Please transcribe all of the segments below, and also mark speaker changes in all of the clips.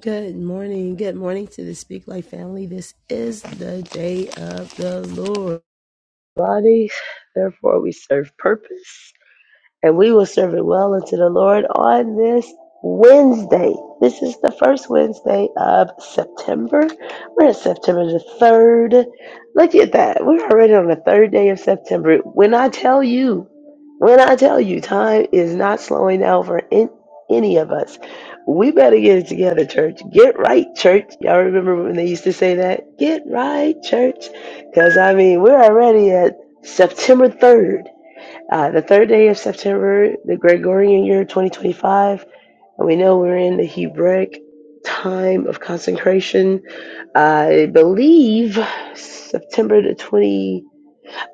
Speaker 1: Good morning. Good morning to the Speak Life family. This is the day of the Lord. Body, therefore we serve purpose and we will serve it well unto the Lord on this Wednesday. This is the first Wednesday of September. We're at September the 3rd. Look at that. We're already on the third day of September. When I tell you, when I tell you, time is not slowing down for in, any of us. We better get it together, church. Get right, church. Y'all remember when they used to say that? Get right, church. Because, I mean, we're already at September 3rd uh, the third day of September, the Gregorian year 2025, and we know we're in the Hebraic time of consecration. Uh, I believe September the 20.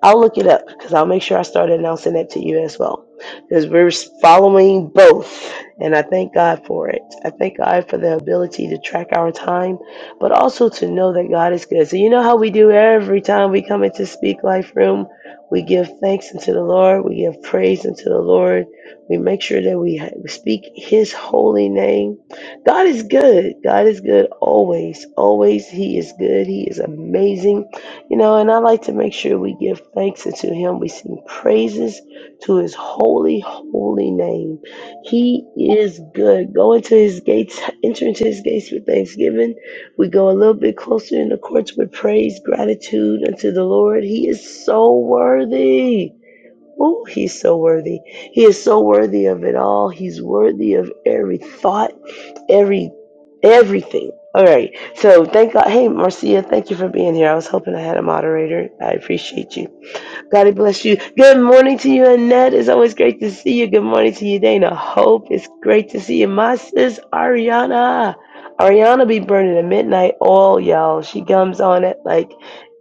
Speaker 1: I'll look it up because I'll make sure I start announcing it to you as well. Because we're following both, and I thank God for it. I thank God for the ability to track our time, but also to know that God is good. So, you know how we do every time we come into Speak Life Room? We give thanks unto the Lord, we give praise unto the Lord, we make sure that we ha- speak His holy name. God is good. God is good always. Always, He is good. He is amazing. You know, and I like to make sure we give thanks unto him. We sing praises to his holy, holy name. He is good. Go into his gates, enter into his gates with thanksgiving. We go a little bit closer in the courts with praise, gratitude unto the Lord. He is so worthy. Oh, he's so worthy. He is so worthy of it all. He's worthy of every thought every everything. All right. So thank God. Hey, Marcia, thank you for being here. I was hoping I had a moderator. I appreciate you. God bless you. Good morning to you, Annette. It's always great to see you. Good morning to you, Dana. Hope. It's great to see you. My sis, Ariana. Ariana be burning at midnight oil, y'all. She comes on at like,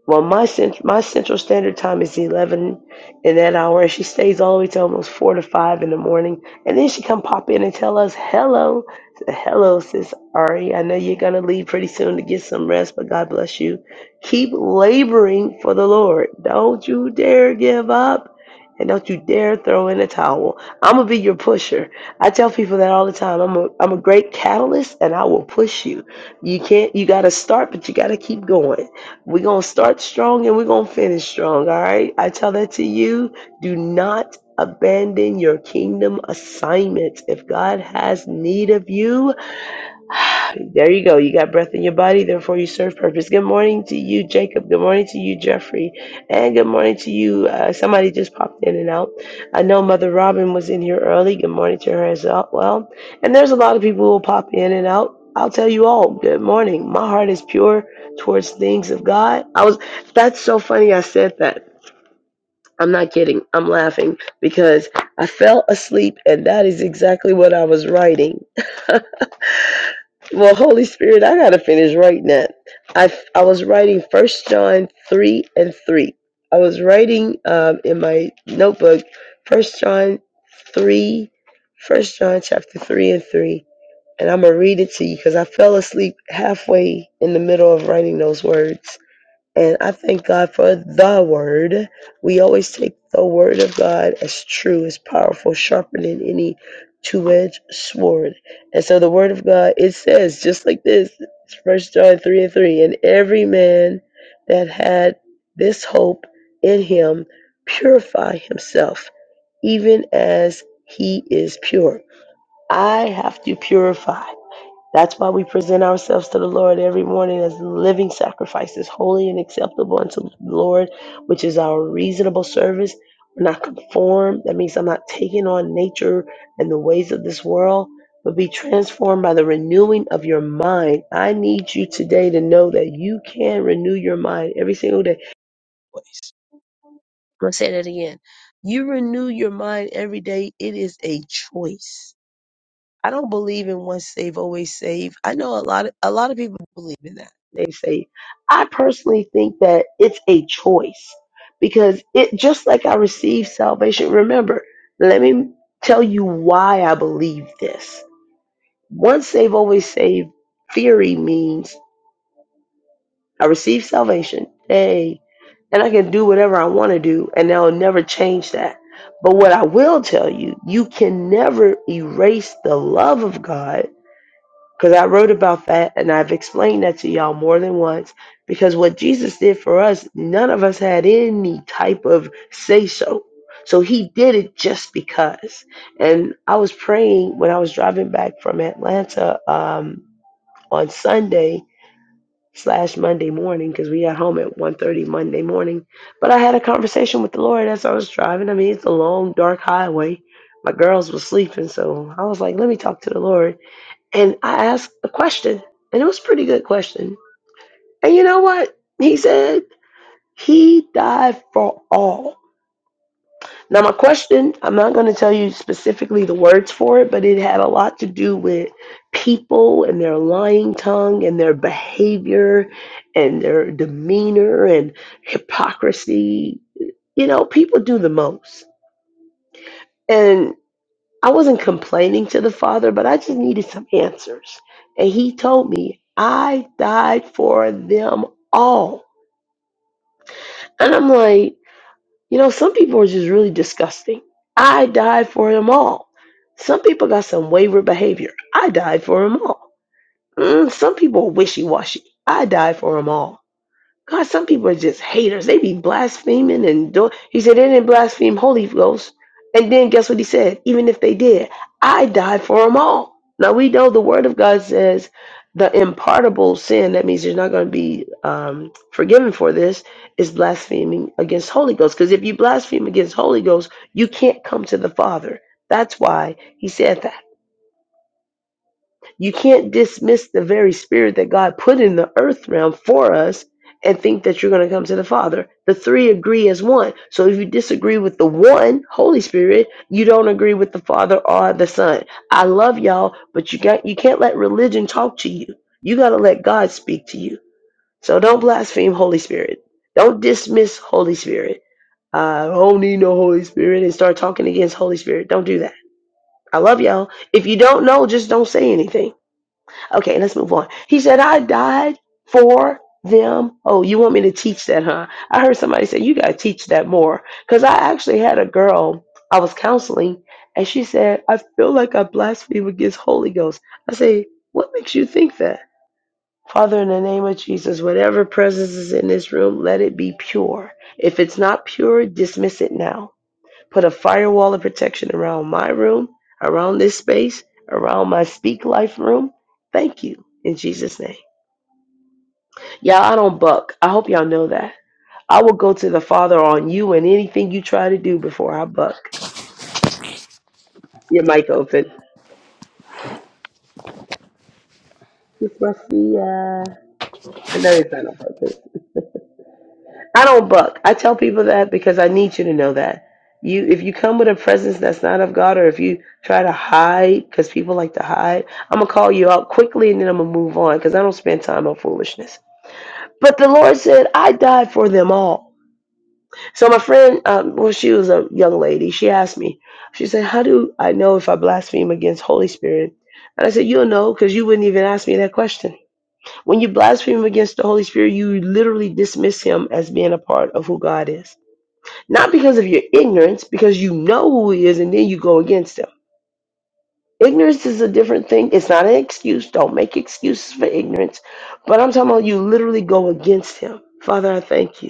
Speaker 1: well, my cent- my central standard time is 11 in that hour. and She stays all the way to almost 4 to 5 in the morning. And then she come pop in and tell us, hello. Hello, sis Ari. I know you're going to leave pretty soon to get some rest, but God bless you. Keep laboring for the Lord. Don't you dare give up. And don't you dare throw in a towel. I'm going to be your pusher. I tell people that all the time. I'm a, I'm a great catalyst and I will push you. You can't, you got to start, but you got to keep going. We're going to start strong and we're going to finish strong. All right. I tell that to you. Do not abandon your kingdom assignment. If God has need of you, there you go. You got breath in your body, therefore you serve purpose. Good morning to you, Jacob. Good morning to you, Jeffrey. And good morning to you. Uh, somebody just popped in and out. I know Mother Robin was in here early. Good morning to her as well. Well, And there's a lot of people who will pop in and out. I'll tell you all, good morning. My heart is pure towards things of God. I was that's so funny I said that. I'm not kidding. I'm laughing because I fell asleep and that is exactly what I was writing. Well, Holy Spirit, I gotta finish writing that. I I was writing First John three and three. I was writing um, in my notebook First John three, First John chapter three and three, and I'm gonna read it to you because I fell asleep halfway in the middle of writing those words. And I thank God for the word. We always take the word of God as true, as powerful, sharper than any two-edged sword. And so the word of God, it says just like this, First John 3 and 3, and every man that had this hope in him purify himself, even as he is pure. I have to purify. That's why we present ourselves to the Lord every morning as living sacrifices, holy and acceptable unto the Lord, which is our reasonable service. We're not conformed. That means I'm not taking on nature and the ways of this world, but be transformed by the renewing of your mind. I need you today to know that you can renew your mind every single day. I'm going to say that again. You renew your mind every day. It is a choice. I don't believe in once saved always saved. I know a lot of a lot of people believe in that. They say, I personally think that it's a choice because it just like I received salvation. Remember, let me tell you why I believe this. Once saved always saved theory means I receive salvation. Hey, and I can do whatever I want to do, and i will never change that. But what I will tell you, you can never erase the love of God because I wrote about that and I've explained that to y'all more than once. Because what Jesus did for us, none of us had any type of say so. So he did it just because. And I was praying when I was driving back from Atlanta um, on Sunday slash Monday morning because we got home at one thirty Monday morning. But I had a conversation with the Lord as I was driving. I mean, it's a long, dark highway. My girls were sleeping, so I was like, let me talk to the Lord and I asked a question, and it was a pretty good question. And you know what? He said, He died for all. Now, my question, I'm not going to tell you specifically the words for it, but it had a lot to do with people and their lying tongue and their behavior and their demeanor and hypocrisy. You know, people do the most. And. I wasn't complaining to the Father, but I just needed some answers. And He told me, I died for them all. And I'm like, you know, some people are just really disgusting. I died for them all. Some people got some wayward behavior. I died for them all. Mm, some people are wishy washy. I died for them all. God, some people are just haters. They be blaspheming and do. He said they didn't blaspheme Holy Ghost. And then guess what he said? Even if they did, I died for them all. Now we know the Word of God says the impartable sin. That means you're not going to be um, forgiven for this. Is blaspheming against Holy Ghost? Because if you blaspheme against Holy Ghost, you can't come to the Father. That's why he said that. You can't dismiss the very spirit that God put in the earth realm for us and think that you're going to come to the Father. The three agree as one. So if you disagree with the one, Holy Spirit, you don't agree with the Father or the Son. I love y'all, but you got you can't let religion talk to you. You got to let God speak to you. So don't blaspheme Holy Spirit. Don't dismiss Holy Spirit. I don't need no Holy Spirit and start talking against Holy Spirit. Don't do that. I love y'all. If you don't know, just don't say anything Okay, let's move on. He said, I died for them. Oh, you want me to teach that, huh? I heard somebody say, You got to teach that more. Because I actually had a girl I was counseling, and she said, I feel like I blaspheme against Holy Ghost. I say, What makes you think that? Father, in the name of Jesus, whatever presence is in this room, let it be pure. If it's not pure, dismiss it now put a firewall of protection around my room, around this space, around my Speak Life room. Thank you in Jesus' name. Y'all, I don't buck. I hope y'all know that. I will go to the Father on you and anything you try to do before I buck. Your mic open. It's Marcia. I know it's not on purpose. I don't buck. I tell people that because I need you to know that. You, if you come with a presence that's not of God, or if you try to hide, because people like to hide, I'm gonna call you out quickly, and then I'm gonna move on, because I don't spend time on foolishness. But the Lord said, I died for them all. So my friend, um, well, she was a young lady. She asked me, she said, "How do I know if I blaspheme against Holy Spirit?" And I said, "You'll know, because you wouldn't even ask me that question. When you blaspheme against the Holy Spirit, you literally dismiss Him as being a part of who God is." Not because of your ignorance, because you know who he is and then you go against him. Ignorance is a different thing. It's not an excuse. Don't make excuses for ignorance. But I'm talking about you literally go against him. Father, I thank you.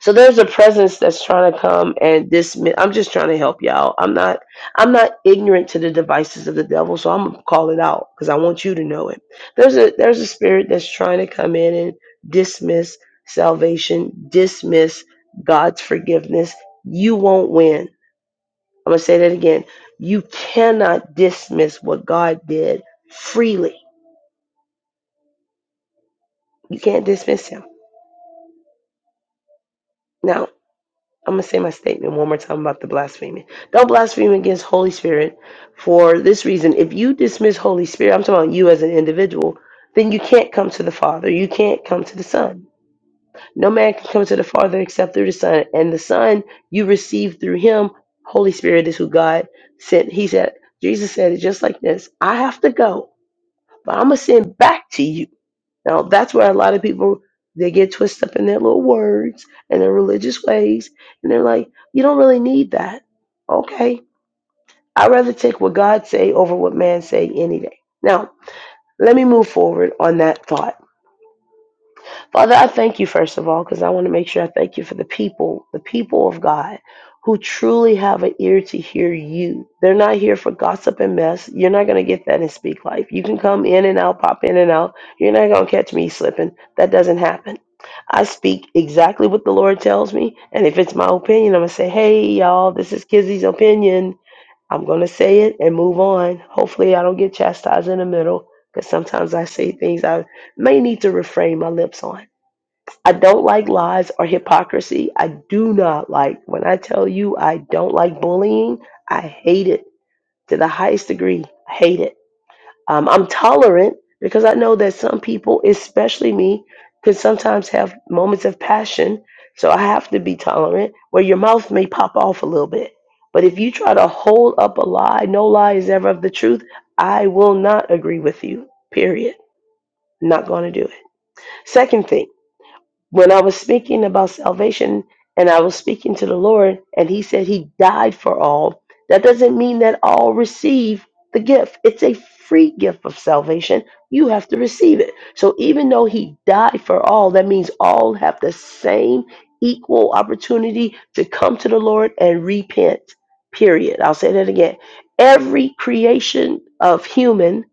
Speaker 1: So there's a presence that's trying to come and dismiss. I'm just trying to help y'all. I'm not. I'm not ignorant to the devices of the devil, so I'm gonna call it out because I want you to know it. There's a there's a spirit that's trying to come in and dismiss salvation, dismiss God's forgiveness. You won't win. I'm gonna say that again. You cannot dismiss what God did freely. You can't dismiss Him. now. I'm going to say my statement one more time about the blaspheming. Don't blaspheme against Holy Spirit for this reason. If you dismiss Holy Spirit, I'm talking about you as an individual, then you can't come to the Father. You can't come to the Son. No man can come to the Father except through the Son. And the Son you receive through him. Holy Spirit is who God sent. He said, Jesus said it just like this I have to go, but I'm going to send back to you now that's where a lot of people they get twisted up in their little words and their religious ways, and they're like, you don't really need that. Okay, I'd rather take what God say over what man say any day. Now let me move forward on that thought. Father, I thank you, first of all, because I want to make sure I thank you for the people, the people of God who truly have an ear to hear you. They're not here for gossip and mess. You're not going to get that in Speak Life. You can come in and out, pop in and out. You're not going to catch me slipping. That doesn't happen. I speak exactly what the Lord tells me. And if it's my opinion, I'm going to say, hey, y'all, this is Kizzy's opinion. I'm going to say it and move on. Hopefully, I don't get chastised in the middle because sometimes I say things I may need to refrain my lips on. I don't like lies or hypocrisy. I do not like, when I tell you I don't like bullying, I hate it to the highest degree. I hate it. Um, I'm tolerant because I know that some people, especially me, can sometimes have moments of passion. So I have to be tolerant where your mouth may pop off a little bit. But if you try to hold up a lie, no lie is ever of the truth, I will not agree with you, period. Not going to do it. Second thing, when I was speaking about salvation and I was speaking to the Lord, and He said He died for all, that doesn't mean that all receive the gift. It's a free gift of salvation. You have to receive it. So even though He died for all, that means all have the same equal opportunity to come to the Lord and repent. Period. I'll say that again. Every creation of human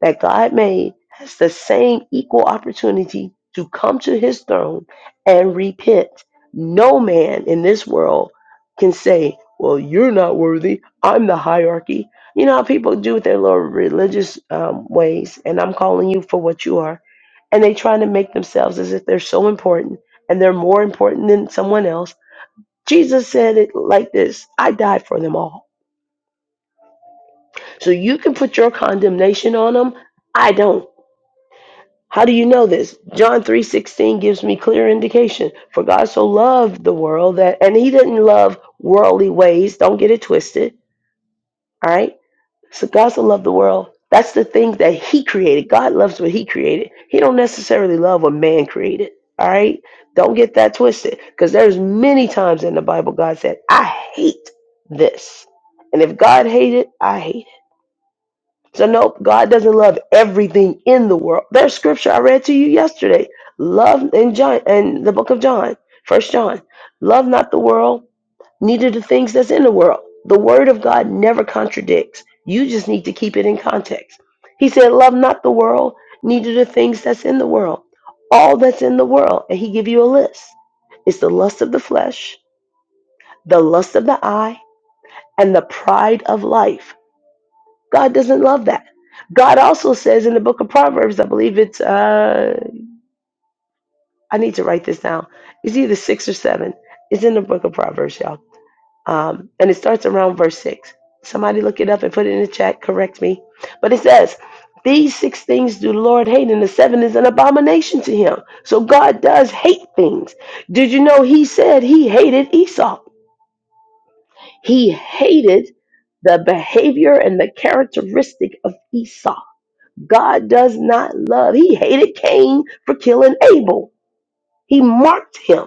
Speaker 1: that God made has the same equal opportunity to come to his throne and repent. No man in this world can say, Well, you're not worthy. I'm the hierarchy. You know how people do with their little religious um, ways, and I'm calling you for what you are. And they try to make themselves as if they're so important and they're more important than someone else. Jesus said it like this I died for them all. So you can put your condemnation on them. I don't. How do you know this? John 3:16 gives me clear indication. For God so loved the world that and he didn't love worldly ways. Don't get it twisted, all right? So God so loved the world. That's the thing that he created. God loves what he created. He don't necessarily love what man created. All right? Don't get that twisted because there's many times in the Bible God said, "I hate this." And if God hated, I hate it. So nope, God doesn't love everything in the world. There's scripture I read to you yesterday. Love in John in the book of John, first John. Love not the world, neither the things that's in the world. The word of God never contradicts. You just need to keep it in context. He said, Love not the world, neither the things that's in the world. All that's in the world. And he give you a list. It's the lust of the flesh, the lust of the eye, and the pride of life God doesn't love that. God also says in the book of Proverbs, I believe it's uh I need to write this down. It's either six or seven. It's in the book of Proverbs, y'all. Um, and it starts around verse six. Somebody look it up and put it in the chat, correct me. But it says, These six things do the Lord hate, and the seven is an abomination to him. So God does hate things. Did you know he said he hated Esau? He hated the behavior and the characteristic of Esau God does not love. He hated Cain for killing Abel. He marked him.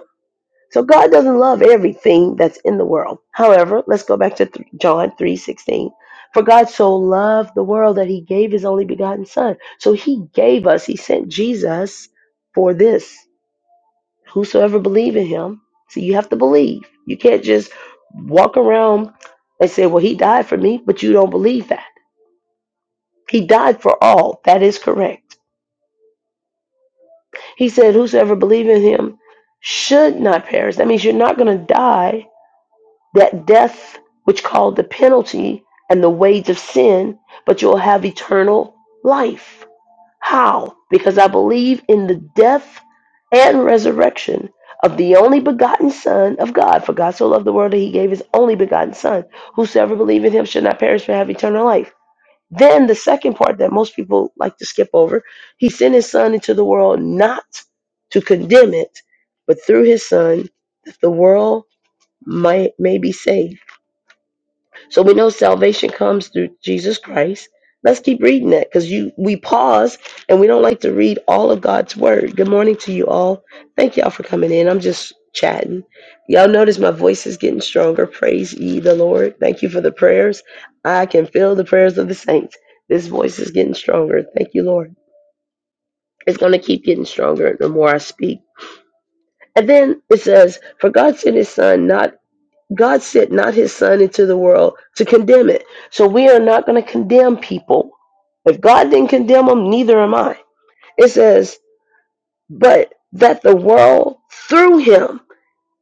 Speaker 1: So God doesn't love everything that's in the world. However, let's go back to th- John 3:16. For God so loved the world that he gave his only begotten son. So he gave us, he sent Jesus for this. Whosoever believe in him. So you have to believe. You can't just walk around and say, "Well, he died for me," but you don't believe that. He died for all. That is correct. He said, Whosoever believe in him should not perish. That means you're not going to die that death which called the penalty and the wage of sin, but you'll have eternal life. How? Because I believe in the death and resurrection of the only begotten Son of God. For God so loved the world that he gave his only begotten Son. Whosoever believe in him should not perish but have eternal life. Then the second part that most people like to skip over, he sent his son into the world not to condemn it, but through his son that the world might may be saved so we know salvation comes through Jesus Christ. Let's keep reading that because you we pause and we don't like to read all of God's word. Good morning to you all. Thank y'all for coming in. I'm just chatting. Y'all notice my voice is getting stronger. Praise ye the Lord. Thank you for the prayers. I can feel the prayers of the saints. This voice is getting stronger. Thank you, Lord. It's going to keep getting stronger the more I speak. And then it says, For God sent his son not God sent not his son into the world to condemn it. So we are not going to condemn people. If God didn't condemn them, neither am I. It says, but that the world through him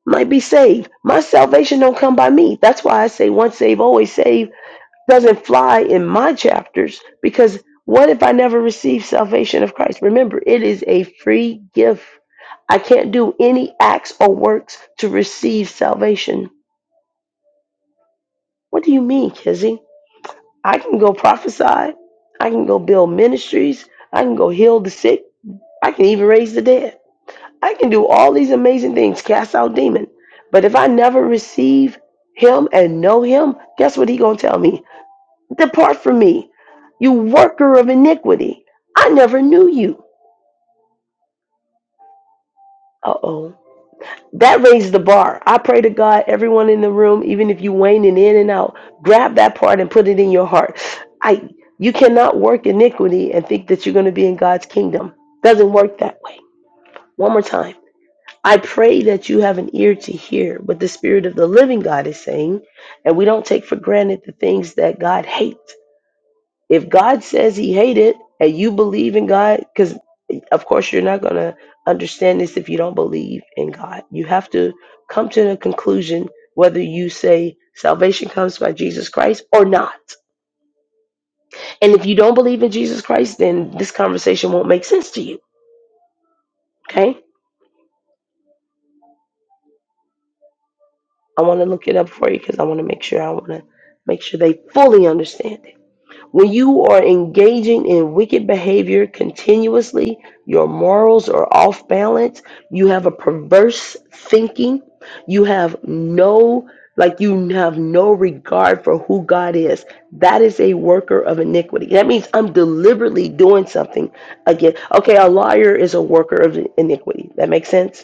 Speaker 1: might be saved. My salvation don't come by me. That's why I say once saved, always saved doesn't fly in my chapters because what if I never receive salvation of Christ? Remember, it is a free gift. I can't do any acts or works to receive salvation. What do you mean, Kizzy? I can go prophesy. I can go build ministries. I can go heal the sick. I can even raise the dead. I can do all these amazing things, cast out demons. But if I never receive him and know him, guess what he gonna tell me? Depart from me, you worker of iniquity. I never knew you. Uh oh. That raised the bar. I pray to God, everyone in the room, even if you waning in and out, grab that part and put it in your heart. I you cannot work iniquity and think that you're going to be in God's kingdom. Doesn't work that way. One more time. I pray that you have an ear to hear what the Spirit of the living God is saying, and we don't take for granted the things that God hates. If God says he hate it and you believe in God, because of course you're not going to understand this if you don't believe in God. You have to come to the conclusion whether you say salvation comes by Jesus Christ or not. And if you don't believe in Jesus Christ, then this conversation won't make sense to you. Okay? I want to look it up for you because I want to make sure I want to make sure they fully understand it. When you are engaging in wicked behavior continuously, your morals are off balance, you have a perverse thinking, you have no like you have no regard for who God is. That is a worker of iniquity. That means I'm deliberately doing something again. Okay, a liar is a worker of iniquity. That makes sense?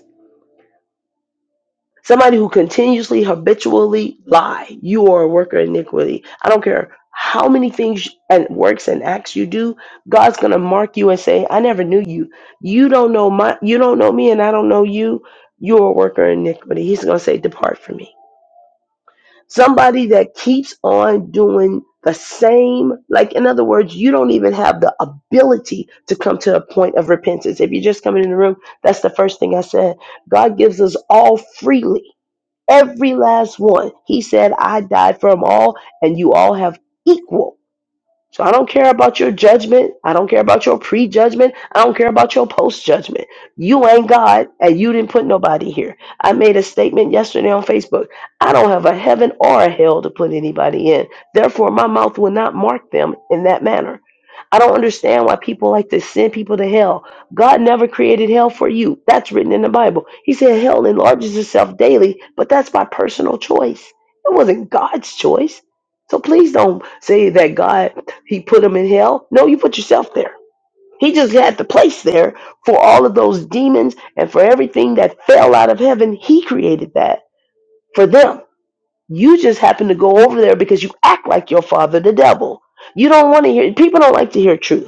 Speaker 1: Somebody who continuously, habitually lie. You are a worker of iniquity. I don't care how many things and works and acts you do. God's gonna mark you and say, "I never knew you. You don't know my. You don't know me, and I don't know you. You're a worker of iniquity." He's gonna say, "Depart from me." Somebody that keeps on doing the same, like in other words, you don't even have the ability to come to a point of repentance. If you're just coming in the room, that's the first thing I said. God gives us all freely Every last one. He said, I died for them all, and you all have equal so I don't care about your judgment. I don't care about your prejudgment. I don't care about your post judgment. You ain't God, and you didn't put nobody here. I made a statement yesterday on Facebook. I don't have a heaven or a hell to put anybody in. Therefore, my mouth will not mark them in that manner. I don't understand why people like to send people to hell. God never created hell for you. That's written in the Bible. He said hell enlarges itself daily, but that's by personal choice. It wasn't God's choice. So please don't say that God he put him in hell. No, you put yourself there. He just had the place there for all of those demons and for everything that fell out of heaven. He created that for them. You just happen to go over there because you act like your father, the devil. You don't want to hear, people don't like to hear truth.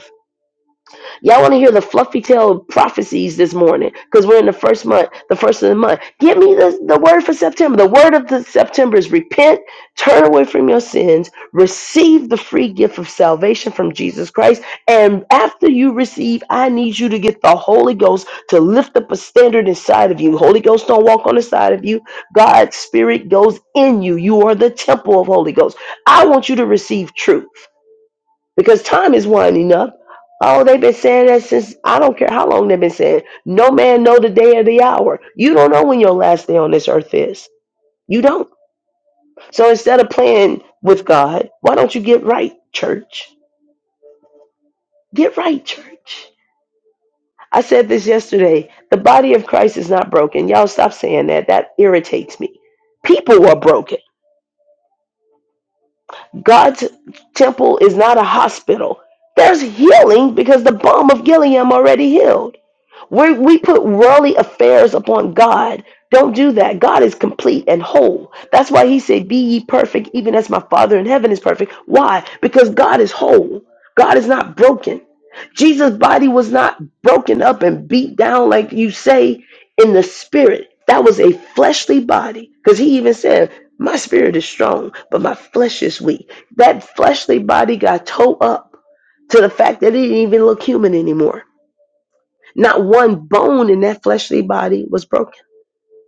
Speaker 1: Y'all want to hear the fluffy tail prophecies this morning because we're in the first month, the first of the month. Give me the, the word for September. The word of the September is repent, turn away from your sins, receive the free gift of salvation from Jesus Christ. And after you receive, I need you to get the Holy Ghost to lift up a standard inside of you. Holy Ghost don't walk on the side of you. God's spirit goes in you. You are the temple of Holy Ghost. I want you to receive truth because time is winding up. Oh, they've been saying that since I don't care how long they've been saying. No man know the day or the hour. You don't know when your last day on this earth is. You don't. So instead of playing with God, why don't you get right, church? Get right, church. I said this yesterday. The body of Christ is not broken. Y'all stop saying that. That irritates me. People are broken. God's temple is not a hospital. There's healing because the balm of Gilead already healed. we we put worldly affairs upon God. Don't do that. God is complete and whole. That's why he said, Be ye perfect, even as my Father in heaven is perfect. Why? Because God is whole. God is not broken. Jesus' body was not broken up and beat down like you say in the spirit. That was a fleshly body. Because he even said, My spirit is strong, but my flesh is weak. That fleshly body got towed up to the fact that it didn't even look human anymore not one bone in that fleshly body was broken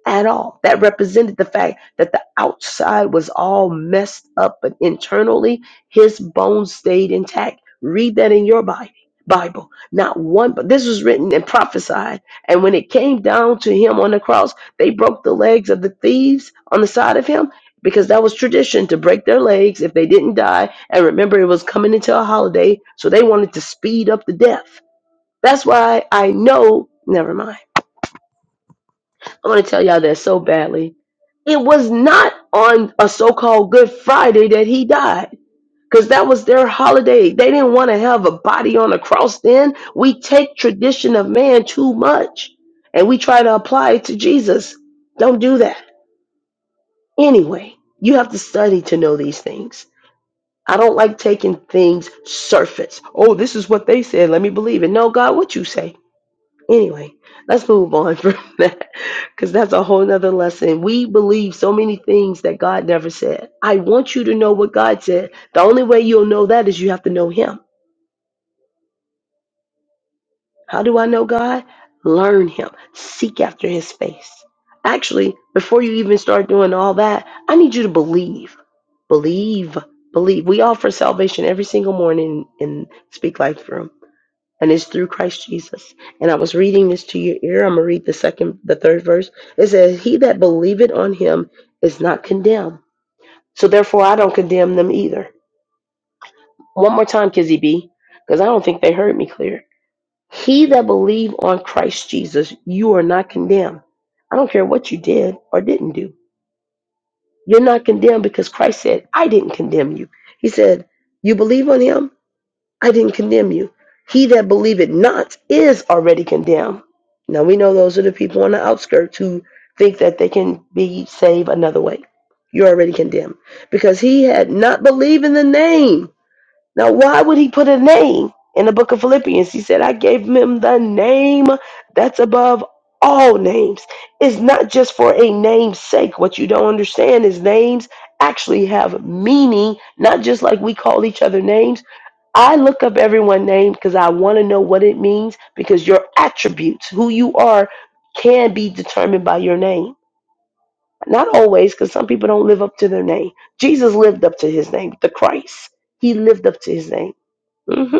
Speaker 1: at all. That represented the fact that the outside was all messed up, but internally, his bones stayed intact. Read that in your Bible. Bible, not one, but this was written and prophesied. And when it came down to him on the cross, they broke the legs of the thieves on the side of him because that was tradition to break their legs if they didn't die. And remember, it was coming into a holiday, so they wanted to speed up the death. That's why I know, never mind. I want to tell y'all that so badly. It was not on a so called Good Friday that he died. Because that was their holiday. They didn't want to have a body on a cross then. We take tradition of man too much and we try to apply it to Jesus. Don't do that. Anyway, you have to study to know these things. I don't like taking things surface. Oh, this is what they said. Let me believe it. No, God, what you say? Anyway, let's move on from that because that's a whole nother lesson. We believe so many things that God never said. I want you to know what God said. The only way you'll know that is you have to know Him. How do I know God? Learn Him, seek after His face. Actually, before you even start doing all that, I need you to believe. Believe. Believe. We offer salvation every single morning in Speak Life Room and it's through Christ Jesus. And I was reading this to your ear. I'm gonna read the second, the third verse. It says, "He that believeth on him is not condemned." So therefore, I don't condemn them either. One more time, Kizzy B, because I don't think they heard me clear. He that believe on Christ Jesus, you are not condemned. I don't care what you did or didn't do. You're not condemned because Christ said, "I didn't condemn you." He said, "You believe on him." I didn't condemn you. He that believeth not is already condemned. Now we know those are the people on the outskirts who think that they can be saved another way. You're already condemned because he had not believed in the name. Now, why would he put a name in the book of Philippians? He said, I gave him the name that's above all names. It's not just for a name's sake. What you don't understand is names actually have meaning, not just like we call each other names I look up everyone's name because I want to know what it means because your attributes, who you are, can be determined by your name. Not always, because some people don't live up to their name. Jesus lived up to his name, the Christ. He lived up to his name. hmm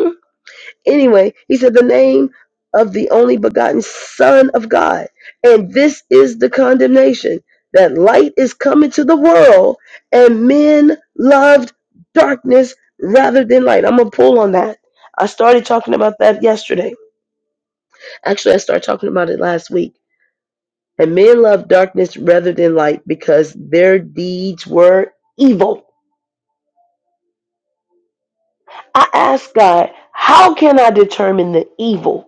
Speaker 1: Anyway, he said, The name of the only begotten Son of God. And this is the condemnation that light is coming to the world, and men loved darkness rather than light. I'm going to pull on that. I started talking about that yesterday. Actually, I started talking about it last week. And men love darkness rather than light because their deeds were evil. I asked God, How can I determine the evil?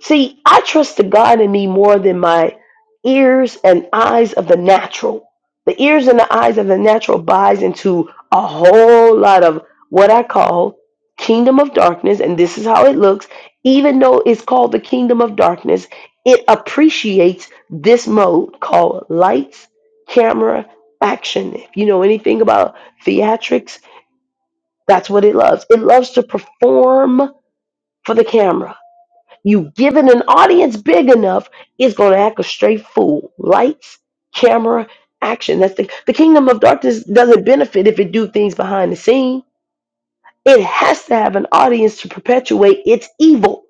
Speaker 1: See, I trust the God in me more than my ears and eyes of the natural. The ears and the eyes of the natural buys into a whole lot of what I call kingdom of darkness, and this is how it looks. Even though it's called the kingdom of darkness, it appreciates this mode called lights, camera, action. If you know anything about theatrics, that's what it loves. It loves to perform for the camera You've given an audience big enough, it's going to act a straight fool. Lights, camera, action. That's the, the kingdom of darkness doesn't benefit if it do things behind the scene. It has to have an audience to perpetuate its evil.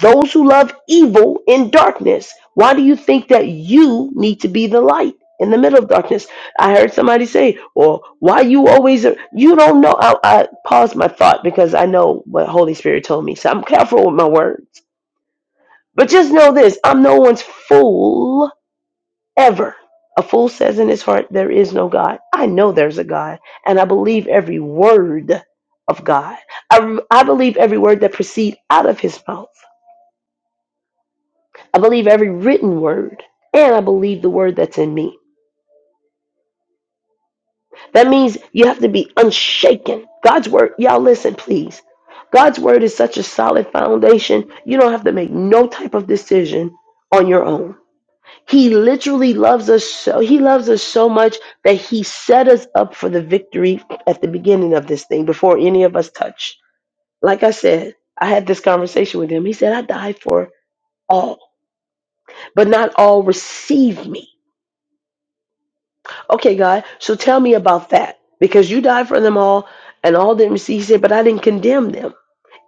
Speaker 1: Those who love evil in darkness. Why do you think that you need to be the light in the middle of darkness? I heard somebody say, "Or why you always you don't know." I, I paused my thought because I know what Holy Spirit told me, so I'm careful with my words but just know this I'm no one's fool ever. A fool says in his heart, There is no God. I know there's a God, and I believe every word of God. I, I believe every word that proceeds out of his mouth. I believe every written word, and I believe the word that's in me. That means you have to be unshaken. God's word, y'all listen, please. God's word is such a solid foundation, you don't have to make no type of decision on your own. He literally loves us so he loves us so much that he set us up for the victory at the beginning of this thing before any of us touch. Like I said, I had this conversation with him. He said, I died for all, but not all receive me. Okay, God, so tell me about that. Because you died for them all and all didn't receive. He said, but I didn't condemn them.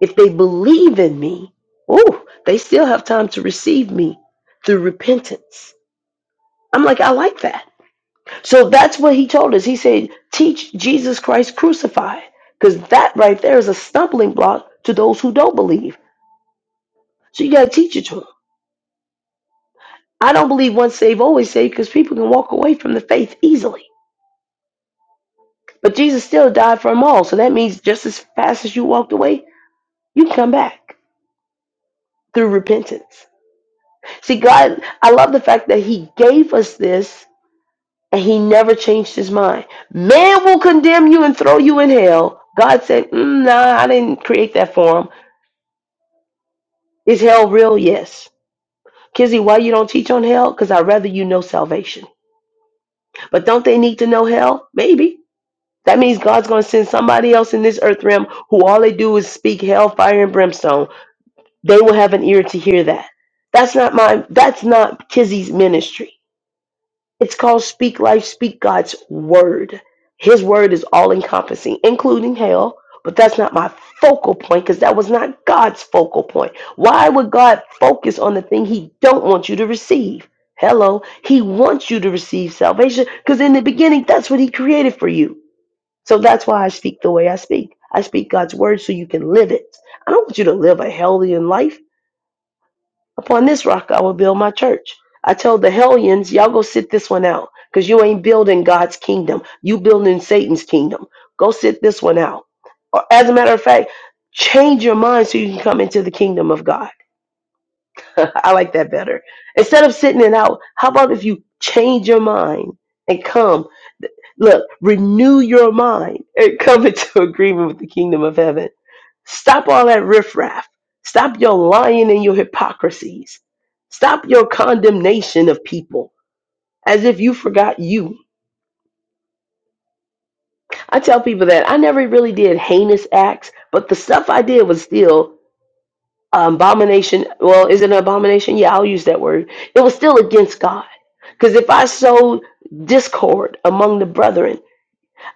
Speaker 1: If they believe in me, ooh, they still have time to receive me through repentance. I'm like, I like that. So that's what he told us. He said, teach Jesus Christ crucified. Because that right there is a stumbling block to those who don't believe. So you got to teach it to them. I don't believe once saved, always saved, because people can walk away from the faith easily. But Jesus still died for them all. So that means just as fast as you walked away, you can come back through repentance. See, God, I love the fact that He gave us this and He never changed His mind. Man will condemn you and throw you in hell. God said, mm, nah, I didn't create that for him. Is hell real? Yes. Kizzy, why you don't teach on hell? Because I'd rather you know salvation. But don't they need to know hell? Maybe. That means God's going to send somebody else in this earth realm who all they do is speak hell, fire, and brimstone. They will have an ear to hear that. That's not my. That's not Kizzy's ministry. It's called Speak Life, Speak God's Word. His word is all encompassing, including hell, but that's not my focal point because that was not God's focal point. Why would God focus on the thing he don't want you to receive? Hello, he wants you to receive salvation because in the beginning, that's what he created for you. So that's why I speak the way I speak. I speak God's word so you can live it. I don't want you to live a hellion life. Upon this rock I will build my church. I told the hellions, y'all go sit this one out because you ain't building God's kingdom. You building Satan's kingdom. Go sit this one out. Or as a matter of fact, change your mind so you can come into the kingdom of God. I like that better. Instead of sitting it out, how about if you change your mind and come? Look, renew your mind and come into agreement with the kingdom of heaven. Stop all that riffraff. Stop your lying and your hypocrisies. Stop your condemnation of people as if you forgot you. I tell people that I never really did heinous acts, but the stuff I did was still abomination. Well, is it an abomination? Yeah, I'll use that word. It was still against God. Because if I sowed discord among the brethren,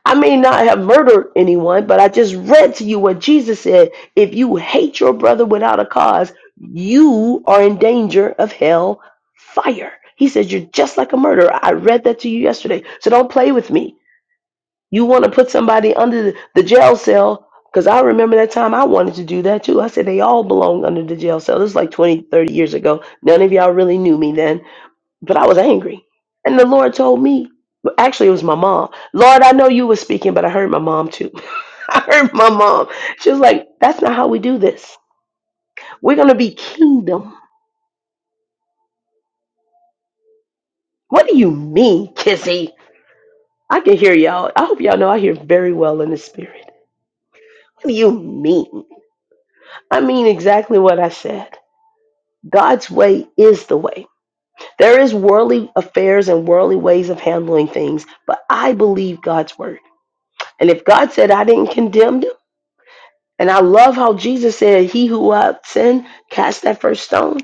Speaker 1: I may not have murdered anyone, but I just read to you what Jesus said. If you hate your brother without a cause, you are in danger of hell fire. He says you're just like a murderer. I read that to you yesterday. So don't play with me. You want to put somebody under the jail cell because I remember that time I wanted to do that too. I said they all belong under the jail cell. This is like 20, 30 years ago. None of y'all really knew me then but I was angry. And the Lord told me, well, actually, it was my mom. Lord, I know you were speaking, but I heard my mom too. I heard my mom. She was like, that's not how we do this. We're going to be kingdom. What do you mean, Kizzy? I can hear y'all. I hope y'all know I hear very well in the spirit. What do you mean? I mean exactly what I said. God's way is the way. There is worldly affairs and worldly ways of handling things, but I believe God's word. And if God said I didn't condemn them, And I love how Jesus said, He who without sin cast that first stone.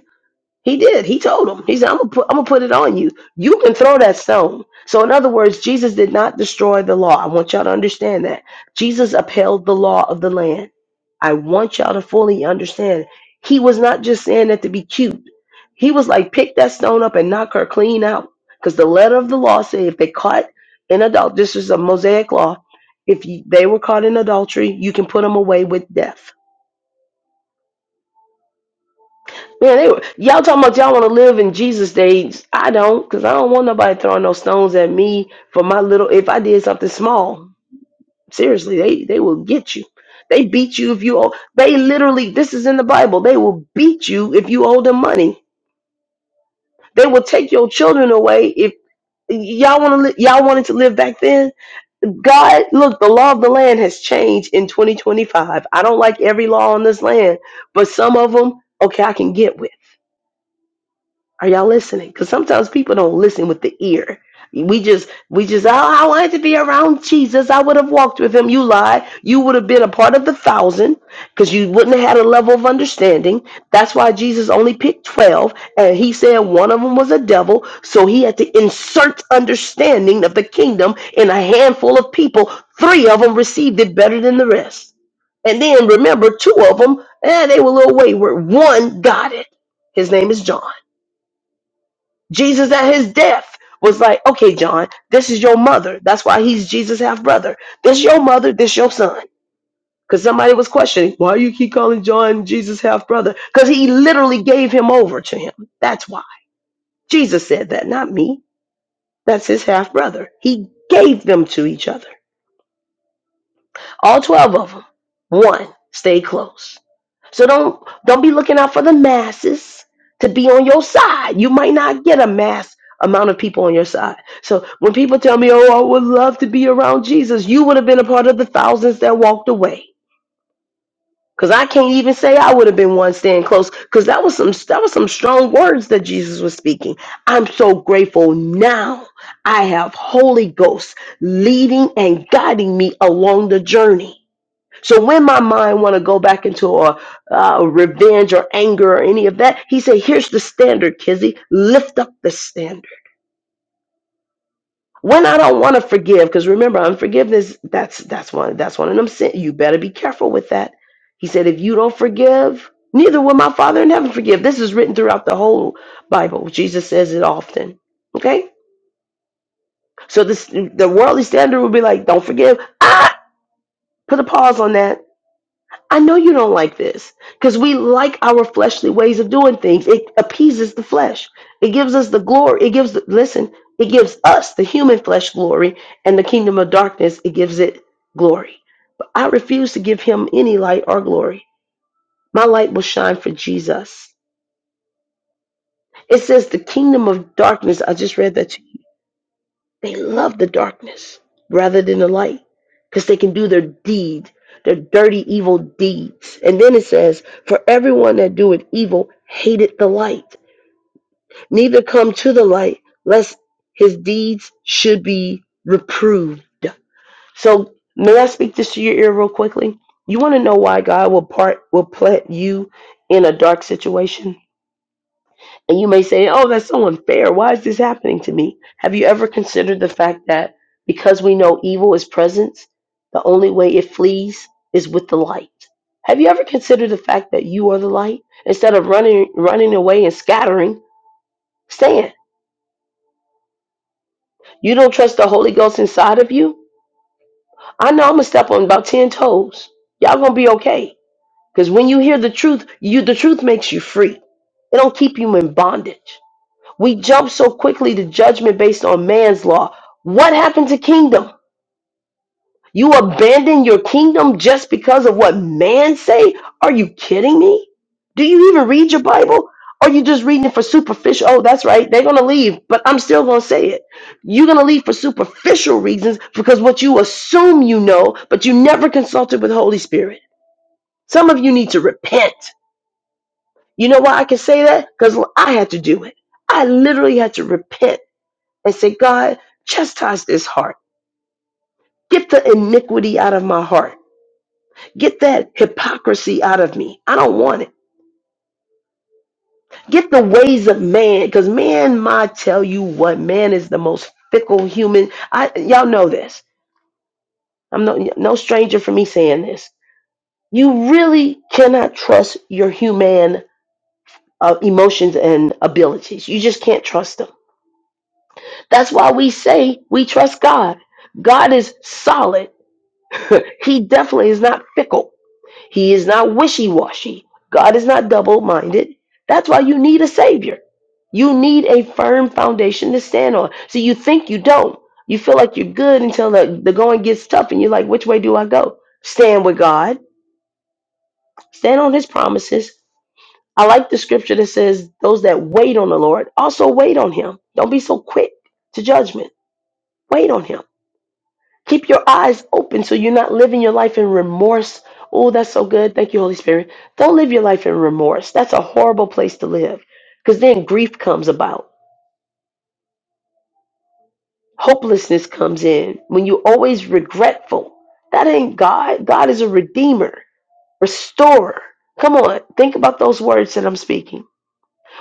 Speaker 1: He did. He told him. He said, "I'm gonna put, I'm gonna put it on you. You can throw that stone." So, in other words, Jesus did not destroy the law. I want y'all to understand that Jesus upheld the law of the land. I want y'all to fully understand. He was not just saying that to be cute. He was like, pick that stone up and knock her clean out, because the letter of the law said if they caught in adult, this is a Mosaic law. If you, they were caught in adultery, you can put them away with death. Man, they were, y'all talking about y'all want to live in Jesus days. I don't, because I don't want nobody throwing no stones at me for my little. If I did something small, seriously, they they will get you. They beat you if you owe. They literally, this is in the Bible. They will beat you if you owe them money. They will take your children away if y'all want to. Li- y'all wanted to live back then. God, look, the law of the land has changed in 2025. I don't like every law on this land, but some of them, okay, I can get with. Are y'all listening? Because sometimes people don't listen with the ear. We just, we just, oh, I wanted to be around Jesus. I would have walked with him. You lie. You would have been a part of the thousand because you wouldn't have had a level of understanding. That's why Jesus only picked 12 and he said one of them was a devil. So he had to insert understanding of the kingdom in a handful of people. Three of them received it better than the rest. And then remember, two of them, eh, they were a little wayward. One got it. His name is John. Jesus at his death was like, okay, John, this is your mother. That's why he's Jesus' half brother. This your mother, this your son. Because somebody was questioning, why you keep calling John Jesus' half brother? Because he literally gave him over to him. That's why. Jesus said that, not me. That's his half brother. He gave them to each other. All 12 of them. One, stay close. So don't don't be looking out for the masses to be on your side. You might not get a mass amount of people on your side. So when people tell me, "Oh, I would love to be around Jesus," you would have been a part of the thousands that walked away. Cause I can't even say I would have been one staying close. Cause that was some that was some strong words that Jesus was speaking. I'm so grateful now. I have Holy Ghost leading and guiding me along the journey. So when my mind want to go back into a uh, revenge or anger or any of that, he said, "Here's the standard, Kizzy. Lift up the standard." When I don't want to forgive, because remember, unforgiveness that's that's one that's one of them sin. You better be careful with that. He said, "If you don't forgive, neither will my Father in heaven forgive." This is written throughout the whole Bible. Jesus says it often. Okay, so this the worldly standard would be like, "Don't forgive." Ah, put a pause on that I know you don't like this because we like our fleshly ways of doing things. It appeases the flesh. It gives us the glory. It gives, listen, it gives us the human flesh glory and the kingdom of darkness. It gives it glory. I refuse to give him any light or glory. My light will shine for Jesus. It says the kingdom of darkness. I just read that to you They love the darkness rather than the light because they can do their deed, their dirty, evil deeds. And then it says, For everyone that doeth evil hated the light, neither come to the light, lest his deeds should be reproved. So, may I speak this to your ear real quickly? You want to know why God will part will plant you in a dark situation? And you may say, oh, that's so unfair. Why is this happening to me? Have you ever considered the fact that because we know evil is present, the only way it flees is with the light? Have you ever considered the fact that you are the light? Instead of running running away and scattering, stand. You don't trust the Holy Ghost inside of you? I know I'm gonna step on about ten toes. Y'all gonna be okay. Because when you hear the truth, you the truth makes you free. It don't keep you in bondage. We jump so quickly to judgment based on man's law. What happened to kingdom? You abandon your kingdom just because of what man say? Are you kidding me? Do you even read your Bible? Or you just reading it for superficial? Oh, that's right. They're gonna leave, but I'm still gonna say it. You're gonna leave for superficial reasons because what you assume you know, but you never consulted with Holy Spirit. Some of you need to repent. You know why I can say that? Because I had to do it. I literally had to repent and say, God, chastise this heart. Get the iniquity out of my heart. Get that hypocrisy out of me. I don't want it. Get the ways of man, because man might tell you what man is the most fickle human. I y'all know this. I'm no no stranger for me saying this. You really cannot trust your human uh, emotions and abilities. You just can't trust them. That's why we say we trust God. God is solid. he definitely is not fickle. He is not wishy washy. God is not double minded. That's why you need a savior. You need a firm foundation to stand on. So you think you don't. You feel like you're good until the, the going gets tough and you're like, which way do I go? Stand with God, stand on his promises. I like the scripture that says, those that wait on the Lord also wait on him. Don't be so quick to judgment. Wait on him. Keep your eyes open so you're not living your life in remorse. Oh, that's so good. Thank you, Holy Spirit. Don't live your life in remorse. That's a horrible place to live because then grief comes about, hopelessness comes in when you're always regretful. That ain't God. God is a redeemer, restorer. Come on, think about those words that I'm speaking.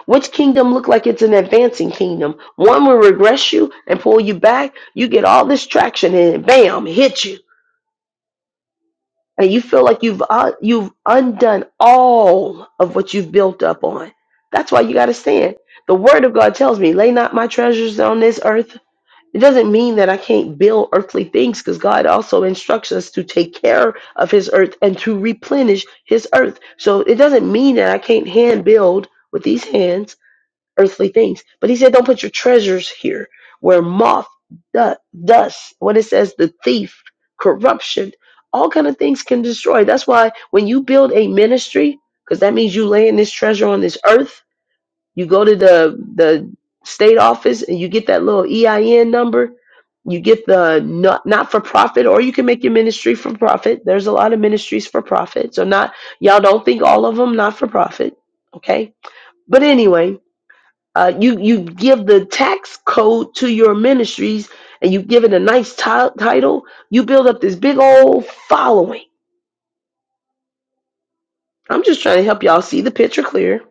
Speaker 1: Which kingdom look like it's an advancing kingdom? One will regress you and pull you back. You get all this traction and bam, hit you and you feel like you've uh, you've undone all of what you've built up on. That's why you got to stand. The word of God tells me, "Lay not my treasures on this earth." It doesn't mean that I can't build earthly things because God also instructs us to take care of His earth and to replenish His earth. So it doesn't mean that I can't hand build with these hands earthly things. But he said, don't put your treasures here where moth, du- dust, what it says, the thief, corruption, all kind of things can destroy. That's why when you build a ministry, because that means you laying this treasure on this earth, you go to the, the state office and you get that little EIN number. You get the not, not for profit, or you can make your ministry for profit. There's a lot of ministries for profit. So, not, y'all don't think all of them not for profit. Okay. But anyway, uh, you you give the tax code to your ministries and you give it a nice ti- title you build up this big old following i'm just trying to help y'all see the picture clear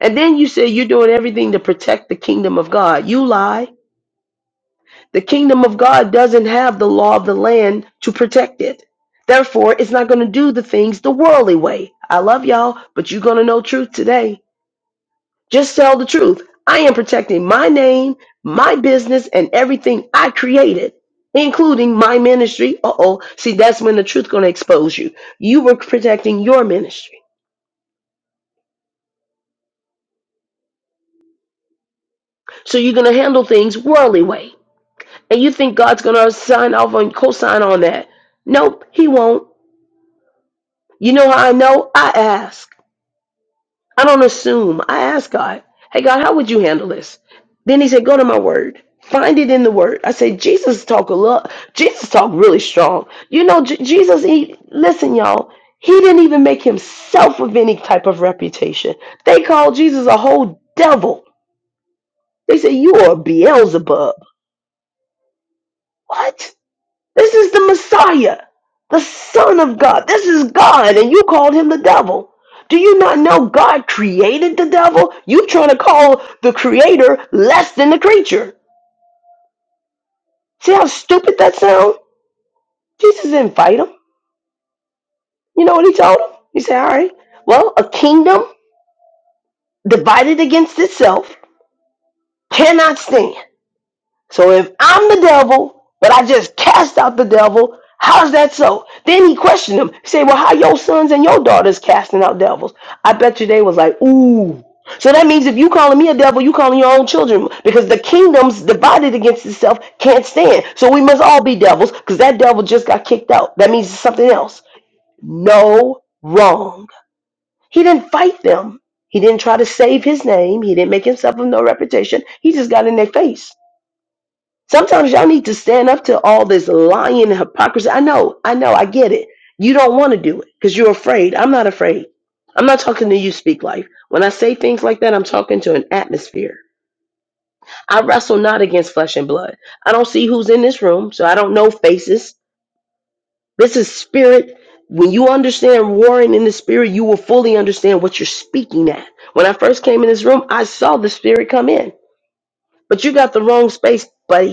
Speaker 1: and then you say you're doing everything to protect the kingdom of god you lie the kingdom of god doesn't have the law of the land to protect it therefore it's not going to do the things the worldly way i love y'all but you're going to know truth today Just tell the truth. I am protecting my name, my business, and everything I created, including my ministry. Uh oh. See, that's when the truth's going to expose you. You were protecting your ministry. So you're going to handle things worldly way. And you think God's going to sign off on, co sign on that. Nope, He won't. You know how I know? I ask. I don't assume. I ask God, hey, God, how would you handle this? Then he said, go to my word. Find it in the word. I said, Jesus talk a lot. Jesus talk really strong. You know, J- Jesus, he, listen, y'all, he didn't even make himself of any type of reputation. They called Jesus a whole devil. They said, you are Beelzebub. What? This is the Messiah, the Son of God. This is God, and you called him the devil. Do you not know God created the devil? You trying to call the creator less than the creature. See how stupid that sounds? Jesus didn't fight him. You know what he told him? He said, All right, well, a kingdom divided against itself cannot stand. So if I'm the devil, but I just cast out the devil, how's that so? Then he questioned him. He said, Well, how your sons and your daughters casting out devils? I bet you they was like, ooh. So that means if you calling me a devil, you calling your own children because the kingdom's divided against itself can't stand. So we must all be devils because that devil just got kicked out. That means it's something else. No wrong. He didn't fight them. He didn't try to save his name. He didn't make himself of no reputation. He just got in their face. Sometimes y'all need to stand up to all this lying and hypocrisy. I know, I know, I get it. You don't want to do it because you're afraid. I'm not afraid. I'm not talking to you, speak life. When I say things like that, I'm talking to an atmosphere. I wrestle not against flesh and blood. I don't see who's in this room, so I don't know faces. This is spirit. When you understand warring in the spirit, you will fully understand what you're speaking at. When I first came in this room, I saw the spirit come in, but you got the wrong space, buddy.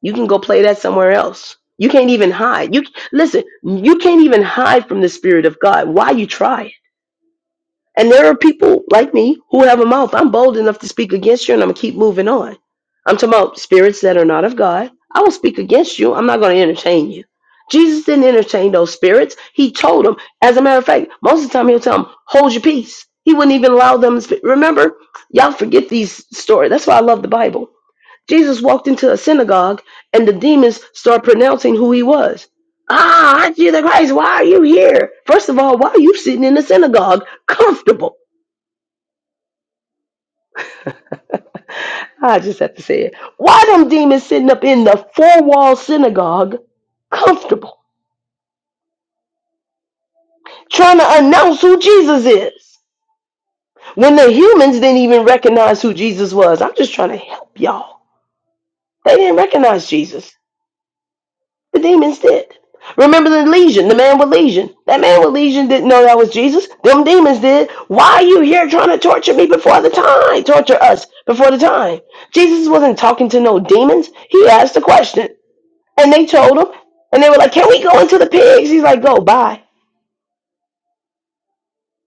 Speaker 1: You can go play that somewhere else. You can't even hide. You listen, you can't even hide from the spirit of God. Why you try it? And there are people like me who have a mouth. I'm bold enough to speak against you and I'm gonna keep moving on. I'm talking about spirits that are not of God. I will speak against you. I'm not gonna entertain you. Jesus didn't entertain those spirits. He told them, as a matter of fact, most of the time he'll tell them, hold your peace. He wouldn't even allow them. Remember, y'all forget these stories. That's why I love the Bible Jesus walked into a synagogue and the demons start pronouncing who he was. Ah, I'm Jesus Christ, why are you here? First of all, why are you sitting in the synagogue comfortable? I just have to say it. Why them demons sitting up in the four wall synagogue comfortable, trying to announce who Jesus is? When the humans didn't even recognize who Jesus was. I'm just trying to help y'all. They didn't recognize Jesus. The demons did. Remember the legion, the man with legion. That man with legion didn't know that was Jesus. Them demons did. Why are you here trying to torture me before the time? Torture us before the time. Jesus wasn't talking to no demons. He asked a question. And they told him. And they were like, Can we go into the pigs? He's like, Go, bye.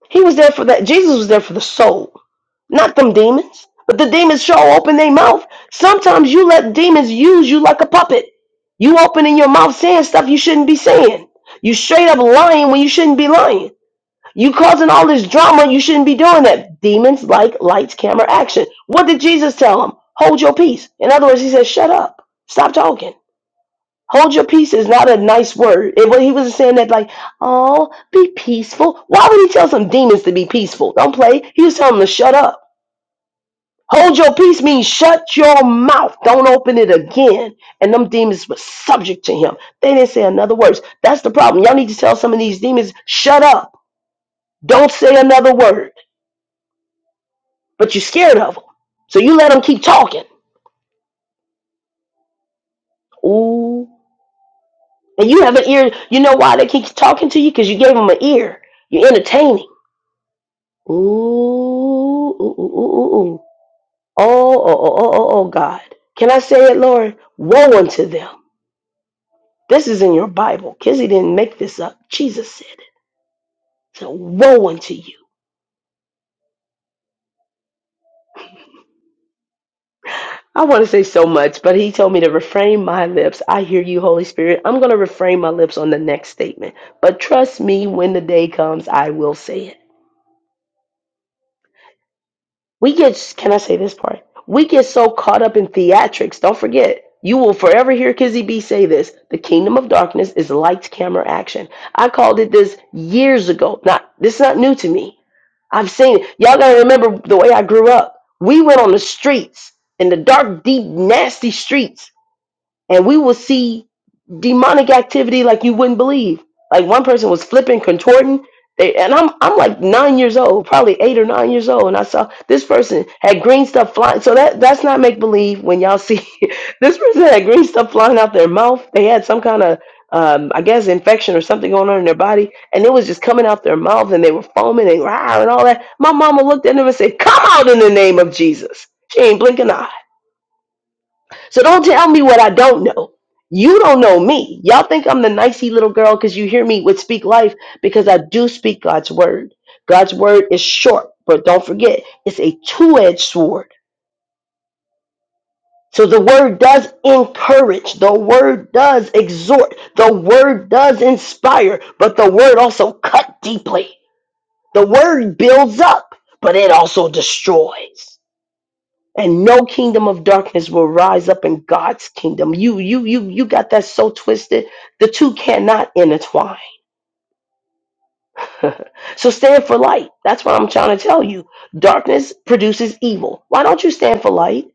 Speaker 1: He was there for that. Jesus was there for the soul. Not them demons. But the demons sure open their mouth. Sometimes you let demons use you like a puppet. You opening your mouth saying stuff you shouldn't be saying. You straight up lying when you shouldn't be lying. You causing all this drama, you shouldn't be doing that. Demons like lights, camera, action. What did Jesus tell them? Hold your peace. In other words, he said, shut up. Stop talking. Hold your peace is not a nice word. It, he wasn't saying that like, oh, be peaceful. Why would he tell some demons to be peaceful? Don't play. He was telling them to shut up. Hold your peace means shut your mouth. Don't open it again. And them demons were subject to him. They didn't say another word. That's the problem. Y'all need to tell some of these demons, shut up. Don't say another word. But you're scared of them. So you let them keep talking. Ooh. And you have an ear. You know why they keep talking to you? Because you gave them an ear. You're entertaining. Ooh. Ooh, ooh, ooh, ooh, ooh. Oh, oh, oh, oh, oh, oh, God. Can I say it, Lord? Woe unto them This is in your Bible. Kizzy didn't make this up. Jesus said it. So woe unto you. I want to say so much, but he told me to refrain my lips. I hear you, Holy Spirit. I'm going to refrain my lips on the next statement. But trust me, when the day comes, I will say it. We get, can I say this part? We get so caught up in theatrics. Don't forget, you will forever hear Kizzy B say this. The kingdom of darkness is lights, camera, action. I called it this years ago. Not, this is not new to me. I've seen it. Y'all gotta remember the way I grew up. We went on the streets, in the dark, deep, nasty streets, and we will see demonic activity like you wouldn't believe. Like one person was flipping, contorting, they, and I'm I'm like nine years old, probably eight or nine years old, and I saw this person had green stuff flying. So that that's not make believe. When y'all see this person had green stuff flying out their mouth, they had some kind of um, I guess infection or something going on in their body, and it was just coming out their mouth, and they were foaming and rah, and all that. My mama looked at them and said, "Come out in the name of Jesus." She ain't blinking an eye. So don't tell me what I don't know. You don't know me. Y'all think I'm the nicey little girl because you hear me with speak life because I do speak God's word. God's word is short, but don't forget, it's a two edged sword. So the word does encourage, the word does exhort, the word does inspire, but the word also cut deeply. The word builds up, but it also destroys. and no kingdom of darkness will rise up in God's kingdom. You you you you got that so twisted. The two cannot intertwine. so stand for light. That's what I'm trying to tell you. Darkness produces evil. Why don't you stand for light?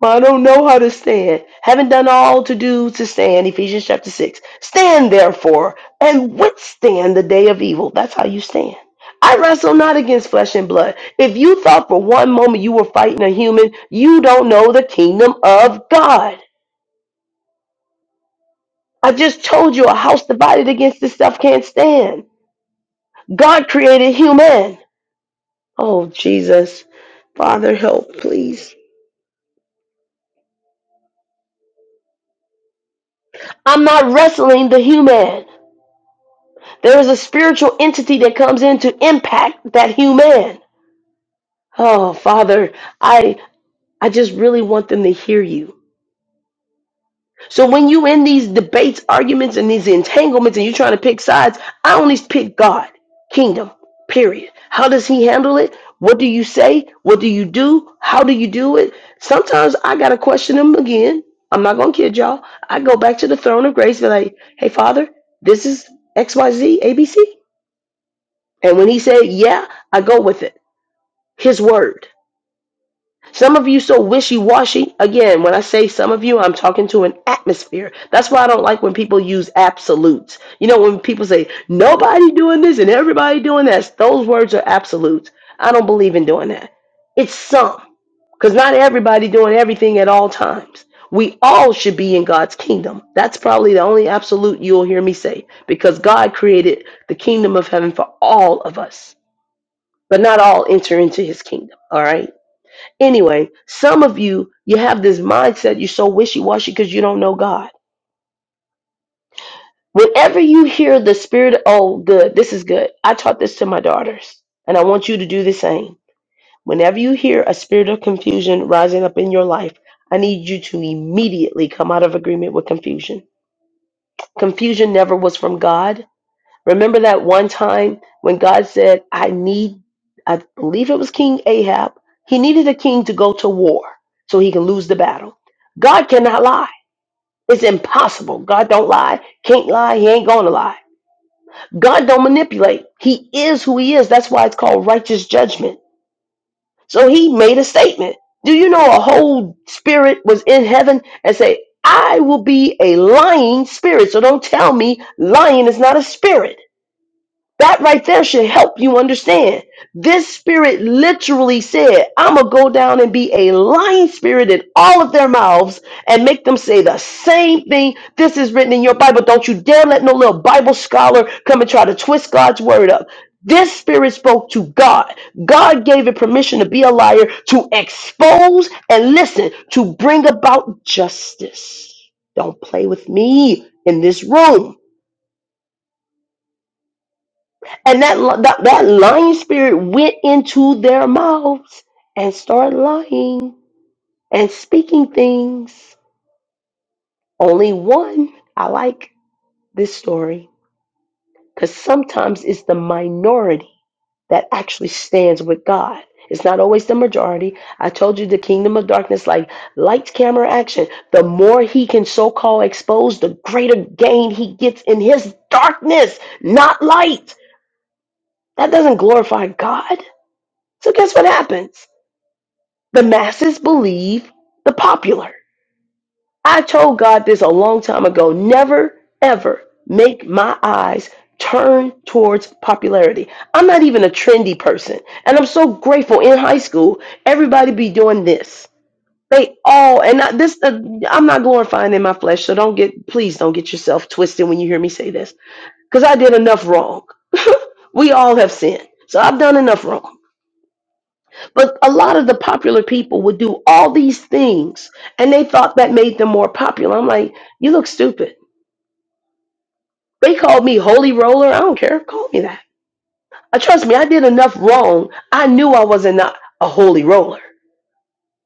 Speaker 1: Well, I don't know how to stand. Haven't done all to do to stand. Ephesians chapter 6. Stand therefore and withstand the day of evil. That's how you stand. I wrestle not against flesh and blood. If you thought for one moment you were fighting a human, you don't know the kingdom of God. I just told you a house divided against itself can't stand. God created human. Oh, Jesus. Father, help, please. I'm not wrestling the human. There is a spiritual entity that comes in to impact that human. Oh, Father, I I just really want them to hear you. So when you in these debates, arguments, and these entanglements, and you're trying to pick sides, I only pick God, kingdom, period. How does he handle it? What do you say? What do you do? How do you do it? Sometimes I gotta question him again. I'm not gonna kid y'all. I go back to the throne of grace, and be like, hey Father, this is X Y Z A B C. And when he said, Yeah, I go with it. His word. Some of you so wishy washy. Again, when I say some of you, I'm talking to an atmosphere. That's why I don't like when people use absolutes. You know, when people say nobody doing this and everybody doing that, those words are absolutes. I don't believe in doing that. It's some, because not everybody doing everything at all times. We all should be in God's kingdom. That's probably the only absolute you'll hear me say, because God created the kingdom of heaven for all of us but not all enter into his kingdom. All right. Anyway, some of you, you have this mindset, you're so wishy washy because you don't know God. Whenever you hear the spirit, oh, good, this is good. I taught this to my daughters, and I want you to do the same. Whenever you hear a spirit of confusion rising up in your life, I need you to immediately come out of agreement with confusion. Confusion never was from God. Remember that one time when God said, I need, I believe it was King Ahab, he needed a king to go to war so he can lose the battle. God cannot lie. It's impossible. God don't lie, can't lie, he ain't gonna lie. God don't manipulate. He is who he is. That's why it's called righteous judgment. So he made a statement. Do you know a whole spirit was in heaven and say, I will be a lying spirit. So don't tell me lying is not a spirit. That right there should help you understand. This spirit literally said, I'm going to go down and be a lying spirit in all of their mouths and make them say the same thing. This is written in your Bible. Don't you dare let no little Bible scholar come and try to twist God's word up. This spirit spoke to God. God gave it permission to be a liar, to expose and listen, to bring about justice. Don't play with me in this room. And that, li- that that lying spirit went into their mouths and started lying and speaking things. Only one. I like this story because sometimes it's the minority that actually stands with God. It's not always the majority. I told you the kingdom of darkness, like lights, camera, action. The more he can so called expose, the greater gain he gets in his darkness, not light. That doesn't glorify God. So guess what happens? The masses believe the popular. I told God this a long time ago never, ever make my eyes turn towards popularity. I'm not even a trendy person. And I'm so grateful in high school, everybody be doing this. They all, and I, this, uh, I'm not glorifying in my flesh, so don't get, please don't get yourself twisted when you hear me say this, because I did enough wrong. We all have sinned, so I've done enough wrong. But a lot of the popular people would do all these things and they thought that made them more popular. I'm like, you look stupid. They called me holy roller. I don't care. Call me that. Uh, trust me, I did enough wrong. I knew I wasn't not a holy roller.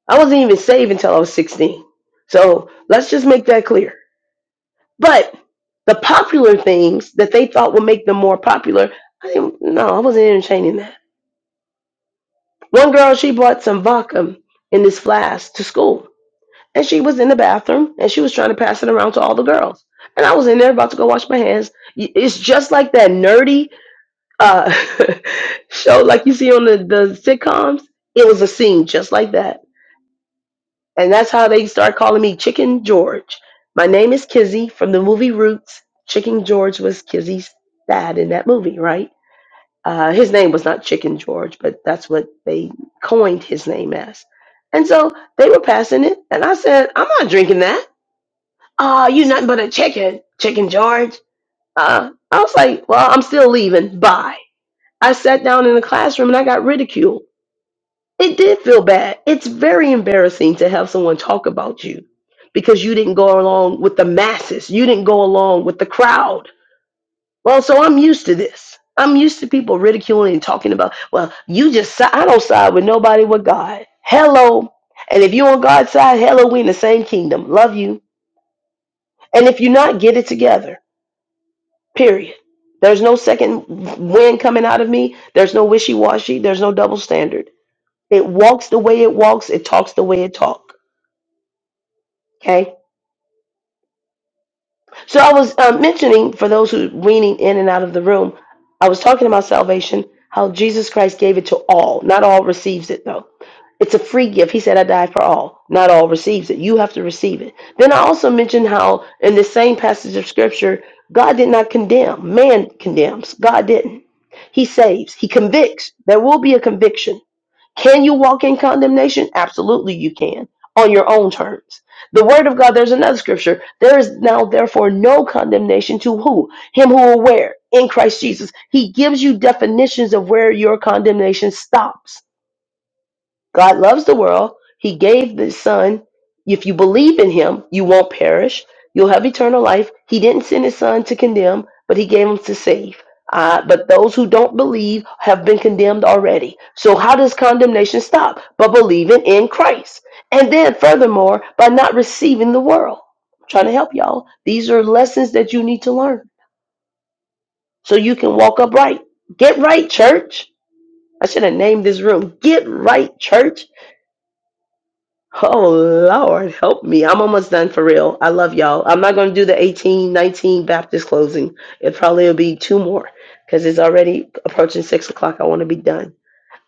Speaker 1: I wasn't even saved until I was 16. So let's just make that clear. But the popular things that they thought would make them more popular, I didn't, no, I wasn't entertaining that. One girl, she brought some vodka in this flask to school. and she was in the bathroom and she was trying to pass it around to all the girls. And I was in there about to go wash my hands. Y- It's just like that nerdy uh, show, like you see on the, the sitcoms. It was a scene just like that. And that's how they start calling me Chicken George. My name is Kizzy from the movie Roots. Chicken George was Kizzy's dad in that movie, right? Uh, his name was not Chicken George, but that's what they coined his name as. And so they were passing it, and I said, I'm not drinking that uh, you nothing but a chicken, Chicken George. Uh, I was like, well, I'm still leaving. Bye. I sat down in the classroom and I got ridiculed. It did feel bad. It's very embarrassing to have someone talk about you because you didn't go along with the masses. You didn't go along with the crowd. Well, so I'm used to this. I'm used to people ridiculing and talking about, well, you just, si- I don't side with nobody but God. Hello. And if you're on God's side, hello, we in the same kingdom. Love you. And if you're not, get it together. Period. There's no second wind coming out of me. There's no wishy washy. There's no double standard. It walks the way it walks. It talks the way it talk. Okay. So I was uh, mentioning for those who weaning in and out of the room, I was talking about salvation, how Jesus Christ gave it to all. Not all receives it though. It's a free gift. He said, "I died for all." Not all receives it. You have to receive it. Then I also mentioned how in the same passage of Scripture, God did not condemn. Man condemns. God didn't. He saves. He convicts. There will be a conviction. Can you walk in condemnation? Absolutely, you can on your own terms. The word of God, there's another scripture. There is now, therefore, no condemnation to who? Him who are where? In Christ Jesus. He gives you definitions of where your condemnation stops. God loves the world. He gave the Son. If you believe in Him, you won't perish. You'll have eternal life. He didn't send His Son to condemn, but He gave Him to save. Uh, but those who don't believe have been condemned already. So how does condemnation stop? But believing in Christ. And then, furthermore, by not receiving the world. I'm trying to help y'all. These are lessons that you need to learn so you can walk upright. Get right, church. I should have named this room Get Right, Church Oh Lord, help me. I'm almost done for real. I love y'all. I'm not going to do the 18, 19 Baptist closing. It probably will be two more because it's already approaching six o'clock. I want to be done.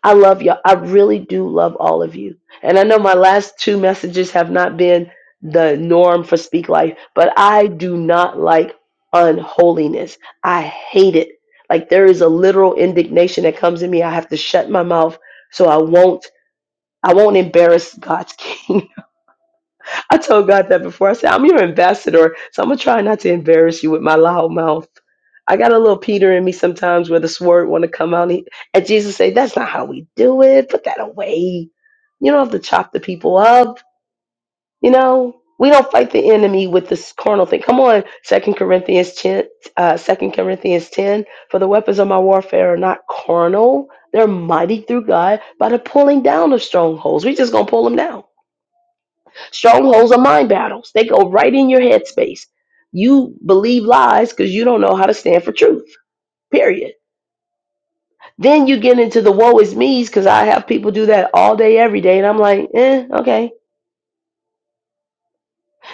Speaker 1: I love y'all. I really do love all of you. And I know my last two messages have not been the norm for Speak Life, but I do not like unholiness. I hate it. Like there is a literal indignation that comes in me. I have to shut my mouth so I won't I won't embarrass God's king. I told God that before. I said, I'm your ambassador, so I'm gonna try not to embarrass you with my loud mouth. I got a little Peter in me sometimes where the sword wanna come out. And he- and Jesus say, That's not how we do it. Put that away. You don't have to chop the people up. You know, we don't fight the enemy with this carnal thing. Come on, Second Corinthians 10, uh, 2 Corinthians 10. For the weapons of my warfare are not carnal. They're mighty through God by the pulling down of strongholds. We just gonna pull them down. Strongholds are mind battles. They go right in your headspace. You believe lies because you don't know how to stand for truth. Period. Then you get into the woe is me's because I have people do that all day, every day, and I'm like, eh, okay.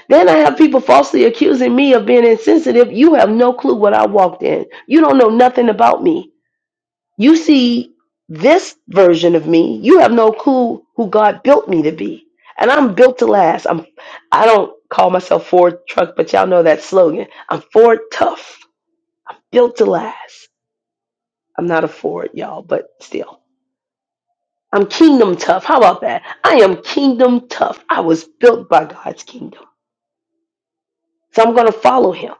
Speaker 1: Then I have people falsely accusing me of being insensitive. You have no clue what I walked in. You don't know nothing about me. You see this version of me. You have no clue who God built me to be. And I'm built to last. I'm I don't call myself Ford truck, but y'all know that slogan. I'm Ford tough, built to last. I'm not a Ford, y'all, but still. I'm kingdom tough. How about that? I am kingdom tough. I was built by God's kingdom. So I'm gonna follow him.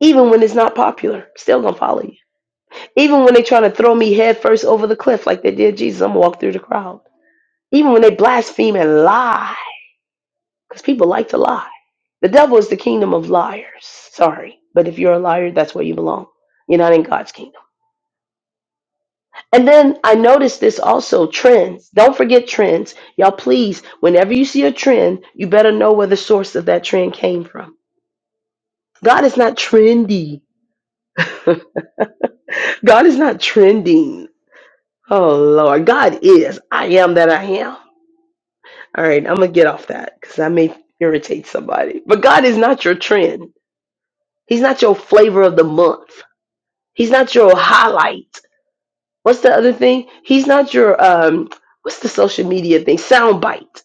Speaker 1: Even when it's not popular, still gonna follow you. Even when they're trying to throw me headfirst over the cliff like they did Jesus, I'm gonna walk through the crowd. Even when they blaspheme and lie, because people like to lie. The devil is the kingdom of liars. Sorry. But if you're a liar, that's where you belong. You're not in God's kingdom. And then I noticed this also trends. Don't forget trends. Y'all, please, whenever you see a trend, you better know where the source of that trend came from. God is not trendy. God is not trending. Oh, Lord. God is. I am that I am. All right. I'm going to get off that because I may irritate somebody. But God is not your trend. He's not your flavor of the month. He's not your highlight. What's the other thing? He's not your um what's the social media thing? Soundbite.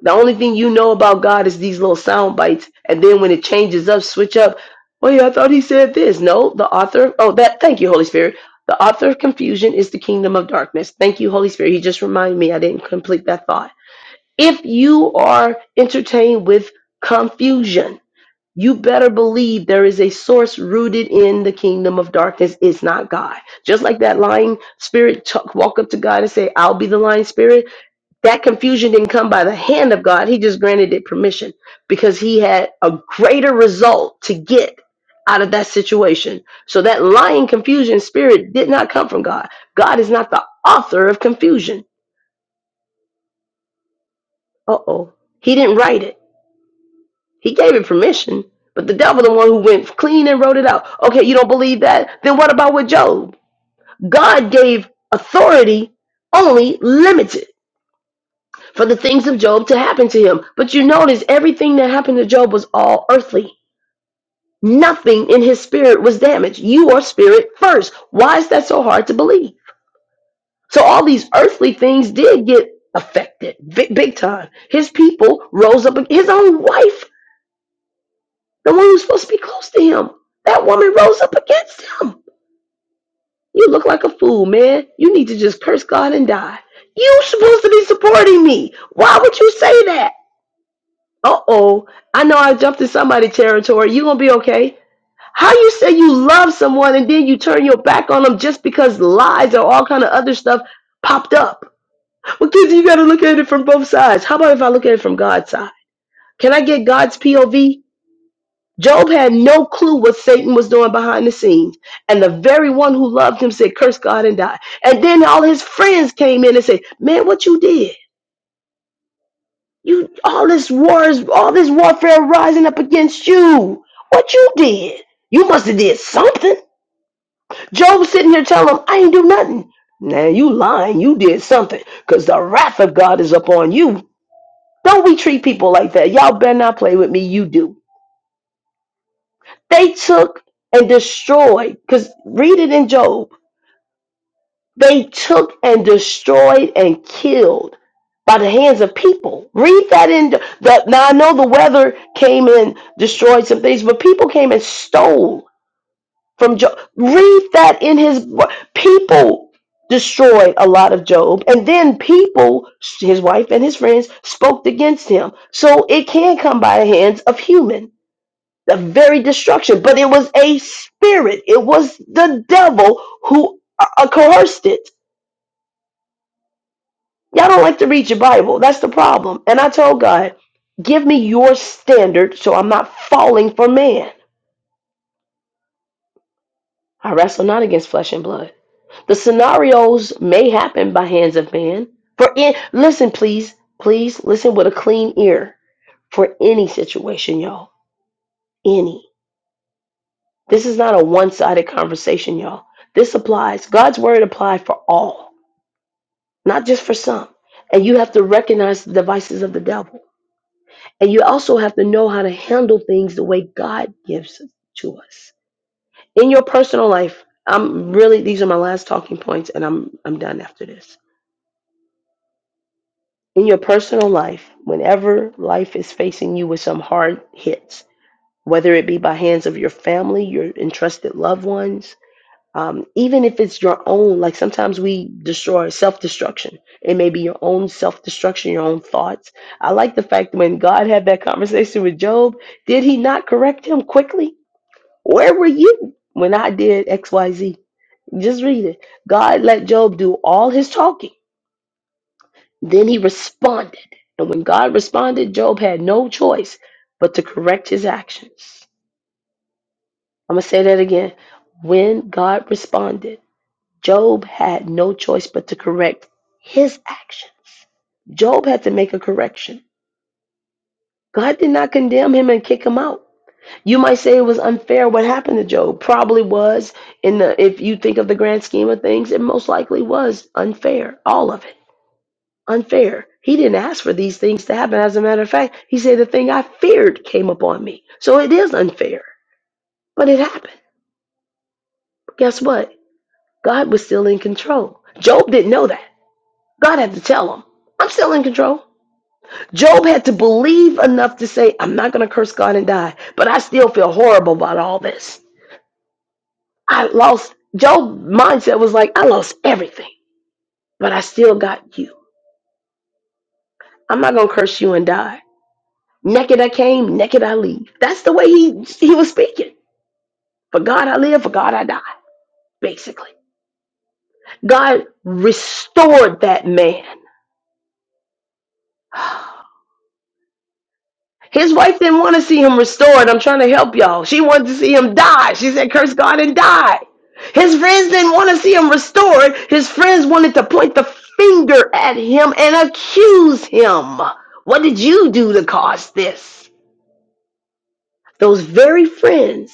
Speaker 1: The only thing you know about God is these little sound bites, and then when it changes up, switch up. Well, yeah, I thought he said this. No, the author. Oh, that. Thank you, Holy Spirit. The author of confusion is the kingdom of darkness. Thank you, Holy Spirit. He just reminded me. I didn't complete that thought. If you are entertained with confusion, You better believe there is a source rooted in the kingdom of darkness. It's not God. Just like that lying spirit t- walk up to God and say, I'll be the lying spirit. That confusion didn't come by the hand of God. He just granted it permission because he had a greater result to get out of that situation. So that lying confusion spirit did not come from God. God is not the author of confusion. Uh oh. He didn't write it. He gave it permission, but the devil, the one who went clean and wrote it out. Okay, you don't believe that? Then what about with Job? God gave authority only limited for the things of Job to happen to him. But you notice everything that happened to Job was all earthly. Nothing in his spirit was damaged. You are spirit first. Why is that so hard to believe? So all these earthly things did get affected big, big time. His people rose up, his own wife The one who's supposed to be close to him. That woman rose up against him. You look like a fool, man. You need to just curse God and die. You are supposed to be supporting me. Why would you say that? Uh oh. I know I jumped in somebody's territory. You gonna be okay. How you say you love someone and then you turn your back on them just because lies or all kind of other stuff popped up? Well, kids, you gotta look at it from both sides. How about if I look at it from God's side? Can I get God's POV? Job had no clue what Satan was doing behind the scenes. And the very one who loved him said, Curse God and die. And then all his friends came in and said, Man, what you did? You all this wars, all this warfare rising up against you. What you did? You must have did something. Job sitting here telling him, I ain't do nothing. Now you lying, you did something. Cause the wrath of God is upon you. Don't we treat people like that? Y'all better not play with me, you do. They took and destroyed, because read it in Job. They took and destroyed and killed by the hands of people. Read that in the now I know the weather came and destroyed some things, but people came and stole from Job. Read that in his people destroyed a lot of Job, and then people, his wife and his friends, spoke against him. So it can come by the hands of human the very destruction. But it was a spirit. It was the devil who uh, uh, coerced it. Y'all don't like to read your Bible. That's the problem. And I told God, give me your standard so I'm not falling for man. I wrestle not against flesh and blood. The scenarios may happen by hands of man. For in listen, please, please listen with a clean ear for any situation, y'all. Any. This is not a one-sided conversation, y'all. This applies. God's word applies for all. not just for some. And you have to recognize the devices of the devil. And you also have to know how to handle things the way God gives to us. In your personal life, I'm really these are my last talking points and I'm I'm done after this. In your personal life, whenever life is facing you with some hard hits, whether it be by hands of your family, your entrusted loved ones, um, even if it's your own like sometimes we destroy self-destruction it may be your own self-destruction your own thoughts i like the fact when god had that conversation with job did he not correct him quickly where were you when i did xyz just read it god let job do all his talking then he responded and when god responded job had no choice but to correct his actions i'm going to say that again when god responded Job had no choice but to correct his actions. Job had to make a correction. God did not condemn him and kick him out. You might say it was unfair what happened to Job. Probably was in the if you think of the grand scheme of things, it most likely was unfair. All of it. Unfair. He didn't ask for these things to happen. As a matter of fact, he said the thing I feared came upon me. So it is unfair. But it happened. Guess what? God was still in control. Job didn't know that. God had to tell him, I'm still in control. Job had to believe enough to say, I'm not going to curse God and die, but I still feel horrible about all this. I lost, Job's mindset was like, I lost everything, but I still got you. I'm not going to curse you and die. Naked I came, naked I leave. That's the way he, he was speaking. For God I live, for God I die, basically. God restored that man His wife didn't want to see him restored. I'm trying to help y'all. She wanted to see him die. She said, Curse God and die. His friends didn't want to see him restored. His friends wanted to point the finger at him and accuse him. What did you do to cause this? Those very friends.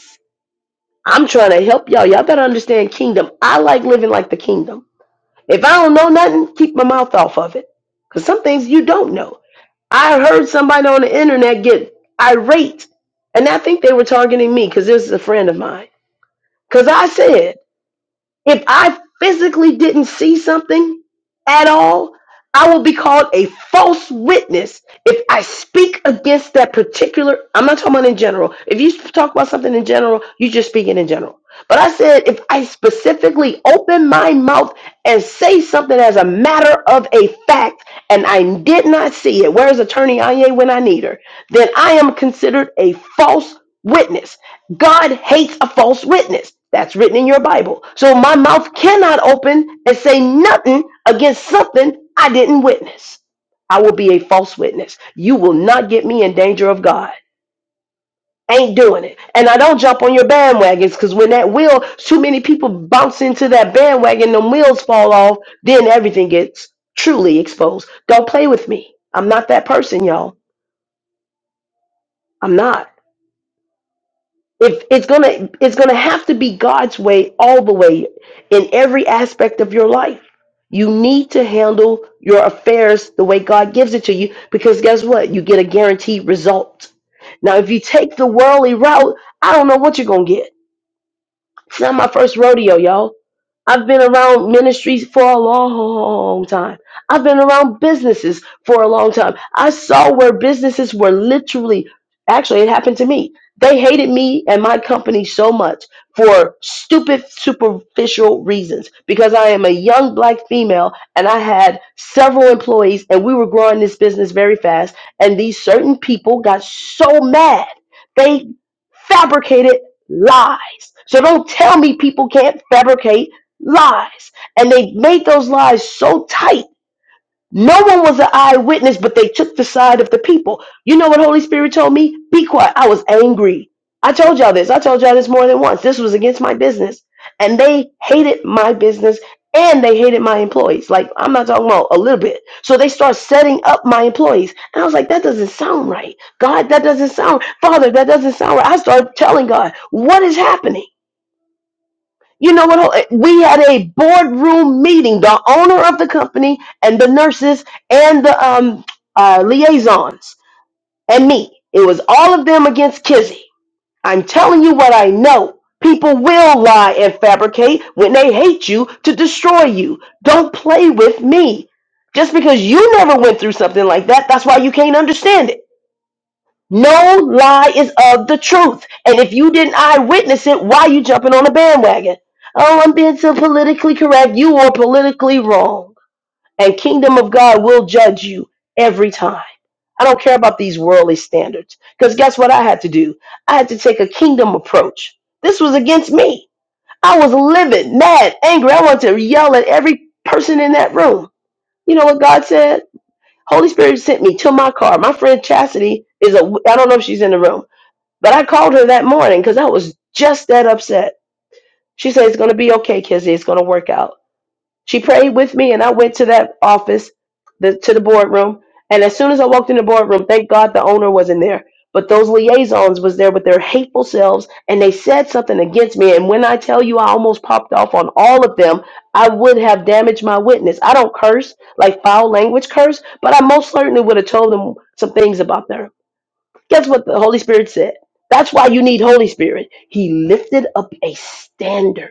Speaker 1: I'm trying to help y'all. Y'all better understand kingdom. I like living like the kingdom. If I don't know nothing, keep my mouth off of it. Because some things you don't know. I heard somebody on the internet get irate, and I think they were targeting me because this is a friend of mine. Because I said, if I physically didn't see something at all, I will be called a false witness if I speak against that particular. I'm not talking about in general. If you talk about something in general, you just speak it in general. But I said if I specifically open my mouth and say something as a matter of a fact and I did not see it, where's attorney Anya when I need her? Then I am considered a false witness. God hates a false witness. That's written in your Bible. So my mouth cannot open and say nothing against something I didn't witness. I will be a false witness. You will not get me in danger of God. Ain't doing it. And I don't jump on your bandwagons because when that wheel, too many people bounce into that bandwagon, the wheels fall off, then everything gets truly exposed. Don't play with me. I'm not that person, y'all. I'm not. if it's gonna it's gonna have to be god's way all the way in every aspect of your life you need to handle your affairs the way god gives it to you because guess what you get a guaranteed result now if you take the worldly route i don't know what you're gonna get it's not my first rodeo, y'all. I've been around ministries for a long time. I've been around businesses for a long time. I saw where businesses were literally, actually, it happened to me. They hated me and my company so much for stupid, superficial reasons because I am a young black female and I had several employees and we were growing this business very fast. And these certain people got so mad. They fabricated lies. So don't tell me people can't fabricate lies. And they made those lies so tight no one was an eyewitness, but they took the side of the people. You know what Holy Spirit told me? Be quiet. I was angry. I told y'all this. I told y'all this more than once. This was against my business. And they hated my business and they hated my employees. Like, I'm not talking about a little bit. So they start setting up my employees. And I was like, that doesn't sound right. God, that doesn't sound Father, that doesn't sound right. I started telling God, what is happening? You know what? uh, We had a boardroom meeting. The owner of the company and the nurses and the um, uh, liaisons and me. It was all of them against Kizzy. I'm telling you what I know. People will lie and fabricate when they hate you to destroy you. Don't play with me. Just because you never went through something like that, that's why you can't understand it. No lie is of the truth. And if you didn't eyewitness it, why you jumping on a bandwagon? Oh, I'm being so politically correct. You are politically wrong. And kingdom of God will judge you every time. I don't care about these worldly standards. Because guess what I had to do? I had to take a kingdom approach. This was against me. I was livid, mad, angry. I wanted to yell at every person in that room. You know what God said? Holy Spirit sent me to my car. My friend Chastity is a, I don't know if she's in the room but I called her that morning because I was just that upset. She said, It's going to be okay, Kizzy. It's going to work out. She prayed with me, and I went to that office, the, to the boardroom. And as soon as I walked in the boardroom, thank God the owner wasn't there. But those liaisons was there with their hateful selves, and they said something against me. And when I tell you I almost popped off on all of them, I would have damaged my witness. I don't curse, like foul language curse, but I most certainly would have told them some things about them Guess what the Holy Spirit said? That's why you need Holy Spirit. He lifted up a standard.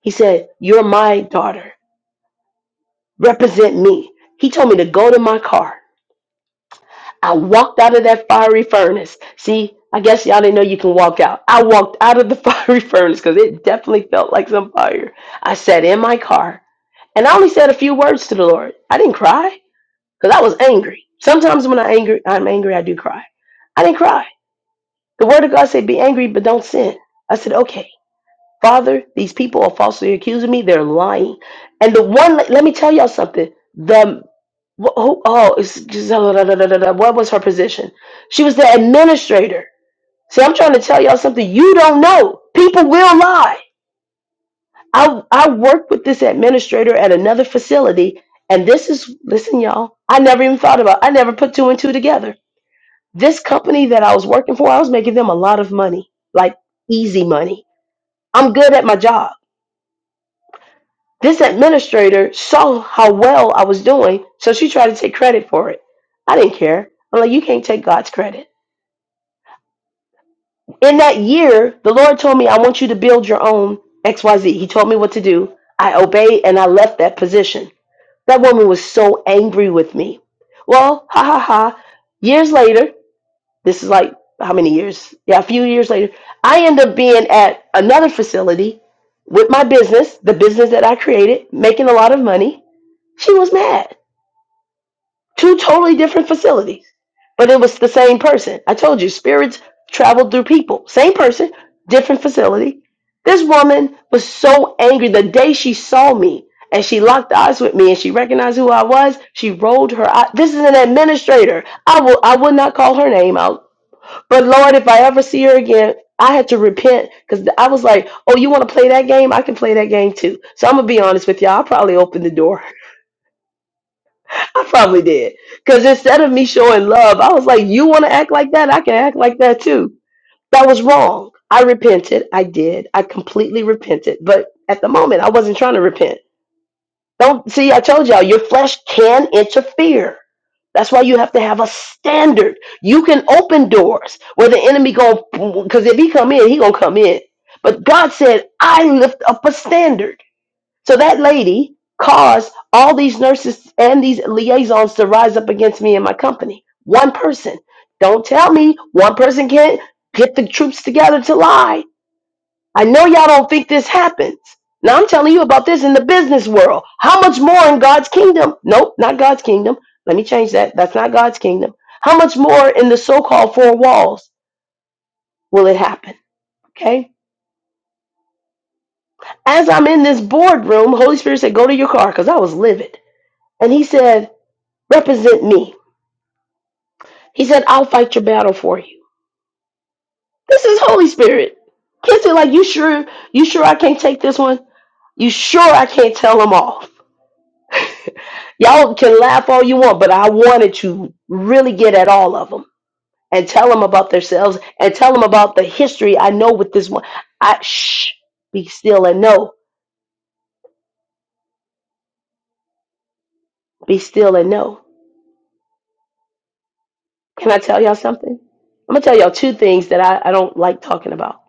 Speaker 1: He said, You're my daughter. Represent me. He told me to go to my car. I walked out of that fiery furnace. See, I guess y'all didn't know you can walk out. I walked out of the fiery furnace because it definitely felt like some fire. I sat in my car and I only said a few words to the Lord. I didn't cry because I was angry. Sometimes when i angry, I'm angry, I do cry. I didn't cry. The word of God said, Be angry, but don't sin. I said, Okay. Father, these people are falsely accusing me. They're lying. And the one, let me tell y'all something. The, wh- who, oh, it's Gisela, da, da, da, da, da. what was her position? She was the administrator. See, I'm trying to tell y'all something you don't know. People will lie. I, I worked with this administrator at another facility, and this is, listen, y'all, I never even thought about I never put two and two together. This company that I was working for, I was making them a lot of money, like easy money. I'm good at my job. This administrator saw how well I was doing, so she tried to take credit for it. I didn't care. I'm like, you can't take God's credit. In that year, the Lord told me, I want you to build your own XYZ. He told me what to do. I obeyed and I left that position. That woman was so angry with me. Well, ha ha ha. Years later, This is like how many years? Yeah, a few years later. I end up being at another facility with my business, the business that I created, making a lot of money. She was mad. Two totally different facilities, but it was the same person. I told you, spirits traveled through people. Same person, different facility. This woman was so angry the day she saw me and she locked eyes with me and she recognized who I was. She rolled her eye. This is an administrator. I will I would not call her name out but Lord, if I ever see her again, I had to repent because I was like, oh, you want to play that game? I can play that game too. So I'm going to be honest with y'all. I probably opened the door. I probably did. Because instead of me showing love, I was like, you want to act like that? I can act like that too. That was wrong. I repented. I did. I completely repented. But at the moment, I wasn't trying to repent. Don't see, I told y'all, your flesh can interfere. That's why you have to have a standard. You can open doors where the enemy go because if he come in, he gonna come in. But God said, I lift up a standard. So that lady caused all these nurses and these liaisons to rise up against me and my company. One person. Don't tell me one person can't get the troops together to lie. I know y'all don't think this happens. Now I'm telling you about this in the business world. How much more in God's kingdom? Nope, not God's kingdom. Let me change that. That's not God's kingdom. How much more in the so called four walls will it happen? Okay. As I'm in this boardroom, Holy Spirit said, Go to your car because I was livid. And he said, Represent me. He said, I'll fight your battle for you. This is Holy Spirit. Kids are like, You sure? You sure I can't take this one? You sure I can't tell them off? Y'all can laugh all you want, but I wanted to really get at all of them and tell them about themselves and tell them about the history I know with this one. I shh, be still and know, be still and know. Can I tell y'all something? I'm gonna tell y'all two things that I, I don't like talking about.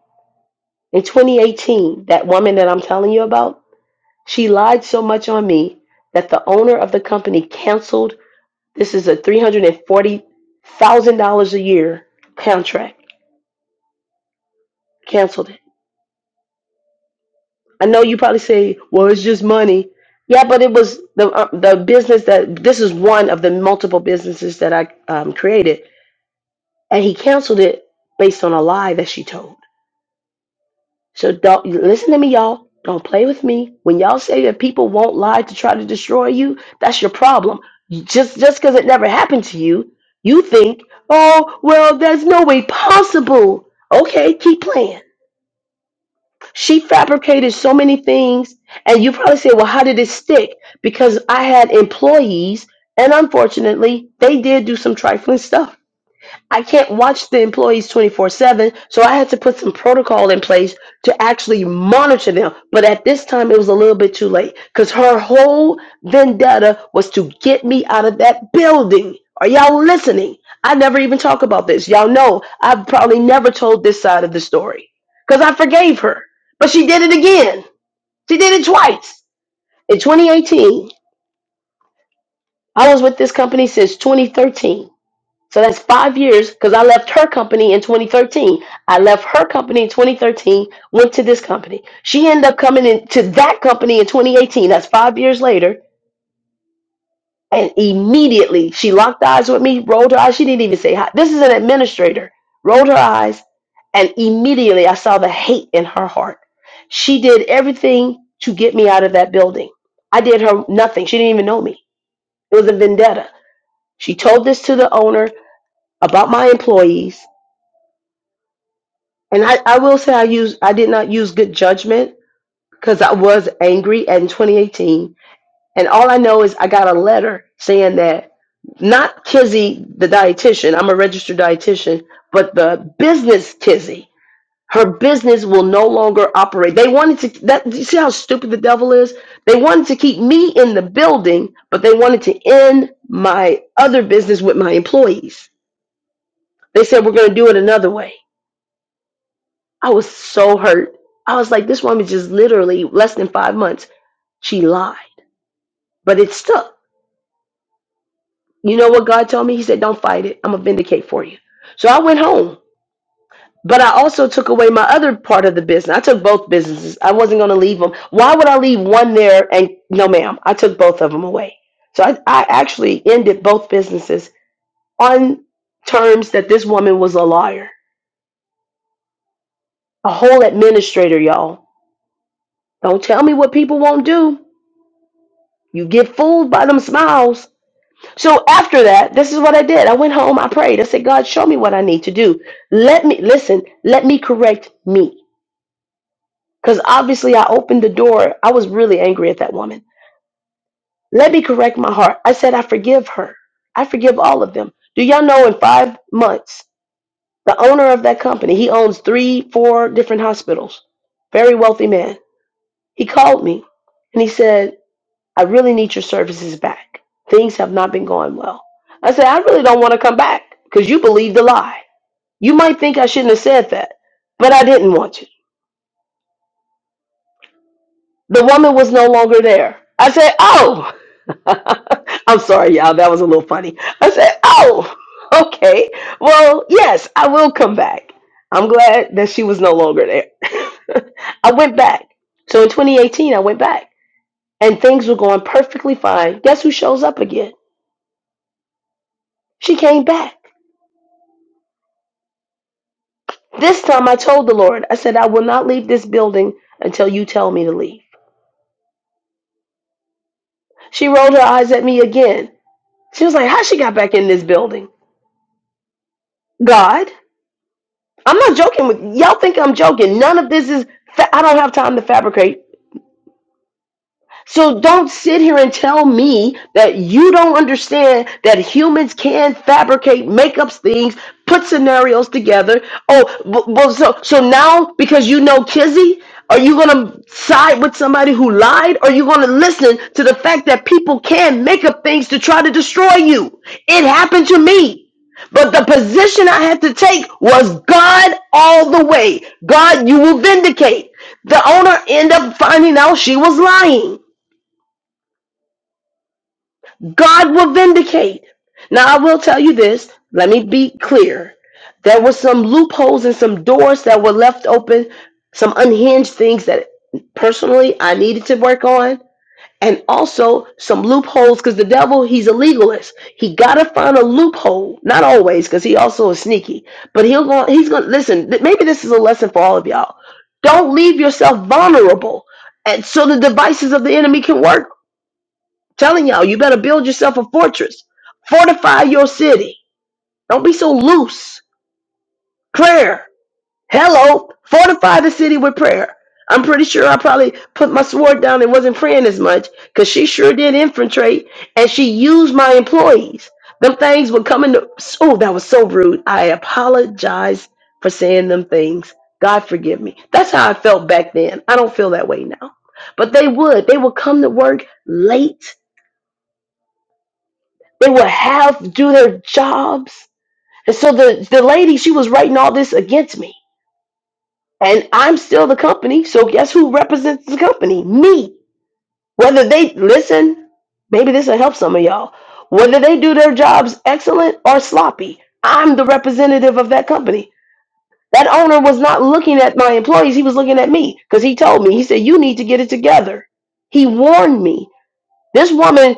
Speaker 1: In 2018, that woman that I'm telling you about, she lied so much on me that the owner of the company canceled. This is a $340,000 a year contract. Canceled it I know you probably say, "Well, it's just money." Yeah, but it was the uh, the business that this is one of the multiple businesses that I um, created, and he canceled it based on a lie that she told. So don't listen to me, y'all. Don't play with me. When y'all say that people won't lie to try to destroy you, that's your problem. You- Just just because it never happened to you, you think, "Oh, well, there's no way possible." Okay, keep playing. She fabricated so many things. And you probably say, well, how did it stick? Because I had employees, and unfortunately, they did do some trifling stuff. I can't watch the employees 24 7, so I had to put some protocol in place to actually monitor them. But at this time, it was a little bit too late because her whole vendetta was to get me out of that building. Are y'all listening? I never even talk about this. Y'all know I've probably never told this side of the story because I forgave her, but she did it again. She did it twice. In 2018, I was with this company since 2013. So that's five years because I left her company in 2013. I left her company in 2013, went to this company. She ended up coming into that company in 2018. That's five years later. And immediately she locked eyes with me, rolled her eyes. She didn't even say hi. This is an administrator. Rolled her eyes. And immediately I saw the hate in her heart. She did everything to get me out of that building. I did her nothing. She didn't even know me. It was a vendetta. She told this to the owner about my employees. And I, I will say I use I did not use good judgment because I was angry at in 2018. And all I know is I got a letter saying that not Kizzy the dietitian, I'm a registered dietitian, but the business Kizzy, her business will no longer operate. They wanted to that you see how stupid the devil is? They wanted to keep me in the building, but they wanted to end my other business with my employees. They said we're gonna do it another way. I was so hurt. I was like, this woman just literally less than five months, she lied. But it stuck. You know what God told me? He said, Don't fight it. I'm gonna vindicate for you. So I went home. But I also took away my other part of the business. I took both businesses. I wasn't gonna leave them. Why would I leave one there and no ma'am? I took both of them away. So I, I actually ended both businesses on terms that this woman was a liar. A whole administrator, y'all. Don't tell me what people won't do. You get fooled by them smiles. So after that, this is what I did. I went home, I prayed. I said, God, show me what I need to do. Let me listen, let me correct me. Because obviously I opened the door. I was really angry at that woman. Let me correct my heart. I said, I forgive her. I forgive all of them. Do y'all know in five months, the owner of that company, he owns three, four different hospitals. Very wealthy man. He called me and he said, I really need your services back. Things have not been going well. I said, I really don't want to come back because you believed the lie. You might think I shouldn't have said that, but I didn't want you. The woman was no longer there. I said, Oh, I'm sorry, y'all. That was a little funny. I said, Oh, okay. Well, yes, I will come back. I'm glad that she was no longer there. I went back. So in 2018, I went back and things were going perfectly fine. Guess who shows up again? She came back. This time I told the Lord, I said, I will not leave this building until you tell me to leave. She rolled her eyes at me again. She was like, How she got back in this building? God, I'm not joking with y'all. Think I'm joking? None of this is. Fa- I don't have time to fabricate So don't sit here and tell me that you don't understand that humans can fabricate, make up things, put scenarios together. Oh, well, well, so so now because you know Kizzy, are you gonna side with somebody who lied? Or are you gonna listen to the fact that people can make up things to try to destroy you? It happened to me. But the position I had to take was God all the way. God, you will vindicate. The owner ended up finding out she was lying. God will vindicate. Now, I will tell you this. Let me be clear. There were some loopholes and some doors that were left open, some unhinged things that personally I needed to work on, and also some loopholes because the devil, he's a legalist. He got to find a loophole. Not always because he also is sneaky, but he'll go, he's going to listen. th- Maybe this is a lesson for all of y'all. Don't leave yourself vulnerable and so the devices of the enemy can work Telling y'all, you better build yourself a fortress. Fortify your city. Don't be so loose. Prayer. Hello. Fortify the city with prayer. I'm pretty sure I probably put my sword down and wasn't praying as much because she sure did infiltrate and she used my employees. Them things were coming to. Oh, that was so rude. I apologize for saying them things. God forgive me. That's how I felt back then. I don't feel that way now. But they would. They would come to work late They would have do their jobs. And so the, the lady, she was writing all this against me. And I'm still the company. So guess who represents the company? Me. Whether they listen, maybe this will help some of y'all. Whether they do their jobs excellent or sloppy, I'm the representative of that company. That owner was not looking at my employees, he was looking at me because he told me, he said, You need to get it together. He warned me. This woman,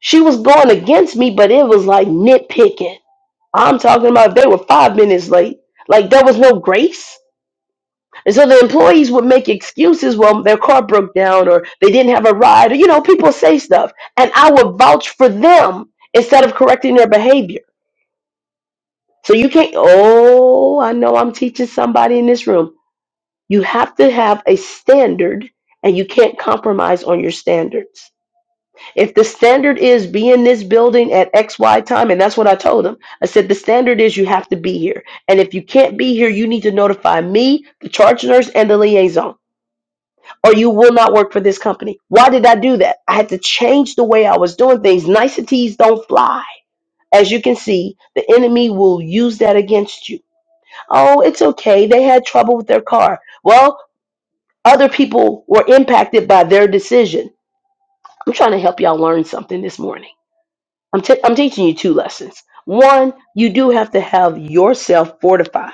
Speaker 1: she was going against me, but it was like nitpicking I'm talking about they were five minutes late. Like there was no grace. And so the employees would make excuses. Well, their car broke down or they didn't have a ride. Or, you know, people say stuff. And I would vouch for them instead of correcting their behavior. So you can't, oh, I know I'm teaching somebody in this room. You have to have a standard and you can't compromise on your standards. If the standard is be in this building at XY time, and that's what I told them. I said, the standard is you have to be here. And if you can't be here, you need to notify me, the charge nurse, and the liaison, or you will not work for this company. Why did I do that? I had to change the way I was doing things. Niceties don't fly. As you can see, the enemy will use that against you. Oh, it's okay. They had trouble with their car. Well, other people were impacted by their decision. I'm trying to help y'all learn something this morning. I'm, t- I'm teaching you two lessons. One, you do have to have yourself fortified.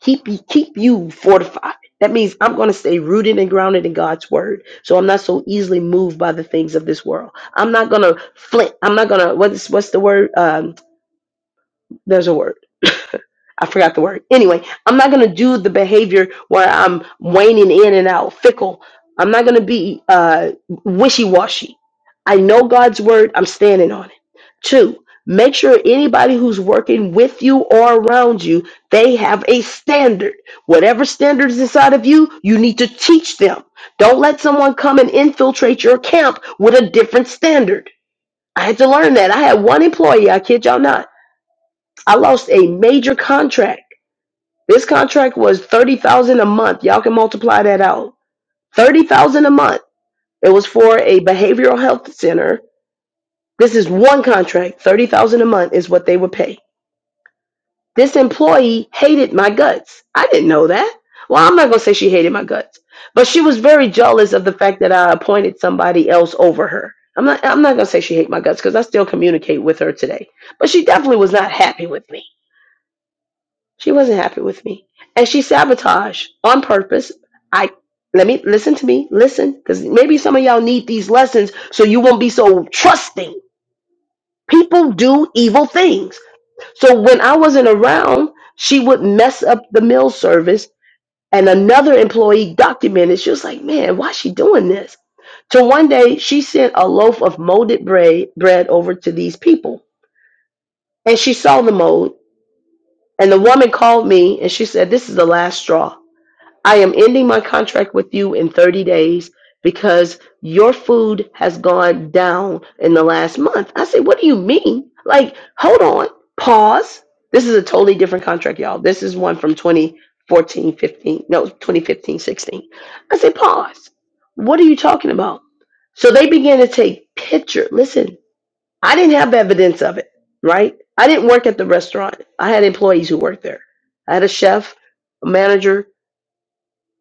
Speaker 1: Keep you keep you fortified. That means I'm going to stay rooted and grounded in God's word, so I'm not so easily moved by the things of this world. I'm not going to flint. I'm not going to what's what's the word? Um, there's a word. I forgot the word. Anyway, I'm not going to do the behavior where I'm waning in and out, fickle. I'm not going to be uh, wishy washy. I know God's word. I'm standing on it. Two, make sure anybody who's working with you or around you, they have a standard. Whatever standard is inside of you, you need to teach them. Don't let someone come and infiltrate your camp with a different standard. I had to learn that. I had one employee, I kid y'all not. I lost a major contract this contract was thirty thousand dollars a month. Y'all can multiply that out. Thirty thousand dollars a month. It was for a behavioral health center. This is one contract. Thirty thousand dollars a month is what they would pay. This employee hated my guts. I didn't know that. Well, I'm not gonna say she hated my guts, but she was very jealous of the fact that I appointed somebody else over her. I'm not. I'm not gonna say she hated my guts because I still communicate with her today. But she definitely was not happy with me. She wasn't happy with me. And she sabotaged on purpose. I let me listen to me, listen, because maybe some of y'all need these lessons so you won't be so trusting. People do evil things. So when I wasn't around, she would mess up the meal service. And another employee documented, she was like, man, why is she doing this? So one day, she sent a loaf of molded bread, bread over to these people. And she saw the mold. And the woman called me and she said, this is the last straw. I am ending my contract with you in 30 days because your food has gone down in the last month. I said, What do you mean? Like, hold on, pause. This is a totally different contract, y'all. This is one from twenty fourteen, fifteen. no, 2015, 16. I said, Pause. What are you talking about? So they began to take pictures. Listen, I didn't have evidence of it, right? I didn't work at the restaurant. I had employees who worked there. I had a chef, a manager,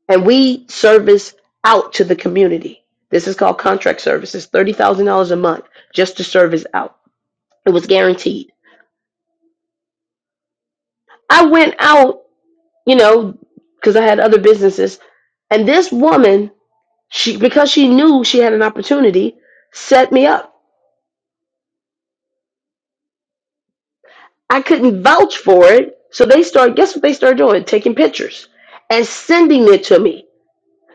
Speaker 1: and we service out to the community. This is called contract services, thirty thousand dollars a month just to service out. It was guaranteed. I went out, you know, because I had other businesses, and this woman, she because she knew she had an opportunity, set me up. I couldn't vouch for it, so they start. Guess what they started doing? Taking pictures and sending it to me.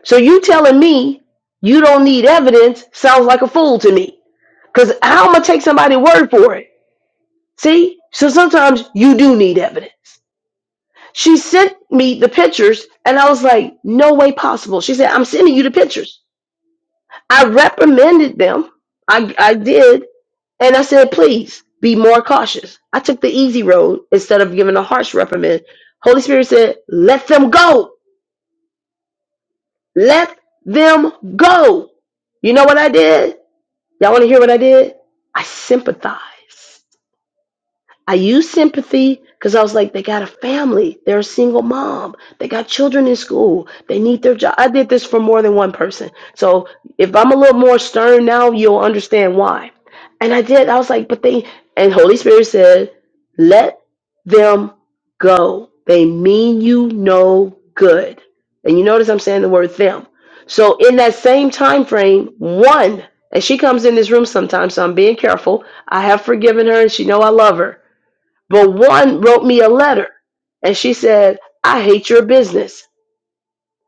Speaker 1: So you telling me you don't need evidence sounds like a fool to me. Cause how am I take somebody's word for it? See? So sometimes you do need evidence. She sent me the pictures and I was like, no way possible. She said, I'm sending you the pictures. I reprimanded them. I, I did. And I said, please be more cautious. I took the easy road instead of giving a harsh reprimand. Holy Spirit said, let them go. Let them go. You know what I did? Y'all want to hear what I did? I sympathized. I used sympathy because I was like, they got a family. They're a single mom. They got children in school. They need their job. I did this for more than one person. So if I'm a little more stern now, you'll understand why. And I did. I was like, but they, and Holy Spirit said, let them go. They mean you no good. And you notice I'm saying the word them. So in that same time frame, one, and she comes in this room sometimes, so I'm being careful. I have forgiven her and she know I love her. But one wrote me a letter and she said, I hate your business.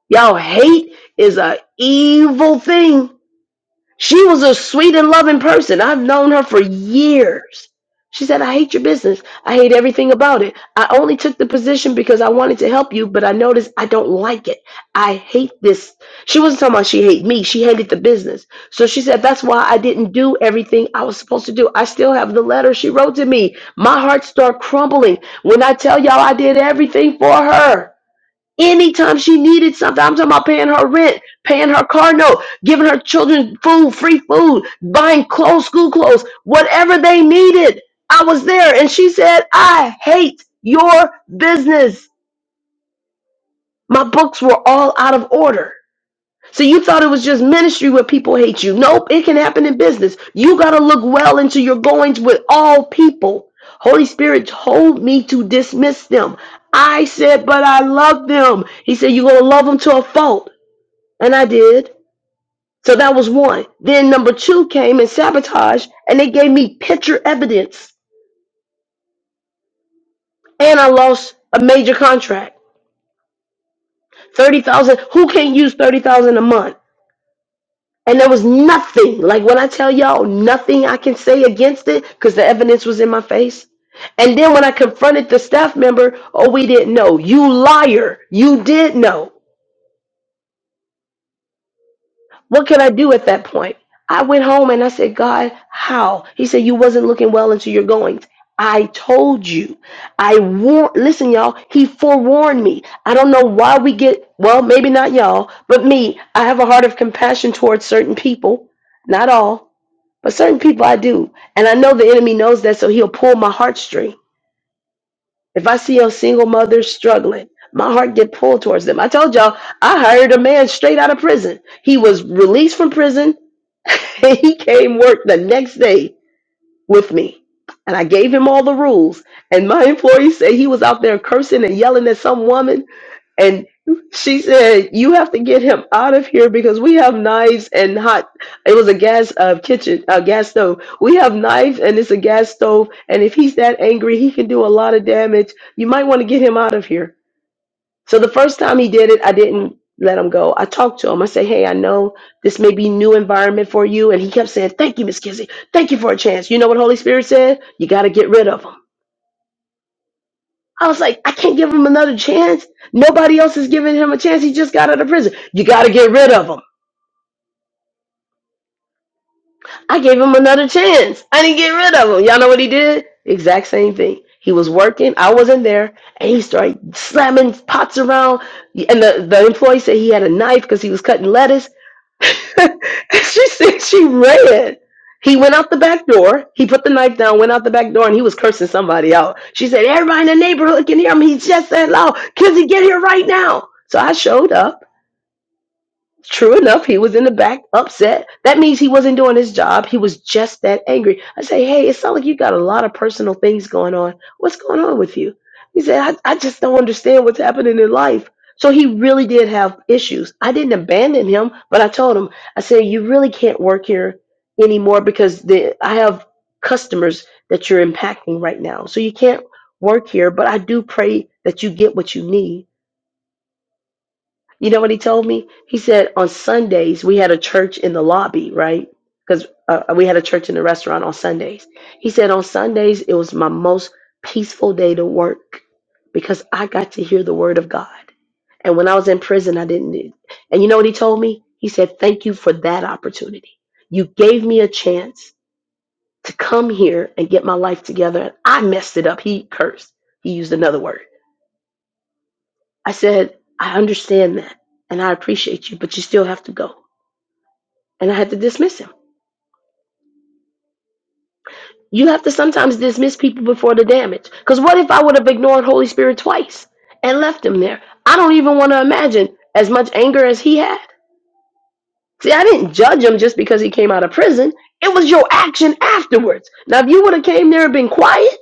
Speaker 1: Y'all, hate is a evil thing. She was a sweet and loving person. I've known her for years. She said, I hate your business. I hate everything about it. I only took the position because I wanted to help you, but I noticed I don't like it. I hate this. She wasn't talking about she hate me. She hated the business. So she said, that's why I didn't do everything I was supposed to do. I still have the letter she wrote to me. My heart started crumbling when I tell y'all I did everything for her. Anytime she needed something, I'm talking about paying her rent, paying her car note, giving her children food, free food, buying clothes, school clothes, whatever they needed. I was there. And she said, I hate your business. My books were all out of order. So you thought it was just ministry where people hate you. Nope, it can happen in business. You got to look well into your goings with all people. Holy Spirit told me to dismiss them. I said, but I love them. He said, you're going to love them to a fault. And I did. So that was one. Then number two came and sabotage, and they gave me picture evidence. And I lost a major contract. 30,000. Who can't use 30,000 a month? And there was nothing, like when I tell y'all, nothing I can say against it because the evidence was in my face. And then when I confronted the staff member, oh, we didn't know. You liar. You did know. What could I do at that point? I went home and I said, God, how? He said, You wasn't looking well into your goings. I told you. I warned, listen, y'all, he forewarned me. I don't know why we get, well, maybe not y'all, but me. I have a heart of compassion towards certain people, not all. But certain people I do. And I know the enemy knows that, so he'll pull my heartstring. If I see a single mother struggling, my heart get pulled towards them. I told y'all, I hired a man straight out of prison. He was released from prison and he came work the next day with me. And I gave him all the rules. And my employee said he was out there cursing and yelling at some woman. And she said, "You have to get him out of here because we have knives and hot. It was a gas uh, kitchen, a gas stove. We have knives and it's a gas stove. And if he's that angry, he can do a lot of damage. You might want to get him out of here." So the first time he did it, I didn't let him go. I talked to him. I said, "Hey, I know this may be new environment for you." And he kept saying, "Thank you, Miss Kizzy. Thank you for a chance." You know what Holy Spirit said? You got to get rid of him. I was like, I can't give him another chance. Nobody else is giving him a chance. He just got out of prison. You got to get rid of him. I gave him another chance. I didn't get rid of him. Y'all know what he did? Exact same thing. He was working. I wasn't there. And he started slamming pots around. And the, the employee said he had a knife because he was cutting lettuce And she said she ran. He went out the back door. He put the knife down, went out the back door, and he was cursing somebody out. She said, Everybody in the neighborhood can hear him. He's just that loud. Kizzy, get here right now. So I showed up. True enough, he was in the back upset. That means he wasn't doing his job. He was just that angry. I say, hey, it's not like you got a lot of personal things going on. What's going on with you? He said, I, I just don't understand what's happening in life. So he really did have issues. I didn't abandon him, but I told him, I said, you really can't work here anymore because the, I have customers that you're impacting right now. So you can't work here, but I do pray that you get what you need you know what he told me? He said on Sundays we had a church in the lobby, right? Because uh, we had a church in the restaurant on Sundays. He said on Sundays it was my most peaceful day to work because I got to hear the word of God. And when I was in prison, I didn't. need- And you know what he told me? He said, "Thank you for that opportunity. You gave me a chance to come here and get my life together, and I messed it up." He cursed. He used another word. I said, "I understand that, and I appreciate you, but you still have to go." and I had to dismiss him. You have to sometimes dismiss people before the damage. Because what if I would have ignored Holy Spirit twice and left him there? I don't even want to imagine as much anger as he had. See, I didn't judge him just because he came out of prison. It was your action afterwards. Now, if you would have came there and been quiet,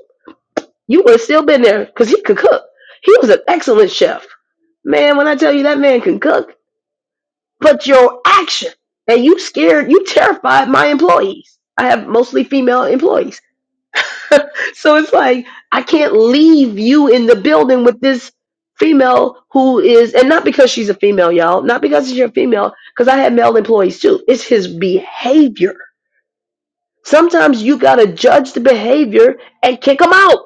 Speaker 1: you would have still been there because he could cook. He was an excellent chef. Man, when I tell you that man can cook, but your action, and you scared, you terrified my employees. I have mostly female employees So it's like I can't leave you in the building with this female who is, and not because she's a female, y'all, not because she's a female, because I had male employees too. It's his behavior. Sometimes you gotta judge the behavior and kick them out.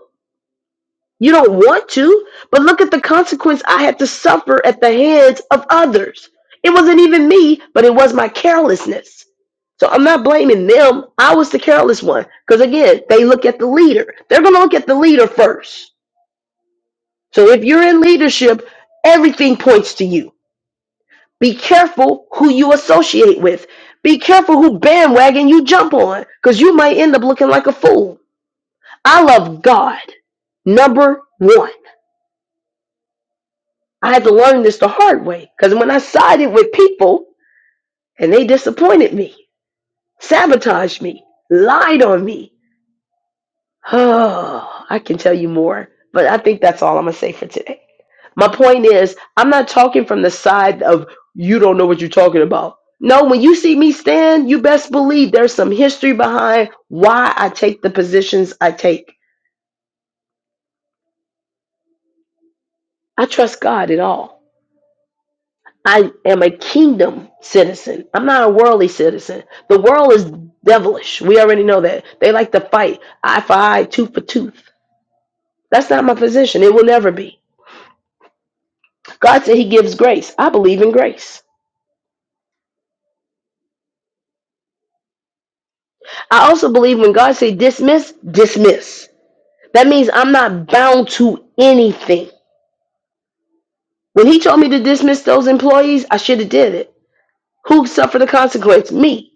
Speaker 1: You don't want to, but look at the consequence I had to suffer at the hands of others. It wasn't even me, but it was my carelessness. So I'm not blaming them. I was the careless one. Because again, they look at the leader. They're going to look at the leader first. So if you're in leadership, everything points to you. Be careful who you associate with. Be careful who bandwagon you jump on, because you might end up looking like a fool. I love God. Number one. I had to learn this the hard way, because when I sided with people and they disappointed me, sabotaged me, lied on me, Oh, I can tell you more, but I think that's all I'm going to say for today. My point is, I'm not talking from the side of you don't know what you're talking about. No, when you see me stand, you best believe there's some history behind why I take the positions I take. I trust God in all. I am a kingdom citizen. I'm not a worldly citizen. The world is devilish. We already know that. They like to fight eye for eye, tooth for tooth. That's not my position. It will never be. God said he gives grace. I believe in grace. I also believe when God say dismiss, dismiss. That means I'm not bound to anything. When he told me to dismiss those employees, I should have did it. Who suffered the consequence? Me.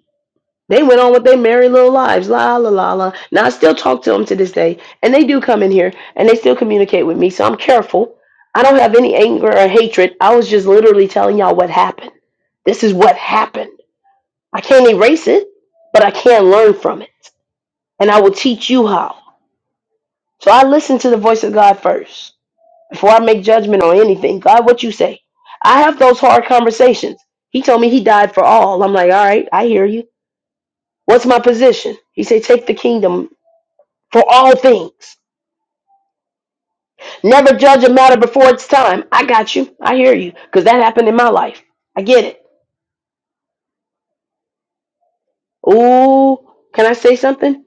Speaker 1: They went on with their merry little lives. La la la la. Now I still talk to them to this day, and they do come in here and they still communicate with me. So I'm careful. I don't have any anger or hatred. I was just literally telling y'all what happened. This is what happened. I can't erase it, but I can learn from it. and I will teach you how. So I listen to the voice of God first before I make judgment on anything. God, what you say? I have those hard conversations. He told me he died for all. I'm like, all right, I hear you. What's my position? He said, take the kingdom for all things. Never judge a matter before it's time. I got you. I hear you. Because that happened in my life. I get it. Ooh, can I say something?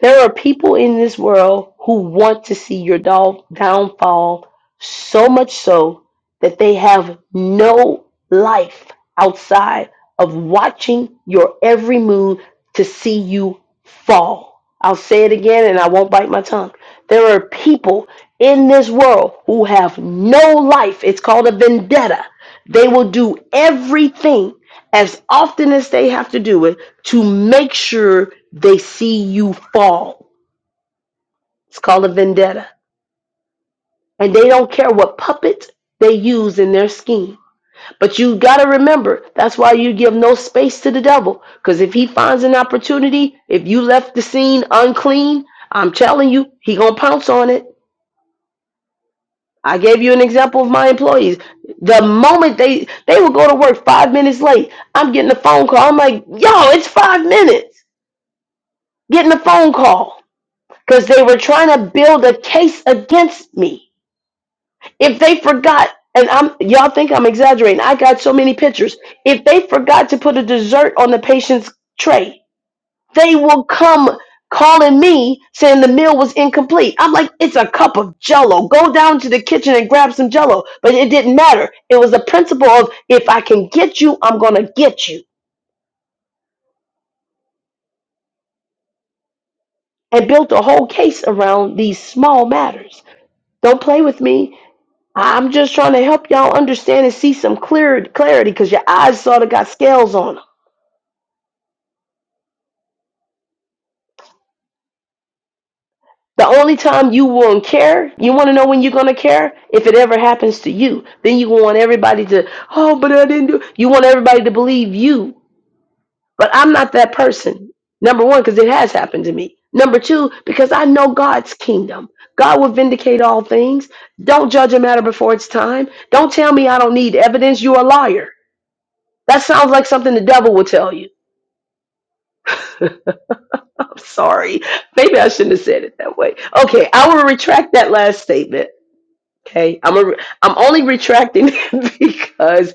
Speaker 1: There are people in this world who want to see your doll- downfall so much so that they have no life outside of watching your every move to see you fall. I'll say it again and I won't bite my tongue. There are people in this world who have no life. It's called a vendetta. They will do everything as often as they have to do it to make sure they see you fall. It's called a vendetta. And they don't care what puppet they use in their scheme. But you got to remember, that's why you give no space to the devil. Because if he finds an opportunity, if you left the scene unclean, I'm telling you, he gonna pounce on it. I gave you an example of my employees. The moment they they would go to work five minutes late, I'm getting a phone call. I'm like, yo, it's five minutes. Getting a phone call because they were trying to build a case against me. If they forgot, and I'm y'all think I'm exaggerating, I got so many pictures. If they forgot to put a dessert on the patient's tray, they will come calling me saying the meal was incomplete. I'm like, it's a cup of jello. Go down to the kitchen and grab some jello. But it didn't matter. It was the principle of if I can get you, I'm gonna get you. And built a whole case around these small matters. Don't play with me I'm just trying to help y'all understand and see some clear clarity because your eyes sort of got scales on them. The only time you won't care, you want to know when you're going to care? If it ever happens to you. Then you want everybody to, oh, but I didn't do You want everybody to believe you. But I'm not that person. Number one, because it has happened to me. Number two, because I know God's kingdom. God will vindicate all things. Don't judge a matter before it's time. Don't tell me I don't need evidence. You're a liar. That sounds like something the devil will tell you. Sorry. Maybe I shouldn't have said it that way. Okay, I will retract that last statement. Okay, I'm a, I'm only retracting it because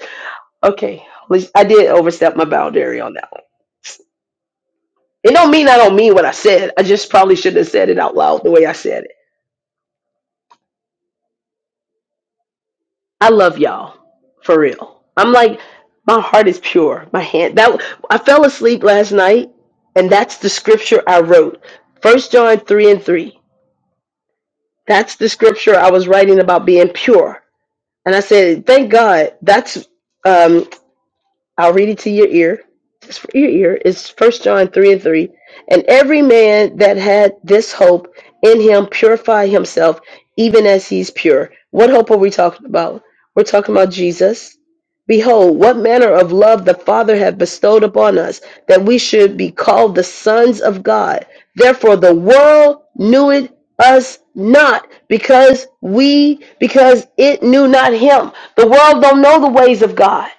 Speaker 1: okay, I did overstep my boundary on that one. It don't mean I don't mean what I said. I just probably shouldn't have said it out loud the way I said it. I love y'all for real. I'm like my heart is pure. My hand that I fell asleep last night, and that's the scripture I wrote. First John three and three. That's the scripture I was writing about being pure And I said, thank God. That's um, I'll read it to your ear. Just for your ear. It's First John 3 and 3. And every man that had this hope in him purify himself, even as he's pure. What hope are we talking about? We're talking about Jesus. Behold, what manner of love the Father hath bestowed upon us, that we should be called the sons of God. Therefore the world knew it us not because we because it knew not him. The world don't know the ways of God.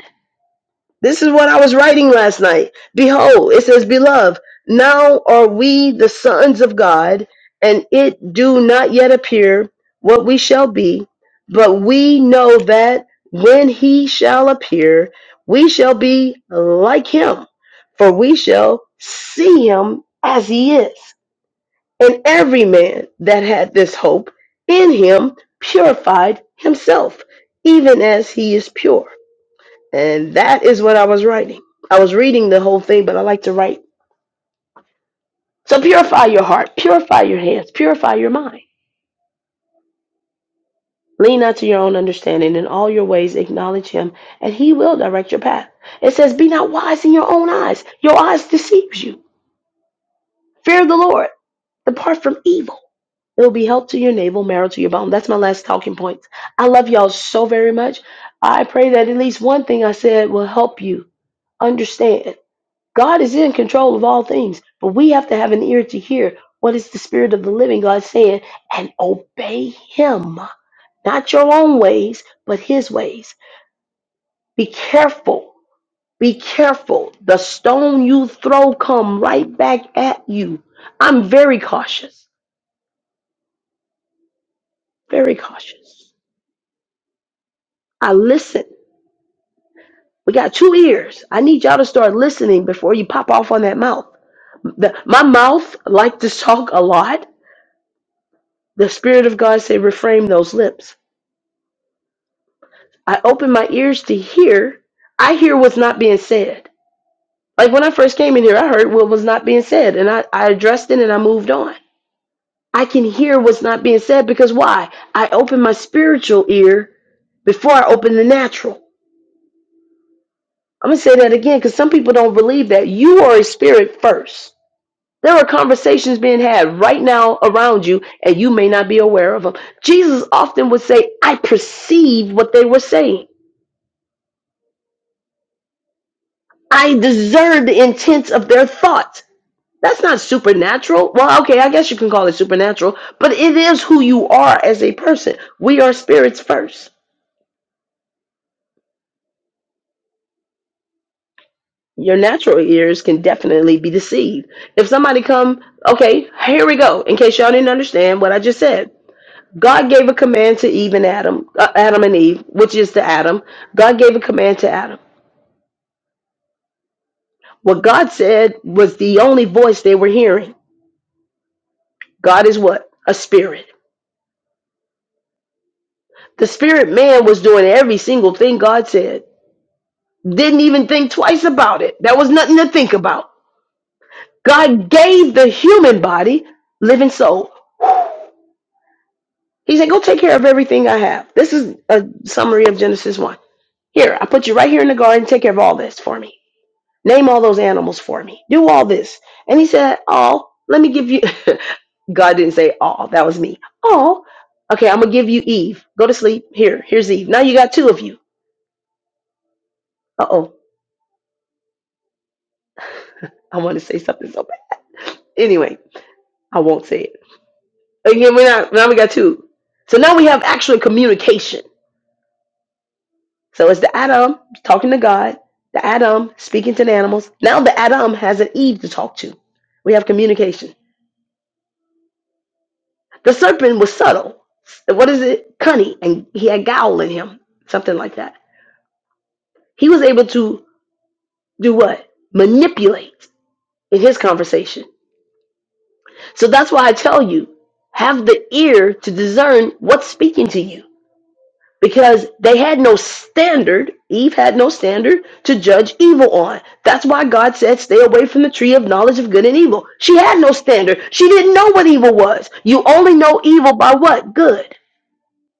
Speaker 1: This is what I was writing last night. Behold, it says, Beloved, now are we the sons of God, and it do not yet appear what we shall be, but we know that when he shall appear, we shall be like him, for we shall see him as he is. And every man that had this hope in him purified himself, even as he is pure. And that is what I was writing. I was reading the whole thing, but I like to write. So purify your heart, purify your hands, purify your mind. Lean not to your own understanding. In all your ways, acknowledge him, and he will direct your path. It says, Be not wise in your own eyes. Your eyes deceives you. Fear the Lord. Depart from evil. It will be help to your navel, marrow to your bone. That's my last talking point. I love y'all so very much. I pray that at least one thing I said will help you understand God is in control of all things, but we have to have an ear to hear what is the Spirit of the living God saying and obey Him. Not your own ways, but His ways. Be careful. Be careful. The stone you throw come right back at you. I'm very cautious. Very cautious. I listen. We got two ears. I need y'all to start listening before you pop off on that mouth. The- my mouth like to talk a lot. The Spirit of God said, reframe those lips I open my ears to hear. I hear what's not being said. Like when I first came in here, I heard what was not being said and I, I addressed it and I moved on. I can hear what's not being said because why? I open my spiritual ear before I open the natural. I'm going to say that again because some people don't believe that. You are a spirit first. There are conversations being had right now around you, and you may not be aware of them. Jesus often would say, I perceived what they were saying. I discerned the intents of their thoughts. That's not supernatural. Well, okay, I guess you can call it supernatural, but it is who you are as a person. We are spirits first. Your natural ears can definitely be deceived. If somebody come, okay, here we go. In case y'all didn't understand what I just said, God gave a command to Eve and Adam, uh, Adam and Eve, which is to Adam. God gave a command to Adam. What God said was the only voice they were hearing. God is what? A spirit. The spirit man was doing every single thing God said. Didn't even think twice about it. That was nothing to think about. God gave the human body living soul. He said, Go take care of everything I have. This is a summary of Genesis 1. Here, I put you right here in the garden. Take care of all this for me. Name all those animals for me. Do all this. And he said, All, let me give you. God didn't say all. That was me. All. Okay, I'm going to give you Eve. Go to sleep. Here, here's Eve. Now you got two of you. Uh oh. I want to say something so bad. Anyway, I won't say it. Again, we are not now we got two. So now we have actual communication. So it's the Adam talking to God, the Adam speaking to the animals. Now the Adam has an Eve to talk to. We have communication. The serpent was subtle. What is it? Cunning, and he had gowl in him, something like that. He was able to do what? Manipulate in his conversation. So that's why I tell you, have the ear to discern what's speaking to you because they had no standard. Eve had no standard to judge evil on. That's why God said, Stay away from the tree of knowledge of good and evil. She had no standard. She didn't know what evil was. You only know evil by what? Good.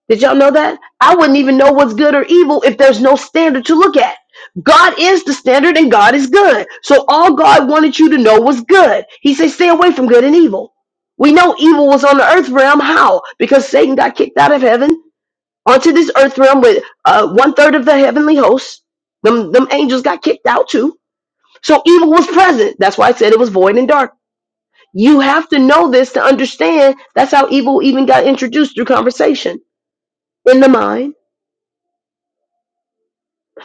Speaker 1: Did y'all know that? I wouldn't even know what's good or evil if there's no standard to look at. God is the standard and God is good. So all God wanted you to know was good. He said, Stay away from good and evil. We know evil was on the earth realm. How? Because Satan got kicked out of heaven onto this earth realm with uh, one third of the heavenly hosts. Them, them angels got kicked out too. So evil was present. That's why I said it was void and dark. You have to know this to understand that's how evil even got introduced through conversation in the mind.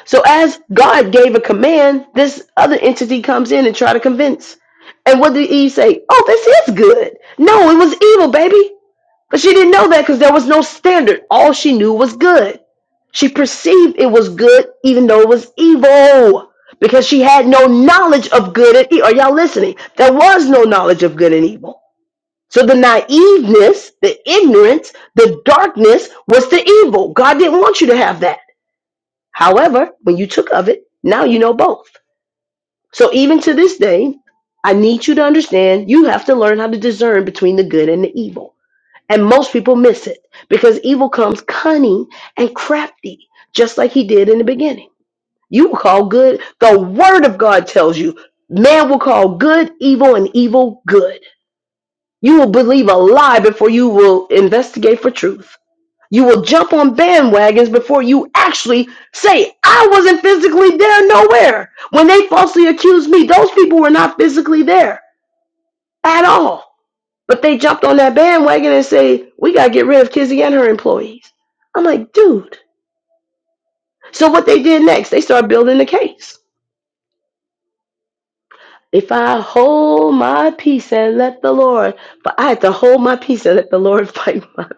Speaker 1: So as God gave a command, this other entity comes in and try to convince. And what did Eve say? Oh, this is good. No, it was evil, baby. But she didn't know that because there was no standard. All she knew was good. She perceived it was good even though it was evil because she had no knowledge of good and evil. Are y'all listening? There was no knowledge of good and evil. So the naiveness, the ignorance, the darkness was the evil. God didn't want you to have that. However, when you took of it, now you know both. So even to this day, I need you to understand you have to learn how to discern between the good and the evil. And most people miss it because evil comes cunning and crafty, just like he did in the beginning. You will call good, the word of God tells you, man will call good evil and evil good. You will believe a lie before you will investigate for truth. You will jump on bandwagons before you actually say, I wasn't physically there nowhere. When they falsely accused me, those people were not physically there at all. But they jumped on that bandwagon and say, we got to get rid of Kizzy and her employees. I'm like, dude. So what they did next, they started building the case. If I hold my peace and let the Lord, but I had to hold my peace and let the Lord fight my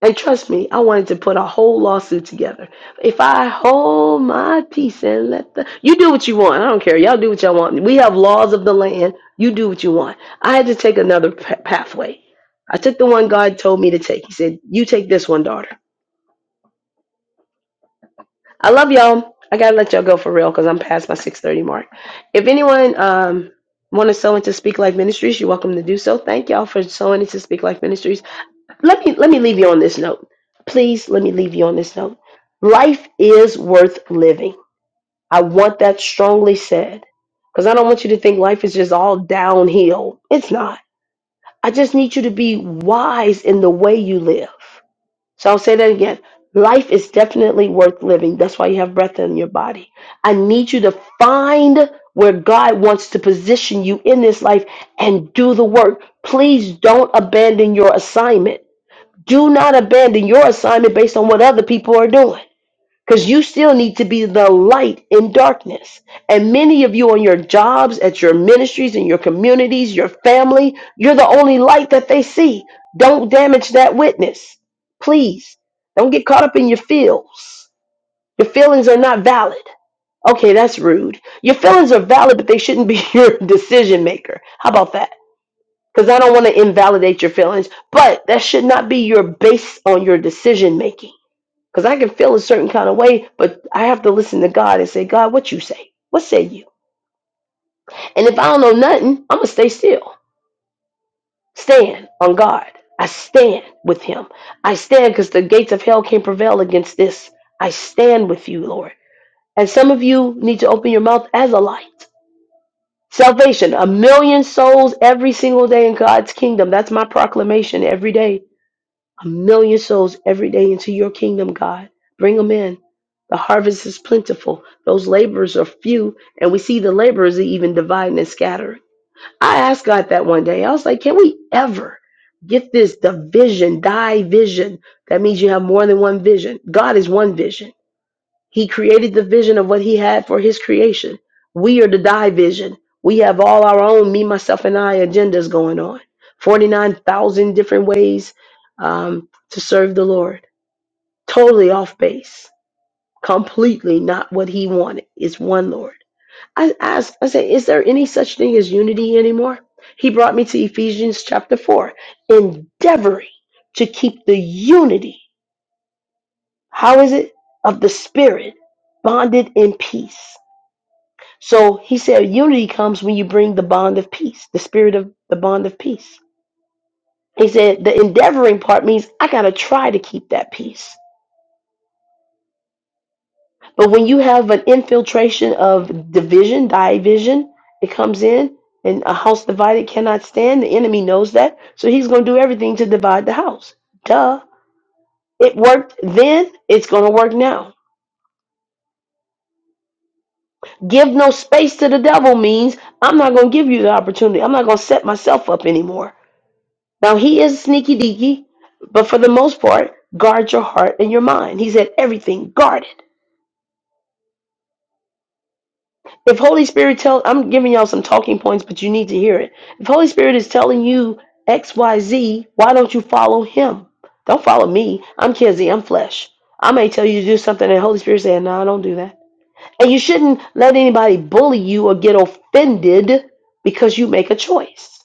Speaker 1: And trust me, I wanted to put a whole lawsuit together. If I hold my peace and let the you do what you want, I don't care. Y'all do what y'all want. We have laws of the land. You do what you want. I had to take another p- pathway. I took the one God told me to take. He said, "You take this one, daughter." I love y'all. I gotta let y'all go for real because I'm past my 6:30 mark. If anyone um want to sow into Speak Life Ministries, you're welcome to do so. Thank y'all for sowing into Speak Life Ministries. let me let me leave you on this note. Please let me leave you on this note. Life is worth living. I want that strongly said because I don't want you to think life is just all downhill. It's not. I just need you to be wise in the way you live. So I'll say that again. Life is definitely worth living. That's why you have breath in your body. I need you to find where God wants to position you in this life and do the work. Please don't abandon your assignment do not abandon your assignment based on what other people are doing. Because you still need to be the light in darkness. And many of you on your jobs, at your ministries, in your communities, your family, you're the only light that they see. Don't damage that witness. Please. Don't get caught up in your feels. Your feelings are not valid. Okay, that's rude. Your feelings are valid, but they shouldn't be your decision maker. How about that? because I don't want to invalidate your feelings, but that should not be your base on your decision making. Because I can feel a certain kind of way, but I have to listen to God and say, God, what you say? What say you? And if I don't know nothing, I'm gonna stay still, stand on God. I stand with Him. I stand because the gates of hell can't prevail against this. I stand with you, Lord. And some of you need to open your mouth as a light. Salvation, a million souls every single day in God's kingdom. That's my proclamation every day a million souls every day into your kingdom, God. Bring them in. The harvest is plentiful. Those laborers are few, and we see the laborers are even dividing and scattering. I asked God that one day. I was like, can we ever get this division, division? That means you have more than one vision. God is one vision. He created the vision of what he had for his creation. We are the die vision. We have all our own me, myself, and I agendas going on. 49,000 different ways um, to serve the Lord. Totally off base. Completely not what he wanted. It's one Lord. I asked, I said, is there any such thing as unity anymore? He brought me to Ephesians chapter 4, endeavoring to keep the unity. How is it? Of the Spirit, bonded in peace. So he said, unity comes when you bring the bond of peace, the spirit of the bond of peace. He said, the endeavoring part means I got to try to keep that peace. But when you have an infiltration of division, division, it comes in, and a house divided cannot stand. The enemy knows that. So he's going to do everything to divide the house. Duh. It worked then, it's going to work now. Give no space to the devil means I'm not going to give you the opportunity. I'm not going to set myself up anymore. Now he is sneaky deaky, but for the most part, guard your heart and your mind. He said everything guarded. If Holy Spirit tell I'm giving y'all some talking points, but you need to hear it. If Holy Spirit is telling you XYZ, why don't you follow him? Don't follow me. I'm Kizzy, I'm flesh. I may tell you to do something and Holy Spirit saying, No, don't do that And you shouldn't let anybody bully you or get offended because you make a choice.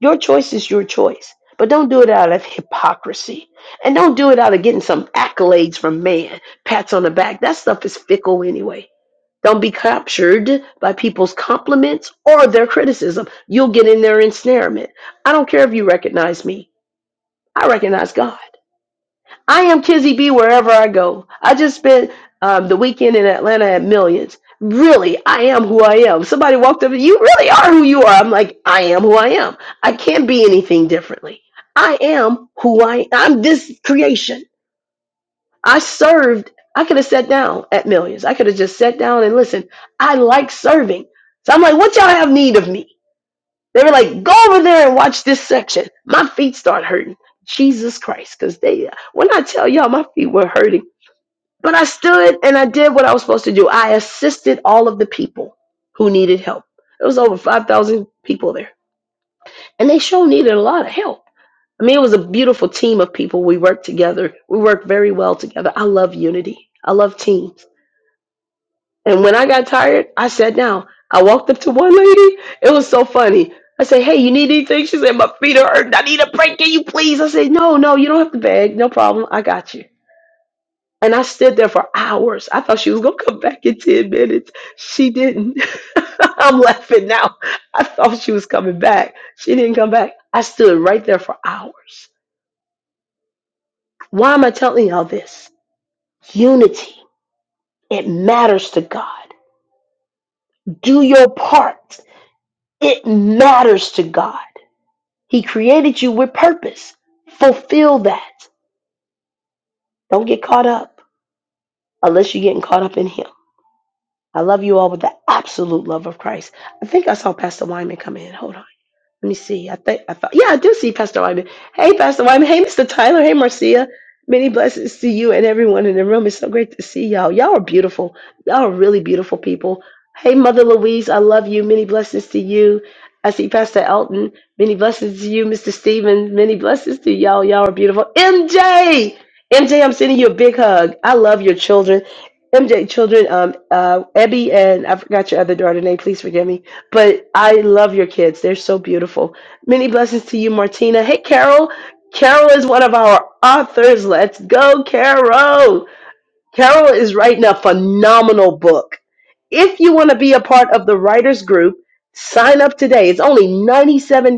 Speaker 1: Your choice is your choice. But don't do it out of hypocrisy. And don't do it out of getting some accolades from man, pats on the back. That stuff is fickle anyway. Don't be captured by people's compliments or their criticism. You'll get in their ensnarement. I don't care if you recognize me, I recognize God. I am Kizzy B wherever I go. I just spent um, the weekend in Atlanta at Millions. Really, I am who I am. Somebody walked up, you really are who you are. I'm like, I am who I am. I can't be anything differently. I am who I I'm this creation. I served. I could have sat down at Millions. I could have just sat down and listened. I like serving. So I'm like, what y'all have need of me? They were like, go over there and watch this section. My feet start hurting. Jesus Christ, because they when I tell y'all my feet were hurting but I stood and I did what I was supposed to do. I assisted all of the people who needed help. There was over 5,000 people there. And they sure needed a lot of help. I mean, it was a beautiful team of people. We worked together. We worked very well together. I love unity. I love teams. And when I got tired, I sat down. I walked up to one lady. It was so funny. I said, Hey, you need anything? She said, My feet are hurting. I need a break. Can you please? I said, No, no, you don't have to beg. No problem. I got you. And I stood there for hours. I thought she was going to come back in 10 minutes. She didn't. I'm laughing now. I thought she was coming back. She didn't come back. I stood right there for hours. Why am I telling y'all this? Unity. It matters to God. Do your part. It matters to God. He created you with purpose. Fulfill that. Don't get caught up unless you're getting caught up in Him. I love you all with the absolute love of Christ. I think I saw Pastor Wyman come in. Hold on. Let me see. I think I thought, yeah, I do see Pastor Wyman. Hey, Pastor Wyman. Hey, Mr. Tyler. Hey, Marcia. Many blessings to you and everyone in the room. It's so great to see y'all. Y'all are beautiful. Y'all are really beautiful people. Hey, Mother Louise. I love you. Many blessings to you. I see Pastor Elton. Many blessings to you, Mr. Stephen. Many blessings to y'all. Y'all are beautiful. MJ. MJ, I'm sending you a big hug. I love your children. MJ, children, um, uh, Ebby, and I forgot your other daughter name. Please forgive me but I love your kids. They're so beautiful. Many blessings to you, Martina. Hey, Carol. Carol is one of our authors. Let's go, Carol. Carol is writing a phenomenal book. If you want to be a part of the writers group, sign up today. It's only $97.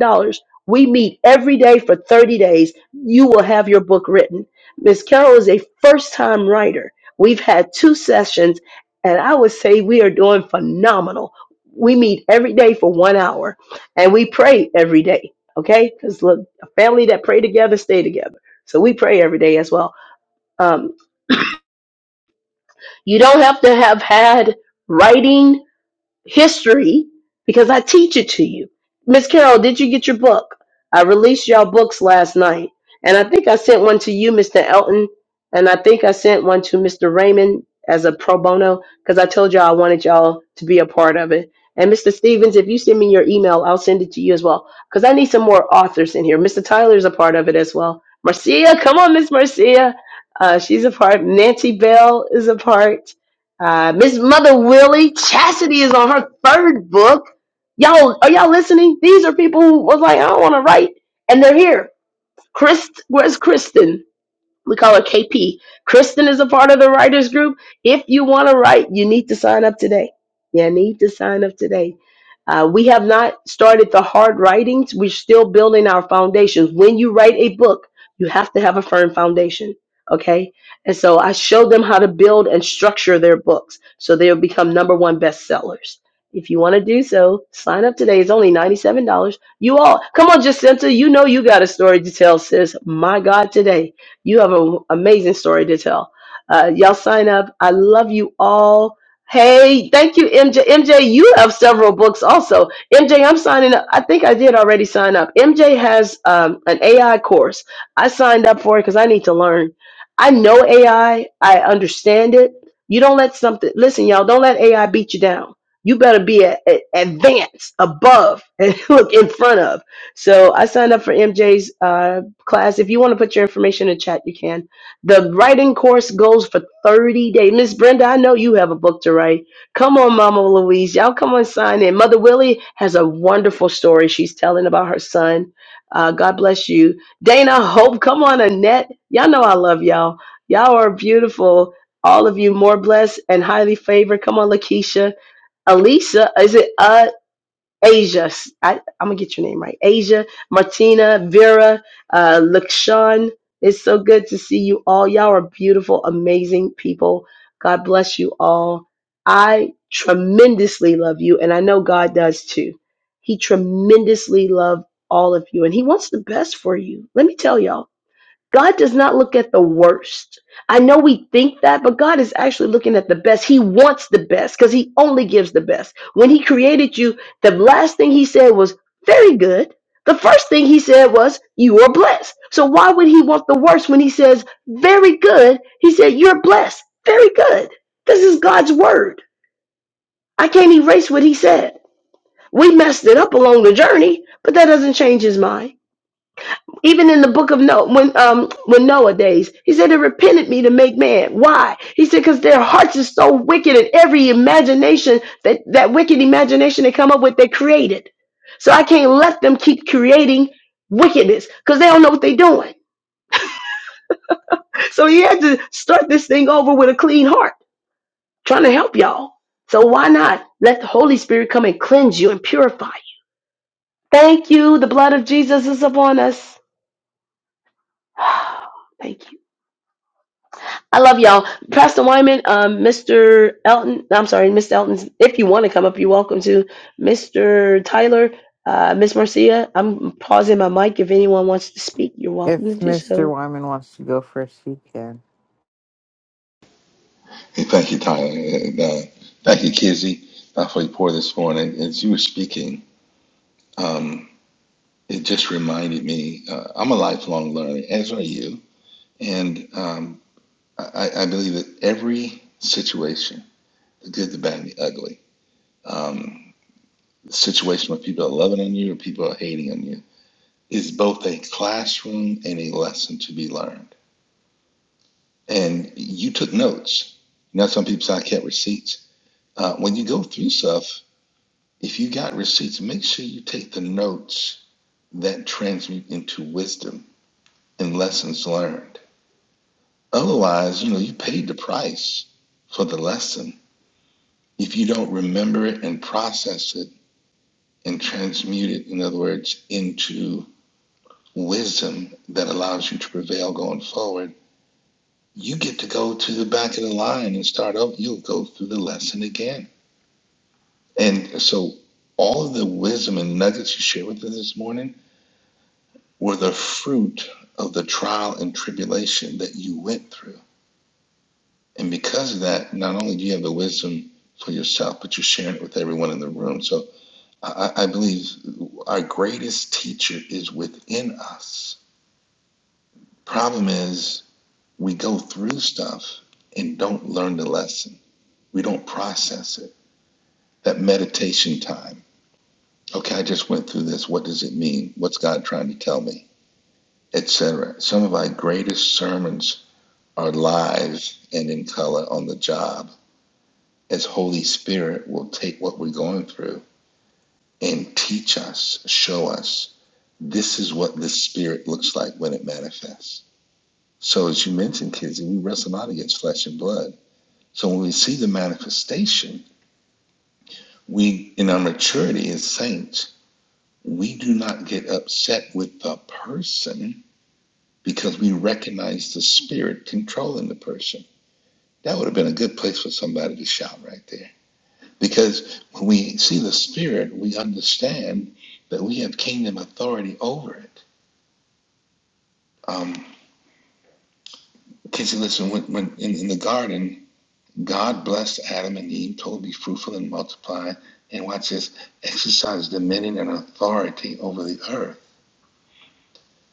Speaker 1: We meet every day for 30 days. You will have your book written. Miss Carol is a first time writer. We've had two sessions, and I would say we are doing phenomenal. We meet every day for one hour and we pray every day, okay? Because look, a family that pray together stay together. So we pray every day as well. Um. You don't have to have had writing history because I teach it to you. Miss Carol, did you get your book? I released y'all books last night, and I think I sent one to you, Mr. Elton, and I think I sent one to Mr. Raymond as a pro bono because I told y'all I wanted y'all to be a part of it. And Mr. Stevens, if you send me your email, I'll send it to you as well because I need some more authors in here. Mr. Tyler's a part of it as well. Marcia, come on, Miss Marcia. Uh, she's a part. Nancy Bell is a part. Uh, Miss Mother Willie, Chastity is on her third book. Y'all, are y'all listening? These are people who was like, I don't want to write, and they're here. Chris, where's Kristen? we call her KP. Kristen is a part of the writers group. If you want to write, you need to sign up today. You need to sign up today. Uh, we have not started the hard writings. We're still building our foundations. When you write a book, you have to have a firm foundation. Okay. And so I show them how to build and structure their books so they'll become number one bestsellers. If you want to do so, sign up today. It's only $97. You all, come on, Jacinta. You know you got a story to tell, sis. My God, today. You have an amazing story to tell. Uh, y'all sign up. I love you all. Hey, thank you, MJ. MJ, you have several books also. MJ, I'm signing up. I think I did already sign up. MJ has um, an AI course. I signed up for it because I need to learn. I know AI. I I understand it. You don't let something, listen, y'all, don't let AI beat you down. You better be a, a- advanced, above, and look in front of. So I signed up for MJ's class. If you want to put your information in chat, you can. The writing course goes for 30 days. Miss Brenda, I know you have a book to write. Come on, Mama Louise. Y'all come on, sign in. Mother Willie has a wonderful story she's telling about her son. Uh, God bless you. Dana Hope, come on, Annette. Y'all know I love y'all. Y'all are beautiful. All of you more blessed and highly favored. Come on, Lakeisha. Alisa, is it? uh Asia, I, I'm gonna get your name right. Asia, Martina, Vera, uh, Lakshan. It's so good to see you all. Y'all are beautiful, amazing people. God bless you all. I tremendously love you, and I know God does too. He tremendously loves all of you, and He wants the best for you. Let me tell y'all. God does not look at the worst. I know we think that, but God is actually looking at the best. He wants the best because He only gives the best. When He created you, the last thing He said was, very good. The first thing He said was, you are blessed. So why would He want the worst when He says, very good? He said, you're blessed. Very good. This is God's word. I can't erase what He said. We messed it up along the journey, but that doesn't change His mind. Even in the book of Noah, when um when Noah days, he said it repented me to make man. Why? He said because their hearts is so wicked, and every imagination that that wicked imagination they come up with, they created. So I can't let them keep creating wickedness because they don't know what they're doing. So he had to start this thing over with a clean heart, trying to help y'all. So why not let the Holy Spirit come and cleanse you and purify you? Thank you. The blood of Jesus is upon us. Thank you. I love y'all. Pastor Wyman, um, Mr. Elton, I'm sorry, Miss Elton, if you want to come up, you're welcome to. Mr. Tyler, uh, Miss Marcia, I'm pausing my mic. If anyone wants to speak, you're welcome to
Speaker 2: If
Speaker 1: do
Speaker 2: Mr.
Speaker 1: so.
Speaker 2: Wyman wants to go first, he can.
Speaker 3: Hey, Thank you, Tyler. And, uh, thank you, Kizzy, uh, for your pour this morning. As you were speaking, um, it just reminded me uh, I'm a lifelong learner, as are you. And um, I, I believe that every situation, the good, the bad, and the ugly, um, the situation where people are loving on you or people are hating on you, is both a classroom and a lesson to be learned. And you took notes. Now, some people say, I kept receipts. Uh, when you go through stuff, If you got receipts, make sure you take the notes that transmute into wisdom and lessons learned. Otherwise, you know, you paid the price for the lesson. If you don't remember it and process it and transmute it, in other words, into wisdom that allows you to prevail going forward, you get to go to the back of the line and start over. You'll go through the lesson again. And so, all of the wisdom and nuggets you shared with us this morning were the fruit of the trial and tribulation that you went through. And because of that, not only do you have the wisdom for yourself, but you're sharing it with everyone in the room. So I, I I believe our greatest teacher is within us. Problem is, we go through stuff and don't learn the lesson, we don't process it. That meditation time. Okay, I just went through this. What does it mean? What's God trying to tell me? Etc. Some of our greatest sermons our lives and in color on the job as Holy Spirit will take what we're going through and teach us, show us this is what this spirit looks like when it manifests. So as you mentioned, kids, we wrestle not against flesh and blood. So when we see the manifestation, we in our maturity as saints, we do not get upset with the person because we recognize the spirit controlling the person. That would have been a good place for somebody to shout right there Because when we see the Spirit, we understand that we have kingdom authority over it. Um, Casey, listen, when, when in, in the garden, God blessed Adam and Eve, told them to be fruitful and multiply, and watch this, exercise dominion and authority over the earth.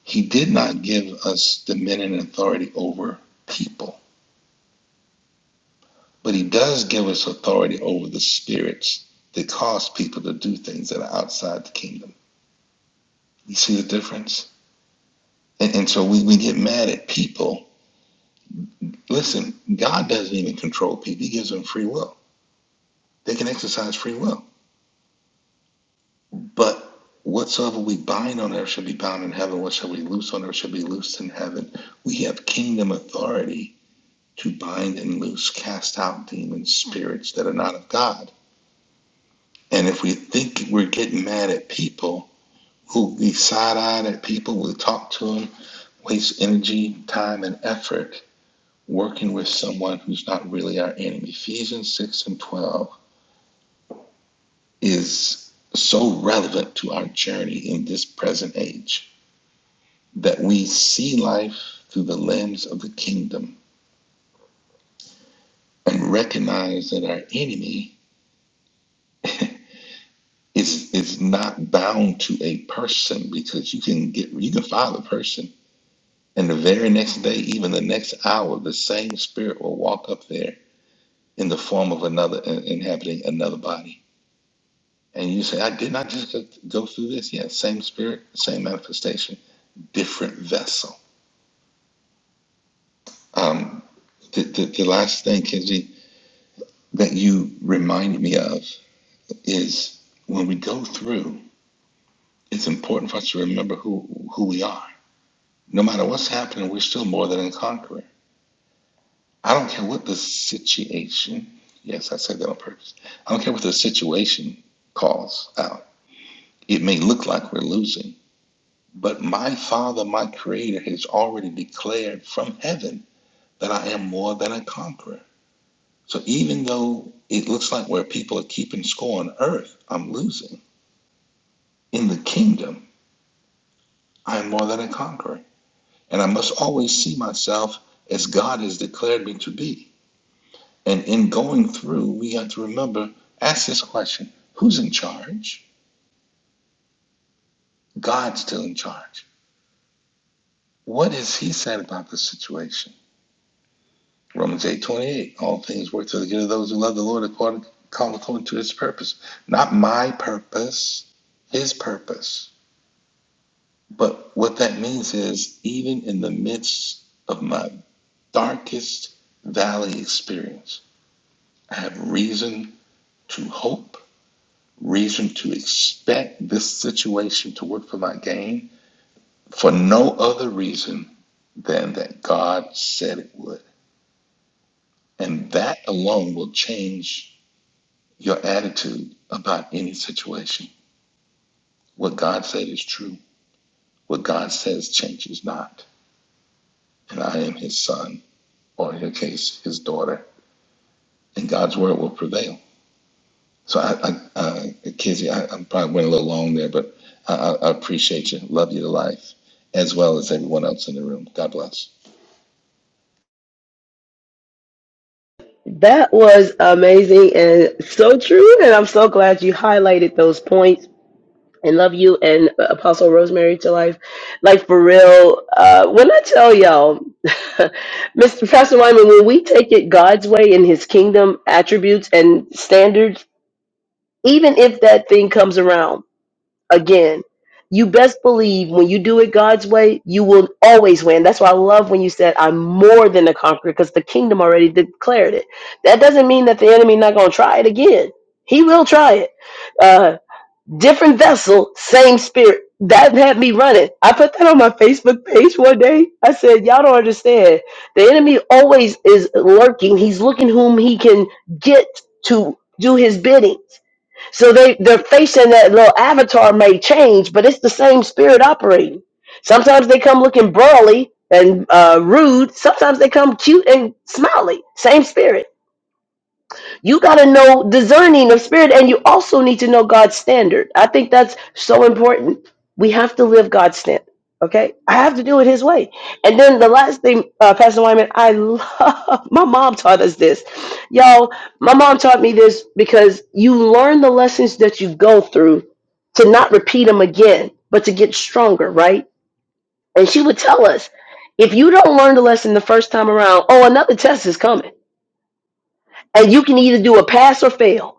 Speaker 3: He did not give us dominion and authority over people, but He does give us authority over the spirits that cause people to do things that are outside the kingdom. You see the difference? And, and so we, we get mad at people. Listen, God doesn't even control people, He gives them free will. They can exercise free will. But whatsoever we bind on earth shall be bound in heaven, whatsoever we loose on earth shall be loosed in heaven. We have kingdom authority to bind and loose, cast out demons, spirits that are not of God. And if we think we're getting mad at people, who we side eyed at people, we talk to them, waste energy, time, and effort working with someone who's not really our enemy. Ephesians 6 and 12 is so relevant to our journey in this present age that we see life through the lens of the kingdom and recognize that our enemy is is not bound to a person because you can get you can file a person and the very next day even the next hour the same spirit will walk up there in the form of another inhabiting another body And you say, I did not just go go through this. Yes, same spirit, same manifestation, different vessel. Um, the, the, the last thing, Kenji, that you remind me of is when we go through, it's important for us to remember who, who we are. No matter what's happening, we're still more than a conqueror. I don't care what the situation, yes, I said that on purpose. I don't care what the situation calls out. It may look like we're losing But my Father, my Creator, has already declared from heaven that I am more than a conqueror. So even though it looks like where people are keeping score on earth, I'm losing. In the kingdom, I am more than a conqueror. And I must always see myself as God has declared me to be. And in going through, we have to remember ask this question who's in charge? God's still in charge. What has He said about the situation? Romans eight twenty eight. All things work to the good of those who love the Lord according call according to his purpose. Not my purpose, his purpose. But what that means is even in the midst of my darkest valley experience, I have reason to hope, reason to expect this situation to work for my gain for no other reason than that God said it would. And that alone will change your attitude about any situation. What God said is true. What God says changes not. And I am his son, or in your case, his daughter. And God's word will prevail. So, I, I, uh, Kizzy, I, I probably went a little long there, but I, I I appreciate you. Love you to life, as well as everyone else in the room. God bless.
Speaker 1: That was amazing and so true. And I'm so glad you highlighted those points. And love you and uh, Apostle Rosemary to life. Like for real, uh, when I tell y'all, Mr. Pastor Wyman, when we take it God's way in his kingdom attributes and standards, even if that thing comes around again, you best believe when you do it God's way, you will always win. That's why I love when you said, I'm more than a conqueror, because the kingdom already declared it. That doesn't mean that the enemy not going to try it again. He will try it. Uh, different vessel, same spirit. That had me running. I put that on my Facebook page one day. I said, Y'all don't understand. The enemy always is lurking. He's looking whom he can get to do his bidding so they they're facing that little avatar may change, but it's the same spirit operating. Sometimes they come looking brawly and uh, rude. Sometimes they come cute and smiley. Same spirit you got to know discerning of spirit and you also need to know god's standard i think that's so important we have to live god's standard okay i have to do it his way and then the last thing uh, pastor wyman i love my mom taught us this y'all my mom taught me this because you learn the lessons that you go through to not repeat them again but to get stronger right and she would tell us if you don't learn the lesson the first time around oh another test is coming and you can either do a pass or fail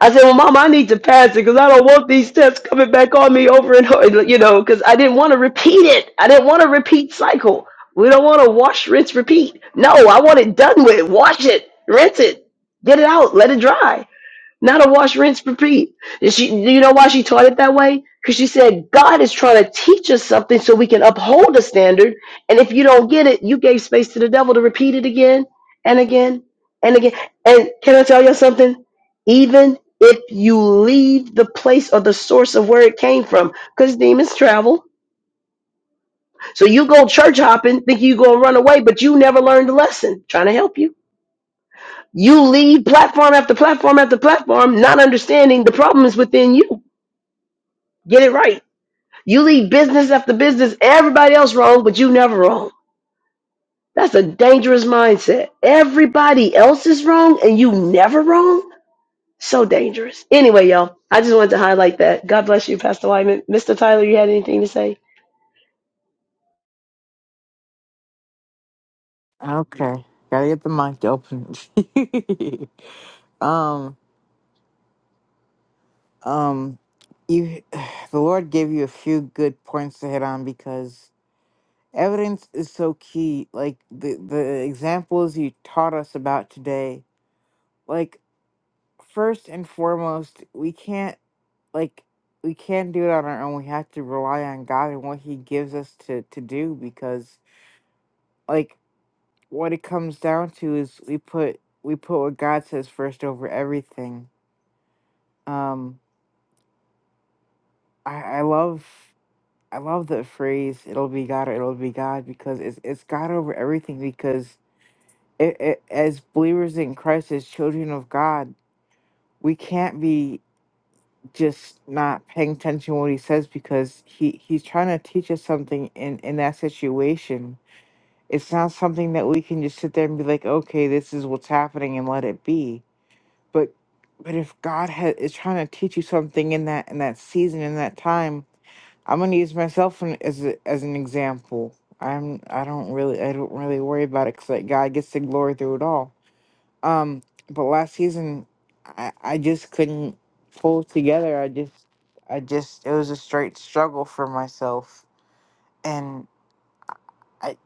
Speaker 1: I said, "Well, Mom, I need to pass it because I don't want these tests coming back on me over and over." You know, because I didn't want to repeat it. I didn't want to repeat cycle. We don't want to wash, rinse, repeat. No, I want it done with. Wash it, rinse it, get it out, let it dry. Not a wash, rinse, repeat. And she, you know why she taught it that way? Because she said God is trying to teach us something so we can uphold a standard. And if you don't get it, you gave space to the devil to repeat it again and again and again. And can I tell you something? Even if you leave the place or the source of where it came from, because demons travel. So you go church hopping, think you gonna run away, but you never learned the lesson. Trying to help you. You leave platform after platform after platform, not understanding the problem is within you. Get it right. You leave business after business, everybody else wrong, but you never wrong. That's a dangerous mindset. Everybody else is wrong and you never wrong? So dangerous. Anyway, y'all, I just wanted to highlight that. God bless you, Pastor Wyman. Mr. Tyler, you had anything to say?
Speaker 2: Okay. Gotta get the mic open. um, um, you, the Lord gave you a few good points to hit on because evidence is so key. Like the the examples you taught us about today. Like first and foremost, we can't like we can't do it on our own. We have to rely on God and what He gives us to to do because like what it comes down to is we put we put what God says first over everything. Um, I, I love I love the phrase "It'll be God" or "It'll be God" because it's it's God over everything. Because it, it, as believers in Christ, as children of God, we can't be just not paying attention to what He says because He He's trying to teach us something in in that situation. It's not something that we can just sit there and be like, okay, this is what's happening and let it be but but if God ha- is trying to teach you something in that in that season in that time, I'm gonna use myself an- as a, as an example. I'm I don't really I don't really worry about it because like God gets the glory through it all. Um, but last season, I I just couldn't pull it together. I just I just it was a straight struggle for myself, and I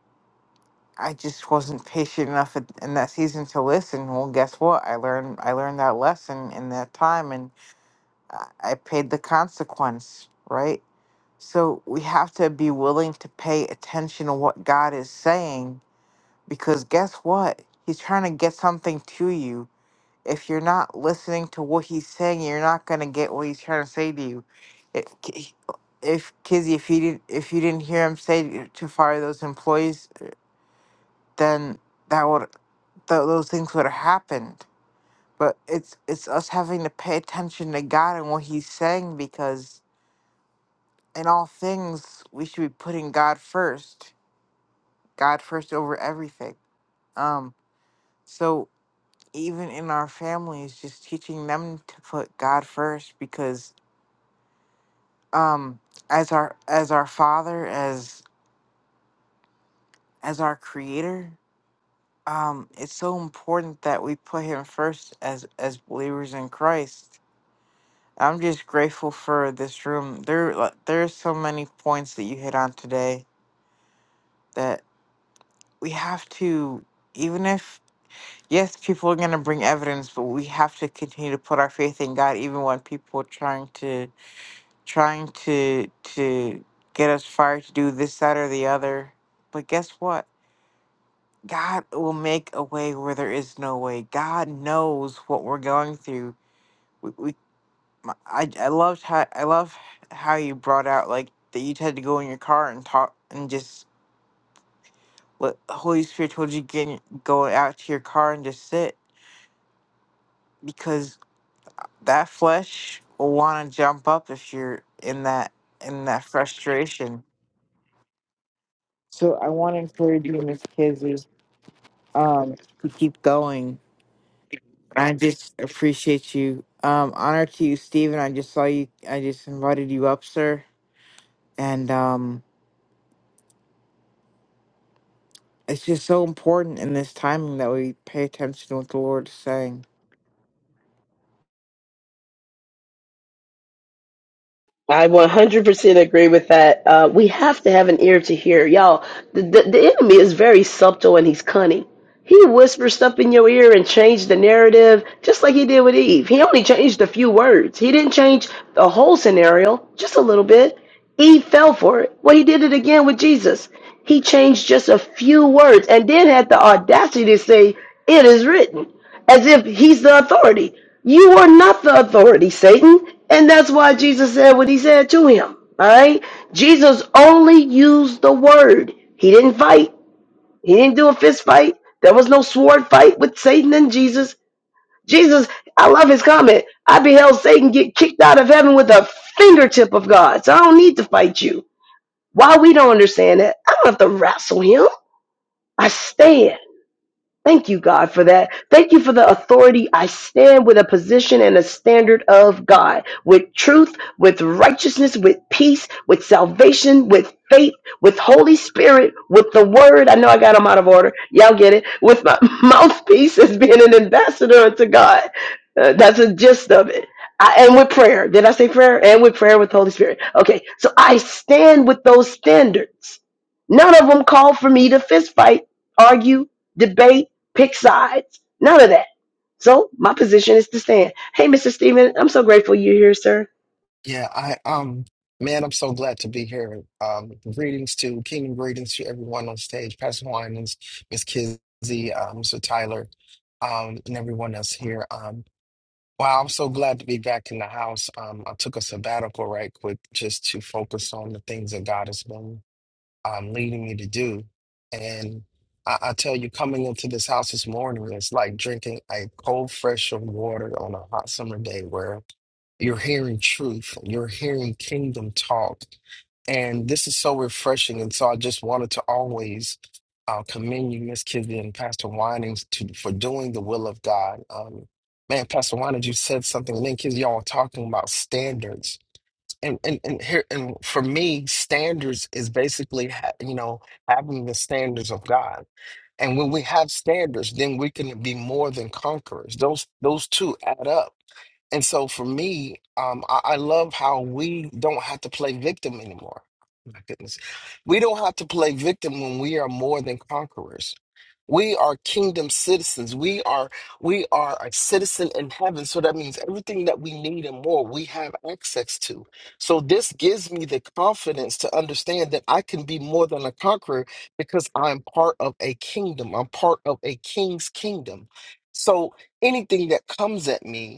Speaker 2: I just wasn't patient enough at, in that season to listen. Well, guess what? I learned I learned that lesson in that time, and I I paid the consequence, right? So we have to be willing to pay attention to what God is saying because guess what? He's trying to get something to you. If you're not listening to what he's saying, you're not going to get what he's trying to say to you. If, if Kizzy, if you didn't, if you didn't hear him say to to fire those employees, then that would th- those things would have happened. But it's it's us having to pay attention to God and what He's saying because in all things we should be putting God first. God first over everything. Um so even in our families just teaching them to put God first because um as our as our father as as our creator um it's so important that we put him first as as believers in Christ. I'm just grateful for this room. There like, there are so many points that you hit on today that we have to even if Yes, people are going to bring evidence, but we have to continue to put our faith in God, even when people are trying to trying to to get us fired to do this, that, or the other. But guess what? God will make a way where there is no way. God knows what we're going through. We, we my- I, I loved how I love how you brought out like that you had to go in your car and talk and just what Holy Spirit told you get in- go out to your car and just sit that flesh will want to jump up if you're in that in that frustration. So I want to encourage you, Miss Kizzy, um, to keep going. I just appreciate you. Um, honor to you, Stephen. I just saw you. I just invited you up, sir. And um, it's just so important in this timing that we pay attention to what the Lord is saying
Speaker 1: I 100% agree with that. Uh, we have to have an ear to hear. Y'all, the, the, the enemy is very subtle and he's cunning. He whispers stuff in your ear and change the narrative, just like he did with Eve. He only changed a few words. He didn't change the whole scenario, just a little bit. Eve fell for it. Well, he did it again with Jesus. He changed just a few words and then had the audacity to say, It is written as if he's the authority. You are not the authority, Satan. And that's why Jesus said what he said to him. All right? Jesus only used the word. He didn't fight. He didn't do a fist fight. There was no sword fight with Satan and Jesus. Jesus, I love his comment. I beheld Satan get kicked out of heaven with a fingertip of God. So I don't need to fight you. Why we don't understand that? I don't have to wrestle him. I stand. Thank you, God, for that. Thank you for the authority. I stand with a position and a standard of God, with truth, with righteousness, with peace, with salvation, with faith, with Holy Spirit, with the word. I know I got them out of order. Y'all get it. With my mouthpiece as being an ambassador unto God. Uh, that's the gist of it. I, and with prayer. Did I say prayer? And with prayer with the Holy Spirit. Okay. So I stand with those standards. None of them call for me to fist fight, argue, debate pick sides, none of that. So my position is to stand. Hey, Mr. Stephen, I'm so grateful you're here, sir.
Speaker 4: Yeah, I um man, I'm so glad to be here. Um greetings to kingdom greetings to everyone on stage, Pastor Winans, Miss Kizzy, um, Mr. Tyler, um, and everyone else here. Um wow, I'm so glad to be back in the house. Um I took a sabbatical right quick just to focus on the things that God has been um leading me to do. And I, I tell you, coming into this house this morning, it's like drinking a cold, fresh of water on a hot summer day where you're hearing truth. You're hearing kingdom talk. And this is so refreshing. And so I just wanted to always uh, commend you, Miss Kizzy and Pastor Winings, to, for doing the will of God. Um, man, Pastor Winings, you said something. And then Kizzy, y'all were talking about standards. And, and and here and for me, standards is basically ha- you know having the standards of God. And when we have standards, then we can be more than conquerors. Those those two add up and so for me, um, I, I love how we don't have to play victim anymore. My goodness. We don't have to play victim when we are more than conquerors. We are kingdom citizens. We are we are a citizen in heaven. So that means everything that we need and more we have access to. So this gives me the confidence to understand that I can be more than a conqueror because I'm part of a kingdom. I'm part of a king's kingdom. So anything that comes at me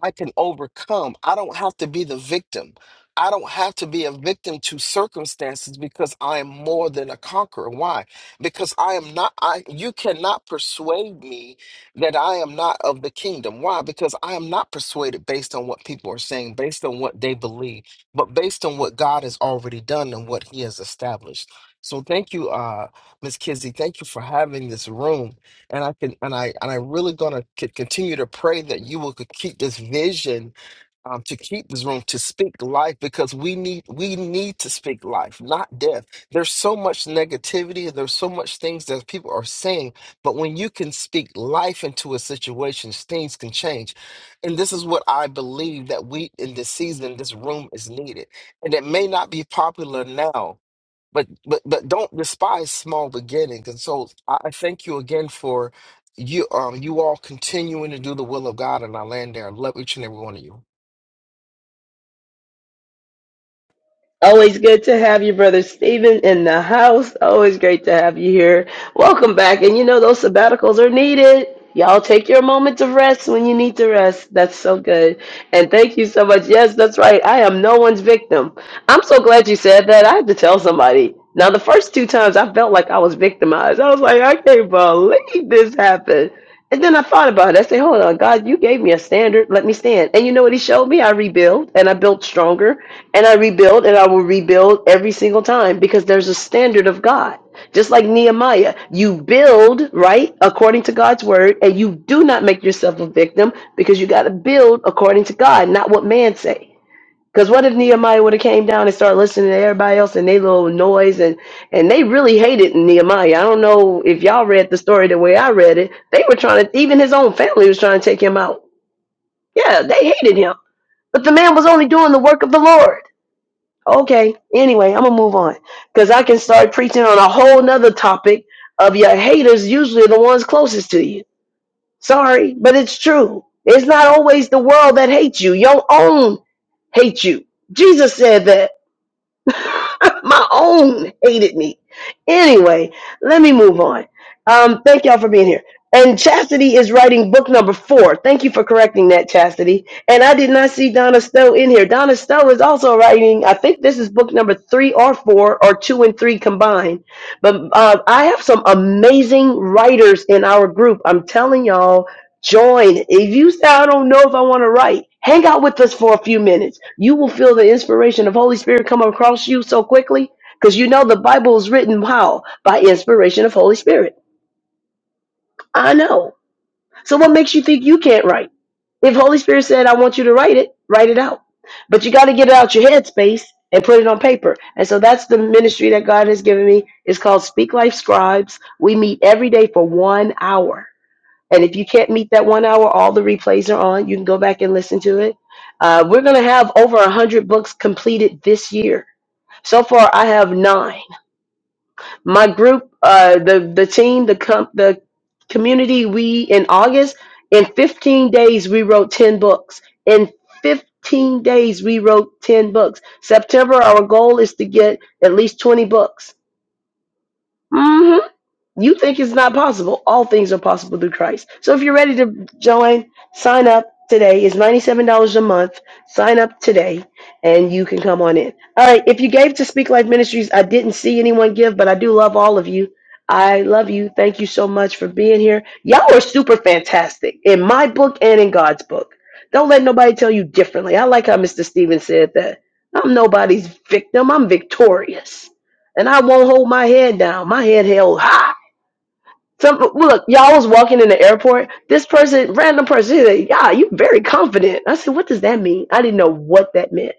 Speaker 4: I can overcome. I don't have to be the victim. I don't have to be a victim to circumstances because I am more than a conqueror. Why? Because I am not I you cannot persuade me that I am not of the kingdom. Why? Because I am not persuaded based on what people are saying, based on what they believe, but based on what God has already done and what he has established. So thank you uh Miss Kizzy. Thank you for having this room and I can and I and i really gonna c- continue to pray that you will could keep this vision um, to keep this room to speak life because we need we need to speak life, not death. There's so much negativity and there's so much things that people are saying, but when you can speak life into a situation, things can change. And this is what I believe that we in this season, this room is needed, and it may not be popular now but but but don't despise small beginnings. And so I I thank you again for you um you all continuing to do the will of God, and I land there. I love each and every one of you.
Speaker 1: Always good to have you, brother Stephen in the house. Always great to have you here. Welcome back. And you know, those sabbaticals are needed. Y'all take your moment to rest when you need to rest. That's so good. And thank you so much. Yes, that's right. I am no one's victim. I'm so glad you said that. I had to tell somebody. Now, the first two times I felt like I was victimized. I was like, I can't believe this happened. And then I thought about it. I said, hold on, God, you gave me a standard. Let me stand. And you know what he showed me? I rebuild and I built stronger and I rebuild and I will rebuild every single time because there's a standard of God. Just like Nehemiah, you build, right, according to God's word, and you do not make yourself a victim because you got to build according to God, not what man say. Because what if Nehemiah would have came down and started listening to everybody else and they little noise and and they really hated Nehemiah. I don't know if y'all read the story the way I read it. They were trying to even his own family was trying to take him out. Yeah, they hated him. But the man was only doing the work of the Lord. Okay. Anyway, I'm gonna move on. Because I can start preaching on a whole nother topic of your haters usually the ones closest to you. Sorry, but it's true. It's not always the world that hates you. Your own hate you. Jesus said that. My own hated me. Anyway, let me move on. Um, thank y'all for being here. And Chastity is writing book number four. Thank you for correcting that, Chastity. And I did not see Donna Stowe in here. Donna Stowe is also writing, I think this is book number three or four, or two and three combined. But uh, I have some amazing writers in our group. I'm telling y'all, join. If you say, I don't know if I want to write, hang out with us for a few minutes. You will feel the inspiration of Holy Spirit come across you so quickly because you know the Bible is written how? By inspiration of Holy Spirit. I know. So what makes you think you can't write? If Holy Spirit said, I want you to write it, write it out. But you got to get it out your headspace and put it on paper. And so that's the ministry that God has given me. It's called Speak Life Scribes. We meet every day for one hour and if you can't meet that one hour, all the replays are on. You can go back and listen to it. Uh, we're going to have over 100 books completed this year. So far, I have nine. My group, uh, the, the team, the, com- the community, we in August, in 15 days, we wrote 10 books. In 15 days, we wrote 10 books. September, our goal is to get at least 20 books. Mm-hmm. You think it's not possible. All things are possible through Christ. So if you're ready to join, sign up today. It's $97 a month. Sign up today and you can come on in. All right. If you gave to Speak Life Ministries, I didn't see anyone give, but I do love all of you. I love you. Thank you so much for being here. Y'all are super fantastic in my book and in God's book. Don't let nobody tell you differently. I like how Mr. Stevens said that. I'm nobody's victim. I'm victorious. And I won't hold my head down. My head held high. Some look, y'all was walking in the airport. This person, random person, he's like, "Yeah, you very confident." I said, "What does that mean?" I didn't know what that meant.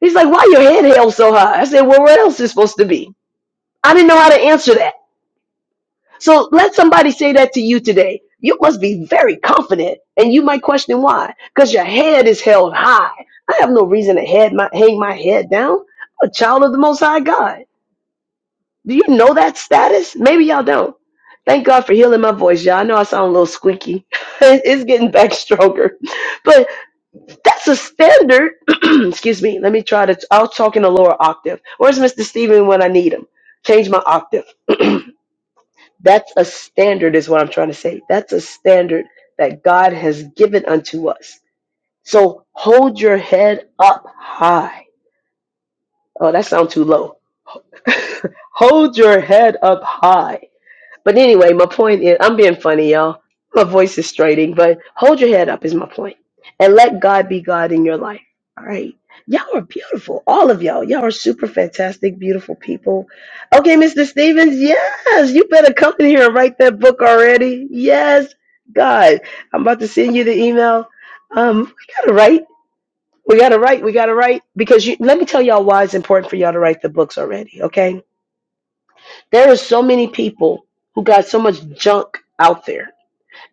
Speaker 1: He's like, "Why your head held so high?" I said, "Well, where else is it supposed to be?" I didn't know how to answer that. So let somebody say that to you today. You must be very confident, and you might question why, because your head is held high. I have no reason to head my, hang my head down. I'm a child of the Most High God. Do you know that status? Maybe y'all don't. Thank God for healing my voice, y'all. I know I sound a little squeaky. it's getting back stronger. But that's a standard. Excuse me. Let me try to. I'll talk in a lower octave. Where's Mr. Steven when I need him? Change my octave. that's a standard, is what I'm trying to say. That's a standard that God has given unto us. So hold your head up high. Oh, that sounds too low. hold your head up high But anyway, my point is, I'm being funny, y'all. My voice is straining, but hold your head up is my point. And let God be God in your life. All right. Y'all are beautiful. All of y'all. Y'all are super fantastic, beautiful people. Okay, Mr. Stevens, yes, you better come in here and write that book already. Yes, God. I'm about to send you the email. Um, we gotta write. We gotta write. We gotta write. Because you, let me tell y'all why it's important for y'all to write the books already, okay? There are so many people who got so much junk out there.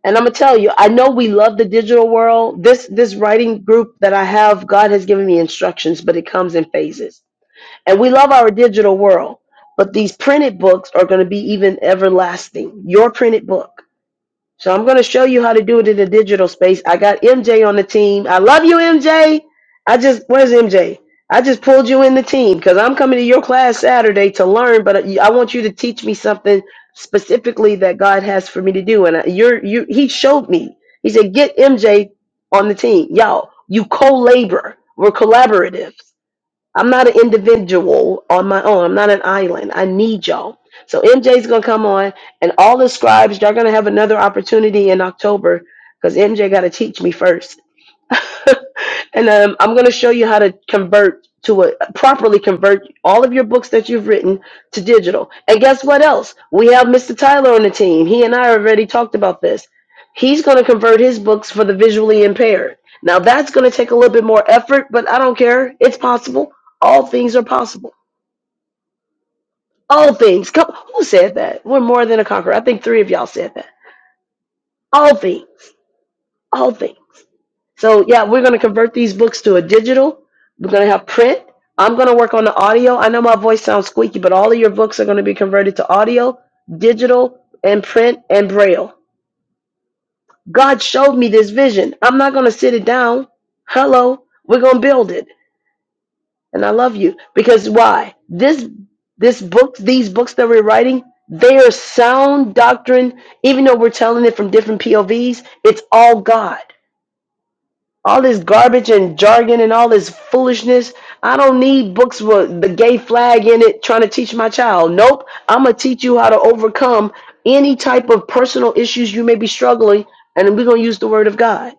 Speaker 1: And I'm gonna tell you, I know we love the digital world. This this writing group that I have, God has given me instructions, but it comes in phases. And we love our digital world, but these printed books are gonna be even everlasting. Your printed book. So I'm going to show you how to do it in the digital space. I got MJ on the team. I love you, MJ. I just, where's MJ? I just pulled you in the team because I'm coming to your class Saturday to learn, but I I want you to teach me something specifically that God has for me to do. And I- you're, you, he showed me. He said, get MJ on the team. Y'all, you co-labor. We're collaborative. I'm not an individual on my own. I'm not an island. I need y'all. So MJ's gonna come on, and all the scribes, y'all gonna have another opportunity in October because MJ got to teach me first. and um, I'm going to show you how to convert to a properly convert all of your books that you've written to digital. And guess what else? We have Mr. Tyler on the team. He and I already talked about this. He's going to convert his books for the visually impaired. Now that's going to take a little bit more effort, but I don't care. It's possible. All things are possible. All things. Come, who said that? We're more than a conqueror. I think three of y'all said that. All things. All things. So yeah, we're gonna convert these books to a digital. We're gonna have print. I'm gonna work on the audio. I know my voice sounds squeaky, but all of your books are gonna be converted to audio, digital, and print and braille. God showed me this vision. I'm not gonna sit it down. Hello, we're gonna build it. And I love you because why? This this book, these books that we're writing, they are sound doctrine. Even though we're telling it from different POVs, it's all God. all this garbage and jargon and all this foolishness. I don't need books with the gay flag in it trying to teach my child. Nope. I'm going to teach you how to overcome any type of personal issues you may be struggling, and we're going to use the word of God.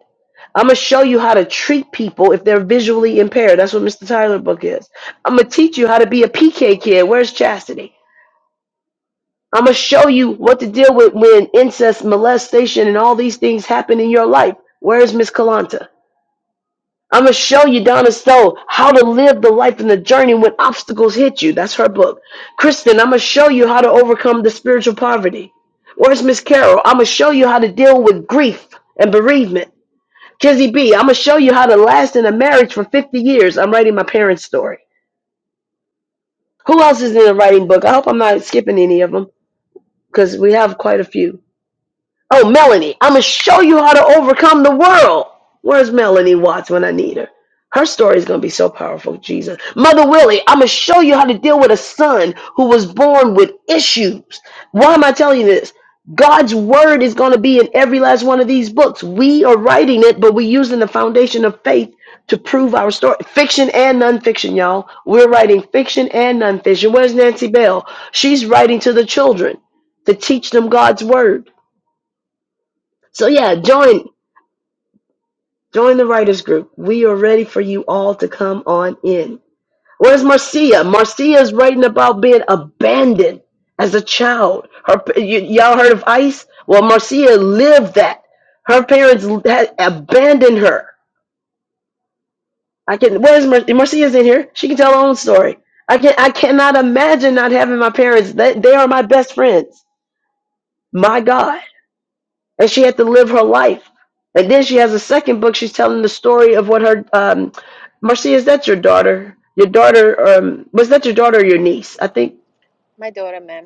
Speaker 1: I'm going to show you how to treat people if they're visually impaired. That's what Mr. Tyler book is. I'm going to teach you how to be a PK kid. Where's chastity? I'm going to show you what to deal with when incest, molestation, and all these things happen in your life. Where's Miss Kalanta? I'm gonna show you, Donna Stowe, how to live the life and the journey when obstacles hit you. That's her book. Kristen, I'm gonna show you how to overcome the spiritual poverty. Where's Miss Carol? I'm gonna show you how to deal with grief and bereavement. Kizzy B, I'm gonna show you how to last in a marriage for 50 years. I'm writing my parents' story. Who else is in a writing book? I hope I'm not skipping any of them because we have quite a few. Oh, Melanie, I'm going to show you how to overcome the world. Where's Melanie Watts when I need her? Her story is going to be so powerful, Jesus. Mother Willie, I'm going to show you how to deal with a son who was born with issues. Why am I telling you this? God's word is going to be in every last one of these books. We are writing it, but we're using the foundation of faith to prove our story. Fiction and nonfiction, y'all. We're writing fiction and nonfiction. Where's Nancy Bell? She's writing to the children to teach them God's word. So yeah, join join the writers group. We are ready for you all to come on in. Where's Marcia? Marcia is writing about being abandoned as a child. Her y- y'all heard of ICE? Well, Marcia lived that. Her parents had abandoned her. I can. Where's Mar- Marcia's in here? She can tell her own story. I can. I cannot imagine not having my parents. They, they are my best friends. My God. and she had to live her life. And then she has a second book. She's telling the story of what her um, Marcia. Is that your daughter? Your daughter? Um, was that your daughter or your niece? I think.
Speaker 5: My daughter, ma'am.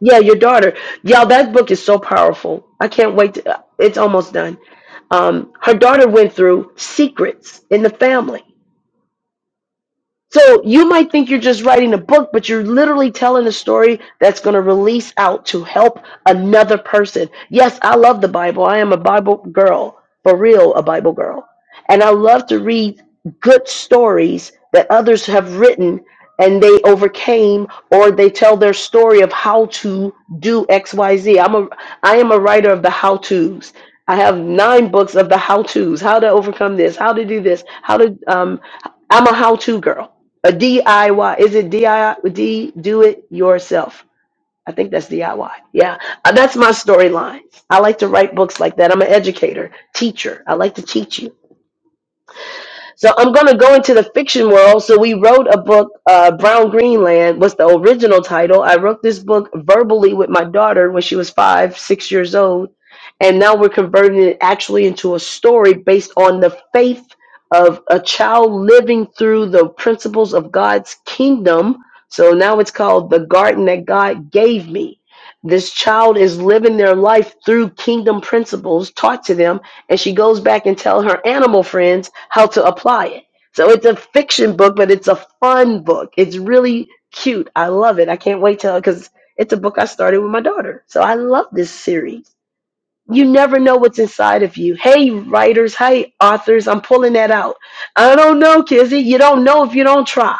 Speaker 1: Yeah, your daughter. Y'all, that book is so powerful. I can't wait to. uh, It's almost done. Um, her daughter went through secrets in the family So you might think you're just writing a book, but you're literally telling a story that's going to release out to help another person. Yes, I love the Bible. I am a Bible girl, for real, a Bible girl. And I love to read good stories that others have written and they overcame or they tell their story of how to do X, Y, am ai am a writer of the how-tos. I have nine books of the how-tos, how to overcome this, how to do this, how to um I'm a how-to girl. A DIY. Is it DIY? D, do it yourself. I think that's DIY. Yeah. Uh, That's my storylines. I like to write books like that. I'm an educator, teacher. I like to teach you. So I'm going to go into the fiction world. So we wrote a book, uh, Brown Greenland was the original title. I wrote this book verbally with my daughter when she was five, six years old. And now we're converting it actually into a story based on the faith of a child living through the principles of God's kingdom. So now it's called The Garden That God Gave Me. This child is living their life through kingdom principles taught to them and she goes back and tells her animal friends how to apply it. So it's a fiction book, but it's a fun book. It's really cute. I love it. I can't wait till because it's a book I started with my daughter. So I love this series. You never know what's inside of you. Hey, writers. Hey, authors. I'm pulling that out. I don't know, Kizzy. You don't know if you don't try.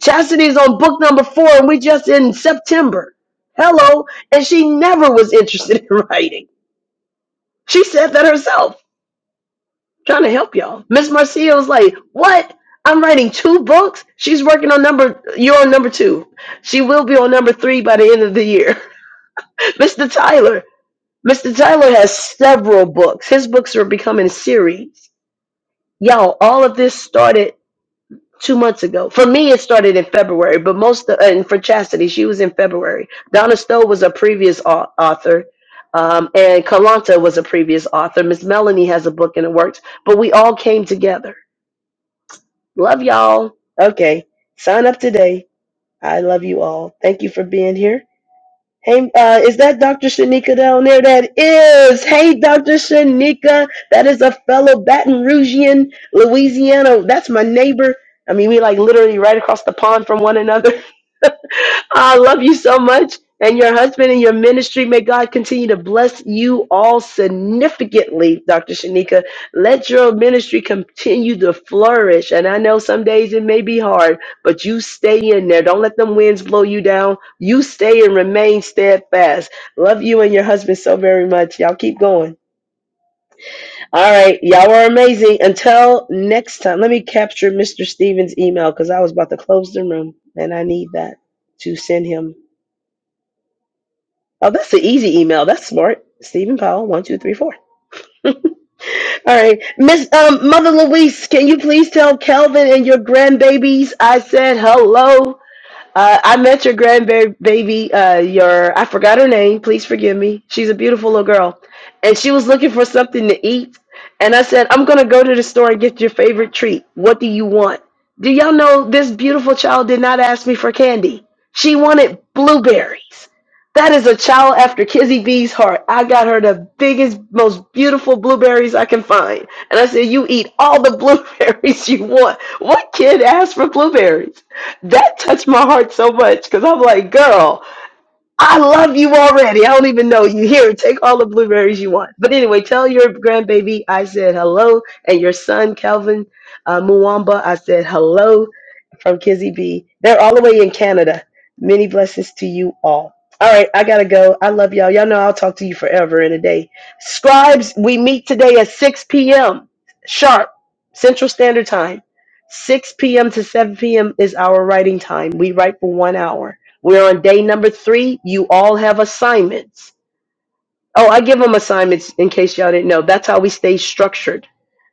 Speaker 1: Chastity's on book number four, and we are just in September. Hello. And she never was interested in writing. She said that herself. trying to help y'all. Miss Marcio's like, what? I'm writing two books. She's working on number. You're on number two. She will be on number three by the end of the year. Mr. Tyler. Mr. Tyler has several books. His books are becoming series. Y'all, all of this started two months ago. For me, it started in February, but most of, and for Chastity, she was in February. Donna Stowe was a previous au- author, um, and Kalanta was a previous author. Miss Melanie has a book in the works, but we all came together Love y'all. Okay, sign up today. I love you all. Thank you for being here. Hey, uh, is that Dr. Shanika down there? That is. Hey, Dr. Shanika. That is a fellow Baton Rougean, Louisiana. That's my neighbor. I mean, we like literally right across the pond from one another. I love you so much. And your husband and your ministry, may God continue to bless you all significantly, Dr. Shanika. Let your ministry continue to flourish. And I know some days it may be hard, but you stay in there. Don't let them winds blow you down. You stay and remain steadfast. Love you and your husband so very much. Y'all keep going. All right. Y'all are amazing. Until next time, let me capture Mr. Stevens' email because I was about to close the room and I need that to send him Oh, that's an easy email. That's smart. Stephen Powell, one, two, three, four. All right. Miss um, Mother Louise, can you please tell Kelvin and your grandbabies I said hello? Uh, I met your grandbaby, uh, your, I forgot her name. Please forgive me. She's a beautiful little girl. And she was looking for something to eat. And I said, I'm going to go to the store and get your favorite treat. What do you want? Do y'all know this beautiful child did not ask me for candy? She wanted blueberries. That is a child after Kizzy B's heart. I got her the biggest, most beautiful blueberries I can find. And I said, You eat all the blueberries you want. What kid asked for blueberries? That touched my heart so much because I'm like, girl, I love you already. I don't even know you. Here, take all the blueberries you want. But anyway, tell your grandbaby I said hello, and your son Calvin uh, Muwamba I said hello from Kizzy B. They're all the way in Canada. Many blessings to you all. All right, I gotta go. I love y'all. Y'all know I'll talk to you forever in a day. Scribes, we meet today at 6 p.m. sharp Central Standard Time. 6 p.m. to 7 p.m. is our writing time. We write for one hour. We're on day number three. You all have assignments. Oh, I give them assignments in case y'all didn't know. That's how we stay structured.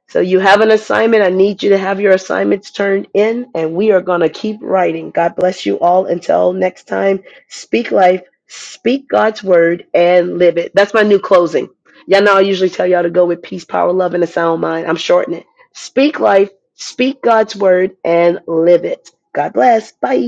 Speaker 1: So you have an assignment. I need you to have your assignments turned in, and we are going to keep writing. God bless you all. Until next time, speak life, speak God's word, and live it. That's my new closing. Y'all know I usually tell y'all to go with peace, power, love, and a sound mind. I'm shortening it. Speak life, speak God's word, and live it. God bless. Bye.